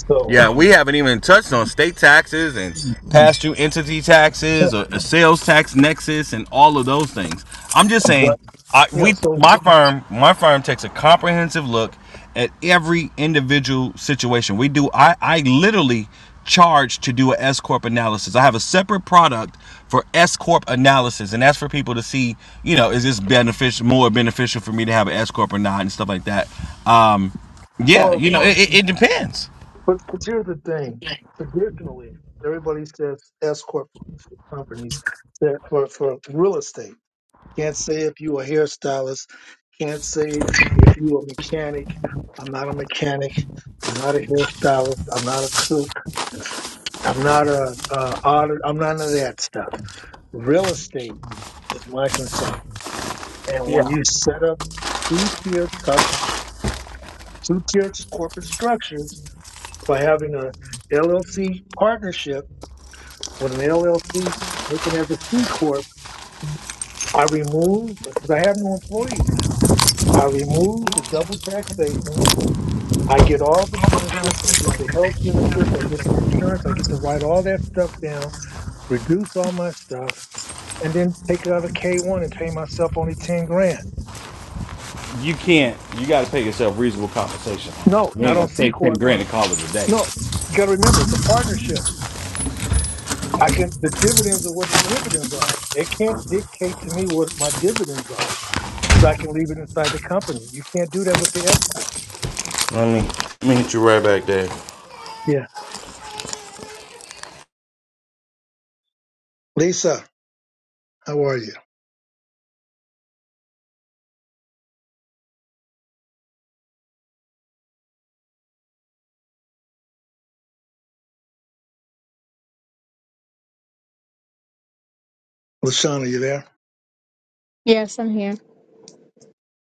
Speaker 1: So,
Speaker 2: Yeah, we haven't even touched on state taxes and past due entity taxes or a sales tax nexus and all of those things. I'm just saying,
Speaker 1: but
Speaker 2: I,
Speaker 1: yeah.
Speaker 2: we
Speaker 1: So,
Speaker 2: my firm my firm takes a comprehensive look at every individual situation. We do I I literally charge to do an S corp analysis. I have a separate product for S corp analysis, and that's for people to see, you know, is this beneficial more beneficial for me to have an S corp or not and stuff like that. Um, yeah,
Speaker 1: well,
Speaker 2: you know, it, it, it depends.
Speaker 1: But but here's the thing. Traditionally, everybody says S corp for for companies that for for real estate. Can't say if you a hairstylist. Can't say if you a mechanic. I'm not a mechanic. I'm not a hairstylist. I'm not a cook. I'm not a uh, auditor. I'm none of that stuff. Real estate is my concern. And when you set up two tier two tiered corporate structures by having a LLC partnership with an LLC taken as a C corp, I remove because I have no employees now. I remove the double taxation. I get all the benefits. I get the health benefits. I get the insurance. I get to write all that stuff down, reduce all my stuff, and then take it out of K one and pay myself only ten grand.
Speaker 2: you can't. You got to pay yourself reasonable compensation.
Speaker 1: No,
Speaker 2: You ain't
Speaker 1: not on
Speaker 2: gonna
Speaker 1: C
Speaker 2: take ten
Speaker 1: corp.
Speaker 2: grand and call it a day.
Speaker 1: No, you got to remember it's a partnership. I can the dividends are what the dividends are. They can't dictate to me what my dividends are because I can leave it inside the company. You can't do that with the S corp.
Speaker 2: I mean,
Speaker 1: Yeah. Lisa, how are you? Lashana, you there?
Speaker 5: Yes, I'm here.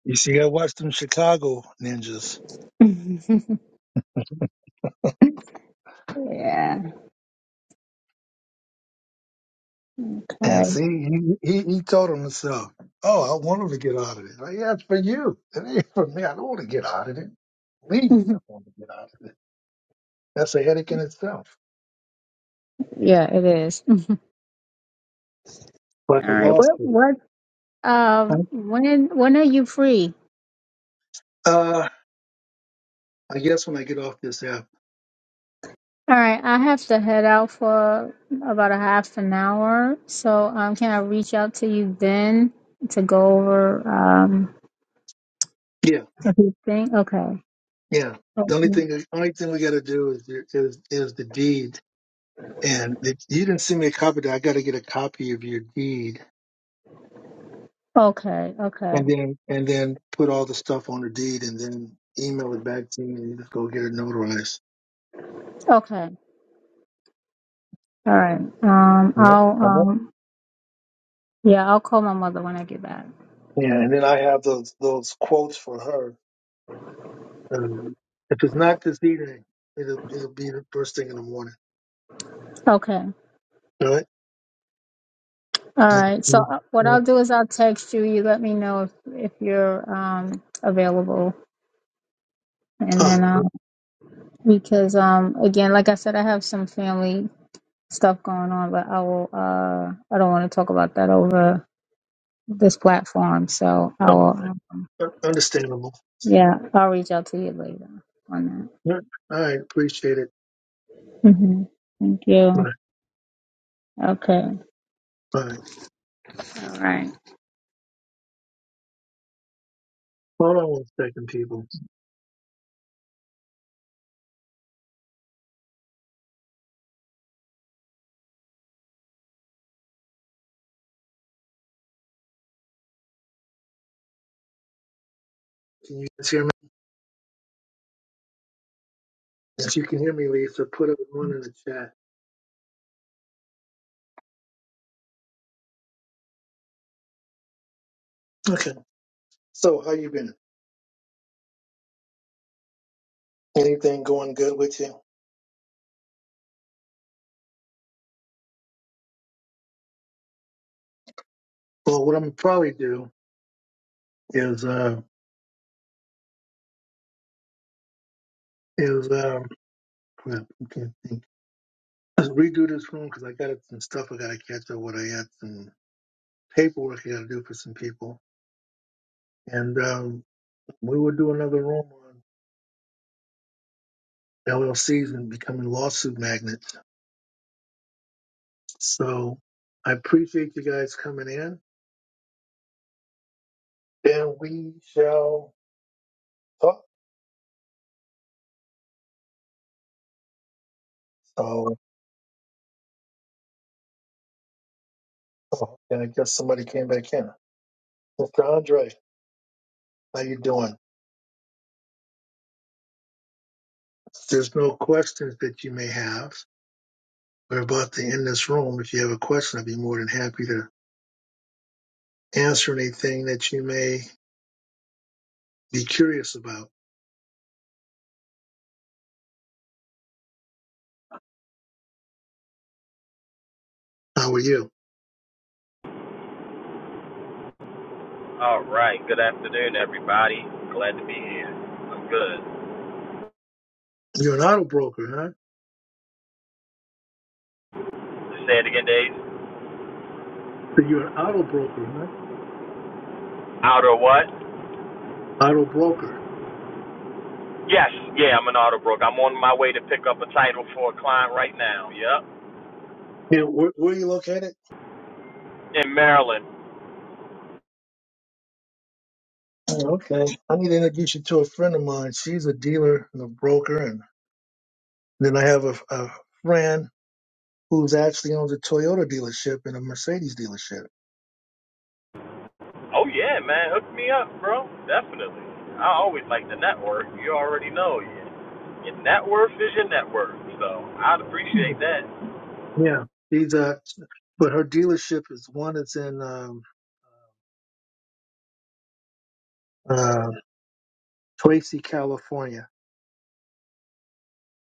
Speaker 1: You see, you gotta watch them Chicago ninjas.
Speaker 5: yeah,
Speaker 1: And
Speaker 5: okay.
Speaker 1: see, he, he, he told him himself, oh, I want him to get out of it. Like, yeah, it's for you. It ain't for me. I don't want to get out of it. Leave me. I want to get out of it. That's a headache in itself.
Speaker 5: Yeah, it is. All
Speaker 1: Like a
Speaker 5: right. What
Speaker 1: lawsuit.
Speaker 5: what um when when are you free?
Speaker 1: Uh, I guess when I get off this app.
Speaker 5: All right, I have to head out for about a half an hour. So um can I reach out to you then to go over um
Speaker 1: Yeah,
Speaker 5: a few things? Okay.
Speaker 1: yeah. The only
Speaker 5: Okay.
Speaker 1: thing, the only thing we got to do is, is is the deed. And the, you didn't send me a copy. of that. I got to get a copy of your deed
Speaker 5: Okay, okay.
Speaker 1: and then and then put all the stuff on the deed and then email it back to me and you just go get it notarized.
Speaker 5: Okay. All right. Um
Speaker 1: Yeah.
Speaker 5: I'll
Speaker 1: Uh-huh.
Speaker 5: um yeah, I'll call my mother when I get back.
Speaker 1: Yeah, and then I have those those quotes for her. Um, if it's not this evening, it'll it'll be the first thing in the morning.
Speaker 5: Okay.
Speaker 1: All right.
Speaker 5: All right. So
Speaker 1: mm,
Speaker 5: uh, what
Speaker 1: mm.
Speaker 5: I'll do is I'll text you. You let me know if if you're um available. and
Speaker 1: All right.
Speaker 5: then
Speaker 1: no
Speaker 5: because um again like i said i have some family stuff going on but i will uh i don't want to talk about that over this platform so i will uh,
Speaker 1: Un- Understandable.
Speaker 5: yeah i'll reach out to you later on
Speaker 1: Yeah. All right. Appreciate it.
Speaker 5: that hmm thank
Speaker 1: All
Speaker 5: you
Speaker 1: right.
Speaker 5: okay
Speaker 1: All right.
Speaker 5: all right
Speaker 1: Hold on one second, people. Can you guys hear me? If you can hear me, Lisa, put a one in the chat. Okay. So, how you been? Anything going good with you? Well, what I'm gonna probably do is uh is um crap, I can't think. Let's redo this room because I got some stuff I gotta catch up with. I got some paperwork I gotta do for some people, and um we will do another room on LLCs and becoming lawsuit magnets. So I appreciate you guys coming in, and we shall talk. Oh, oh, and I guess somebody came back in. Mr. Andre, how you doing? There's no questions that you may have. We're about to end this room. If you have a question, I'd be more than happy to answer anything that you may be curious about. How are you?
Speaker 6: All right. Good afternoon, everybody. Glad to be here. I'm good.
Speaker 1: You're an auto broker, huh?
Speaker 6: Say it again, Dave.
Speaker 1: So You're an auto broker, huh?
Speaker 6: Outer what?
Speaker 1: Auto broker.
Speaker 6: Yes. Yeah, I'm in Otterbrook. I'm on my way to pick up a title for a client right now. Yep.
Speaker 1: Yeah, where, where are you located?
Speaker 6: In Maryland.
Speaker 1: Oh, okay. I need to introduce you to a friend of mine. She's a dealer and a broker. And then I have a, a friend who's actually owns a Toyota dealership and a Mercedes dealership.
Speaker 6: Oh yeah, man. Hook me up, bro. Definitely. I always like the network. You already know. Yeah. Your net worth is your net worth. So I'd
Speaker 1: Mhm.
Speaker 6: appreciate that.
Speaker 1: Yeah. She's a, but her dealership is one that's in um, uh, Tracy, California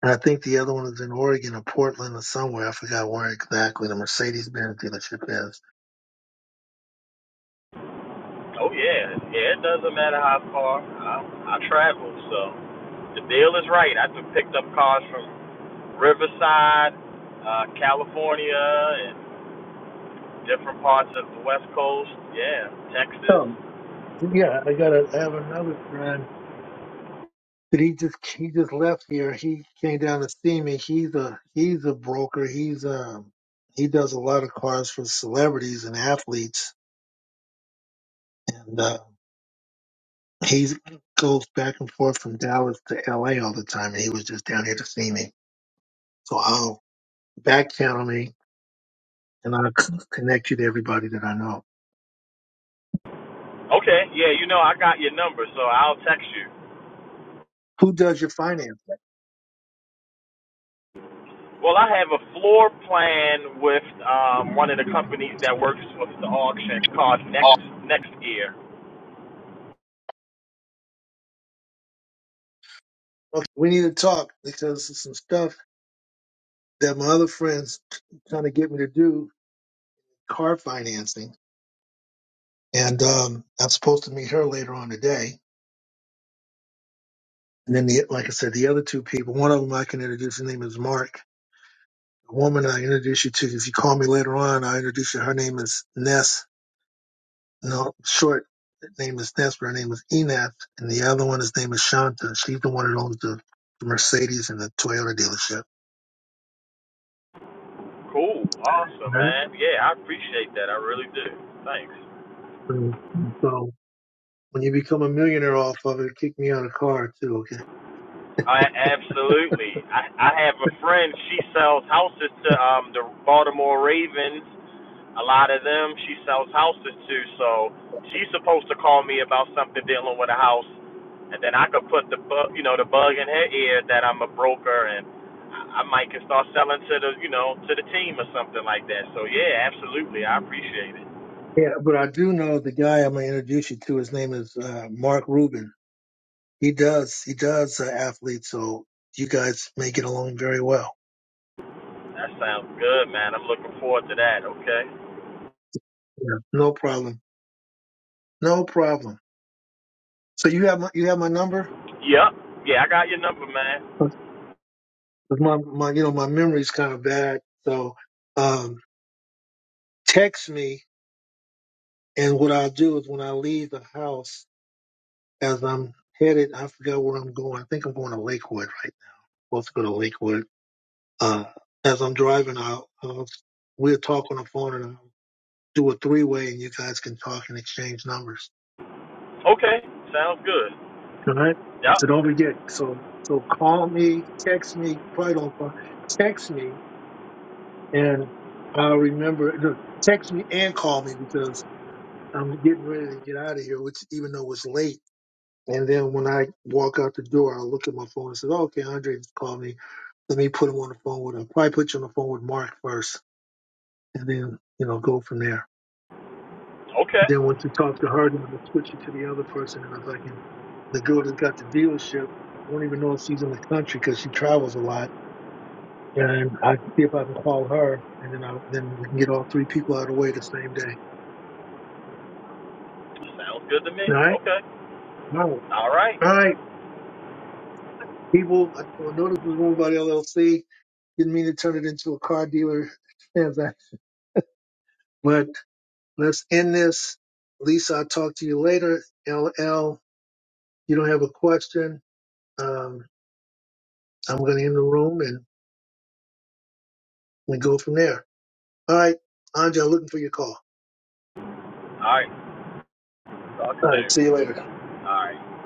Speaker 1: And I think the other one is in Oregon or Portland or somewhere. I forgot where exactly the Mercedes Benz dealership is.
Speaker 6: Oh yeah. Yeah. It doesn't matter how far I, I travel. So the deal is right. I just picked up cars from Riverside, uh, California, and different parts of the West Coast. Yeah, Texas.
Speaker 1: Oh, yeah, I got. to I have another friend that he just he just left here. He came down to see me. He's a he's a broker. He's um he does a lot of cars for celebrities and athletes, and uh, he goes back and forth from Dallas to L.A. all the time. And he was just down here to see me. So I'll back channel me, and I'll c- connect you to everybody that I know.
Speaker 6: Okay, yeah, you know I got your number, so I'll text you.
Speaker 1: Who does your finance?
Speaker 6: Well, I have a floor plan with um, one of the companies that works with the auction called Next Next Gear.
Speaker 1: Okay, we need to talk because there's some stuff that my other friends trying to get me to do car financing, and um, I'm supposed to meet her later on today. And then, the, like I said, the other two people, one of them I can introduce. Her name is Mark. The woman I introduce you to, if you call me later on, I introduce you. Her name is Ness. No, short name is Ness, but her name is Enath, and the other one, his name is Shanta. She's the one that owns the Mercedes and the Toyota dealership.
Speaker 6: Cool, awesome,
Speaker 1: right?
Speaker 6: man. Yeah, I appreciate that. I really do. Thanks.
Speaker 1: So so When you become a millionaire off of it, kick me out of car too, okay?
Speaker 6: I, absolutely. I, I have a friend. She sells houses to um, the Baltimore Ravens A lot of them she sells houses to, so she's supposed to call me about something dealing with a house, and then I could put the bug, you know, the bug in her ear that I'm a broker and I I might can start selling to the, you know, to the team or something like that. So yeah, absolutely, I appreciate it.
Speaker 1: Yeah, but I do know the guy I'm gonna introduce you to. His name is uh, Mark Rubin. He does he does uh, athletes, so you guys may get along very well.
Speaker 6: That sounds good, man. I'm looking forward to that. Okay.
Speaker 1: Yeah. No problem, no problem. So you have my you have my number.
Speaker 6: Yep. Yeah, I got your number, man.
Speaker 1: 'Cause My my you know my memory's kind of bad, so um, text me. And what I'll do is when I leave the house. as I'm headed, I forgot where I'm going. I think I'm going to Lakewood, right? I'm supposed to go to Lakewood. Uh, as I'm driving, I'll, I'll we'll talk on the phone and I'll do a three way, and you guys can talk and exchange numbers.
Speaker 6: Okay. Sounds good.
Speaker 1: All right.
Speaker 6: Yep.
Speaker 1: So don't forget. So so call me, text me. Probably don't call. Text me, and I'll remember. no, Text me and call me because I'm getting ready to get out of here, which even though it's late. And then when I walk out the door, I'll look at my phone and say, oh, "Okay, Andre just called me." let me put him on the phone with him. Probably put you on the phone with Mark first, and then you know go from there. And
Speaker 6: Okay.
Speaker 1: then once you talk to her, then I'm gonna switch you to the other person. And if I can, the girl that got the dealership, I don't even know if she's in the country because she travels a lot. And I can see if I can call her, and then I then we can get all three people out of the way the same day.
Speaker 6: Sounds good to me.
Speaker 1: All right,
Speaker 6: Okay.
Speaker 1: all
Speaker 6: All right.
Speaker 1: right, all right. People, I I know this was run by the LLC. Didn't mean to turn it into a car dealer transaction, But. Let's end this. Lisa, I'll talk to you later. LL, you don't have a question. Um, I'm going to end the room and we go from there. All right. Andre, looking for your call.
Speaker 6: All right. Talk
Speaker 1: All right.
Speaker 6: soon.
Speaker 1: See you later.
Speaker 6: All right.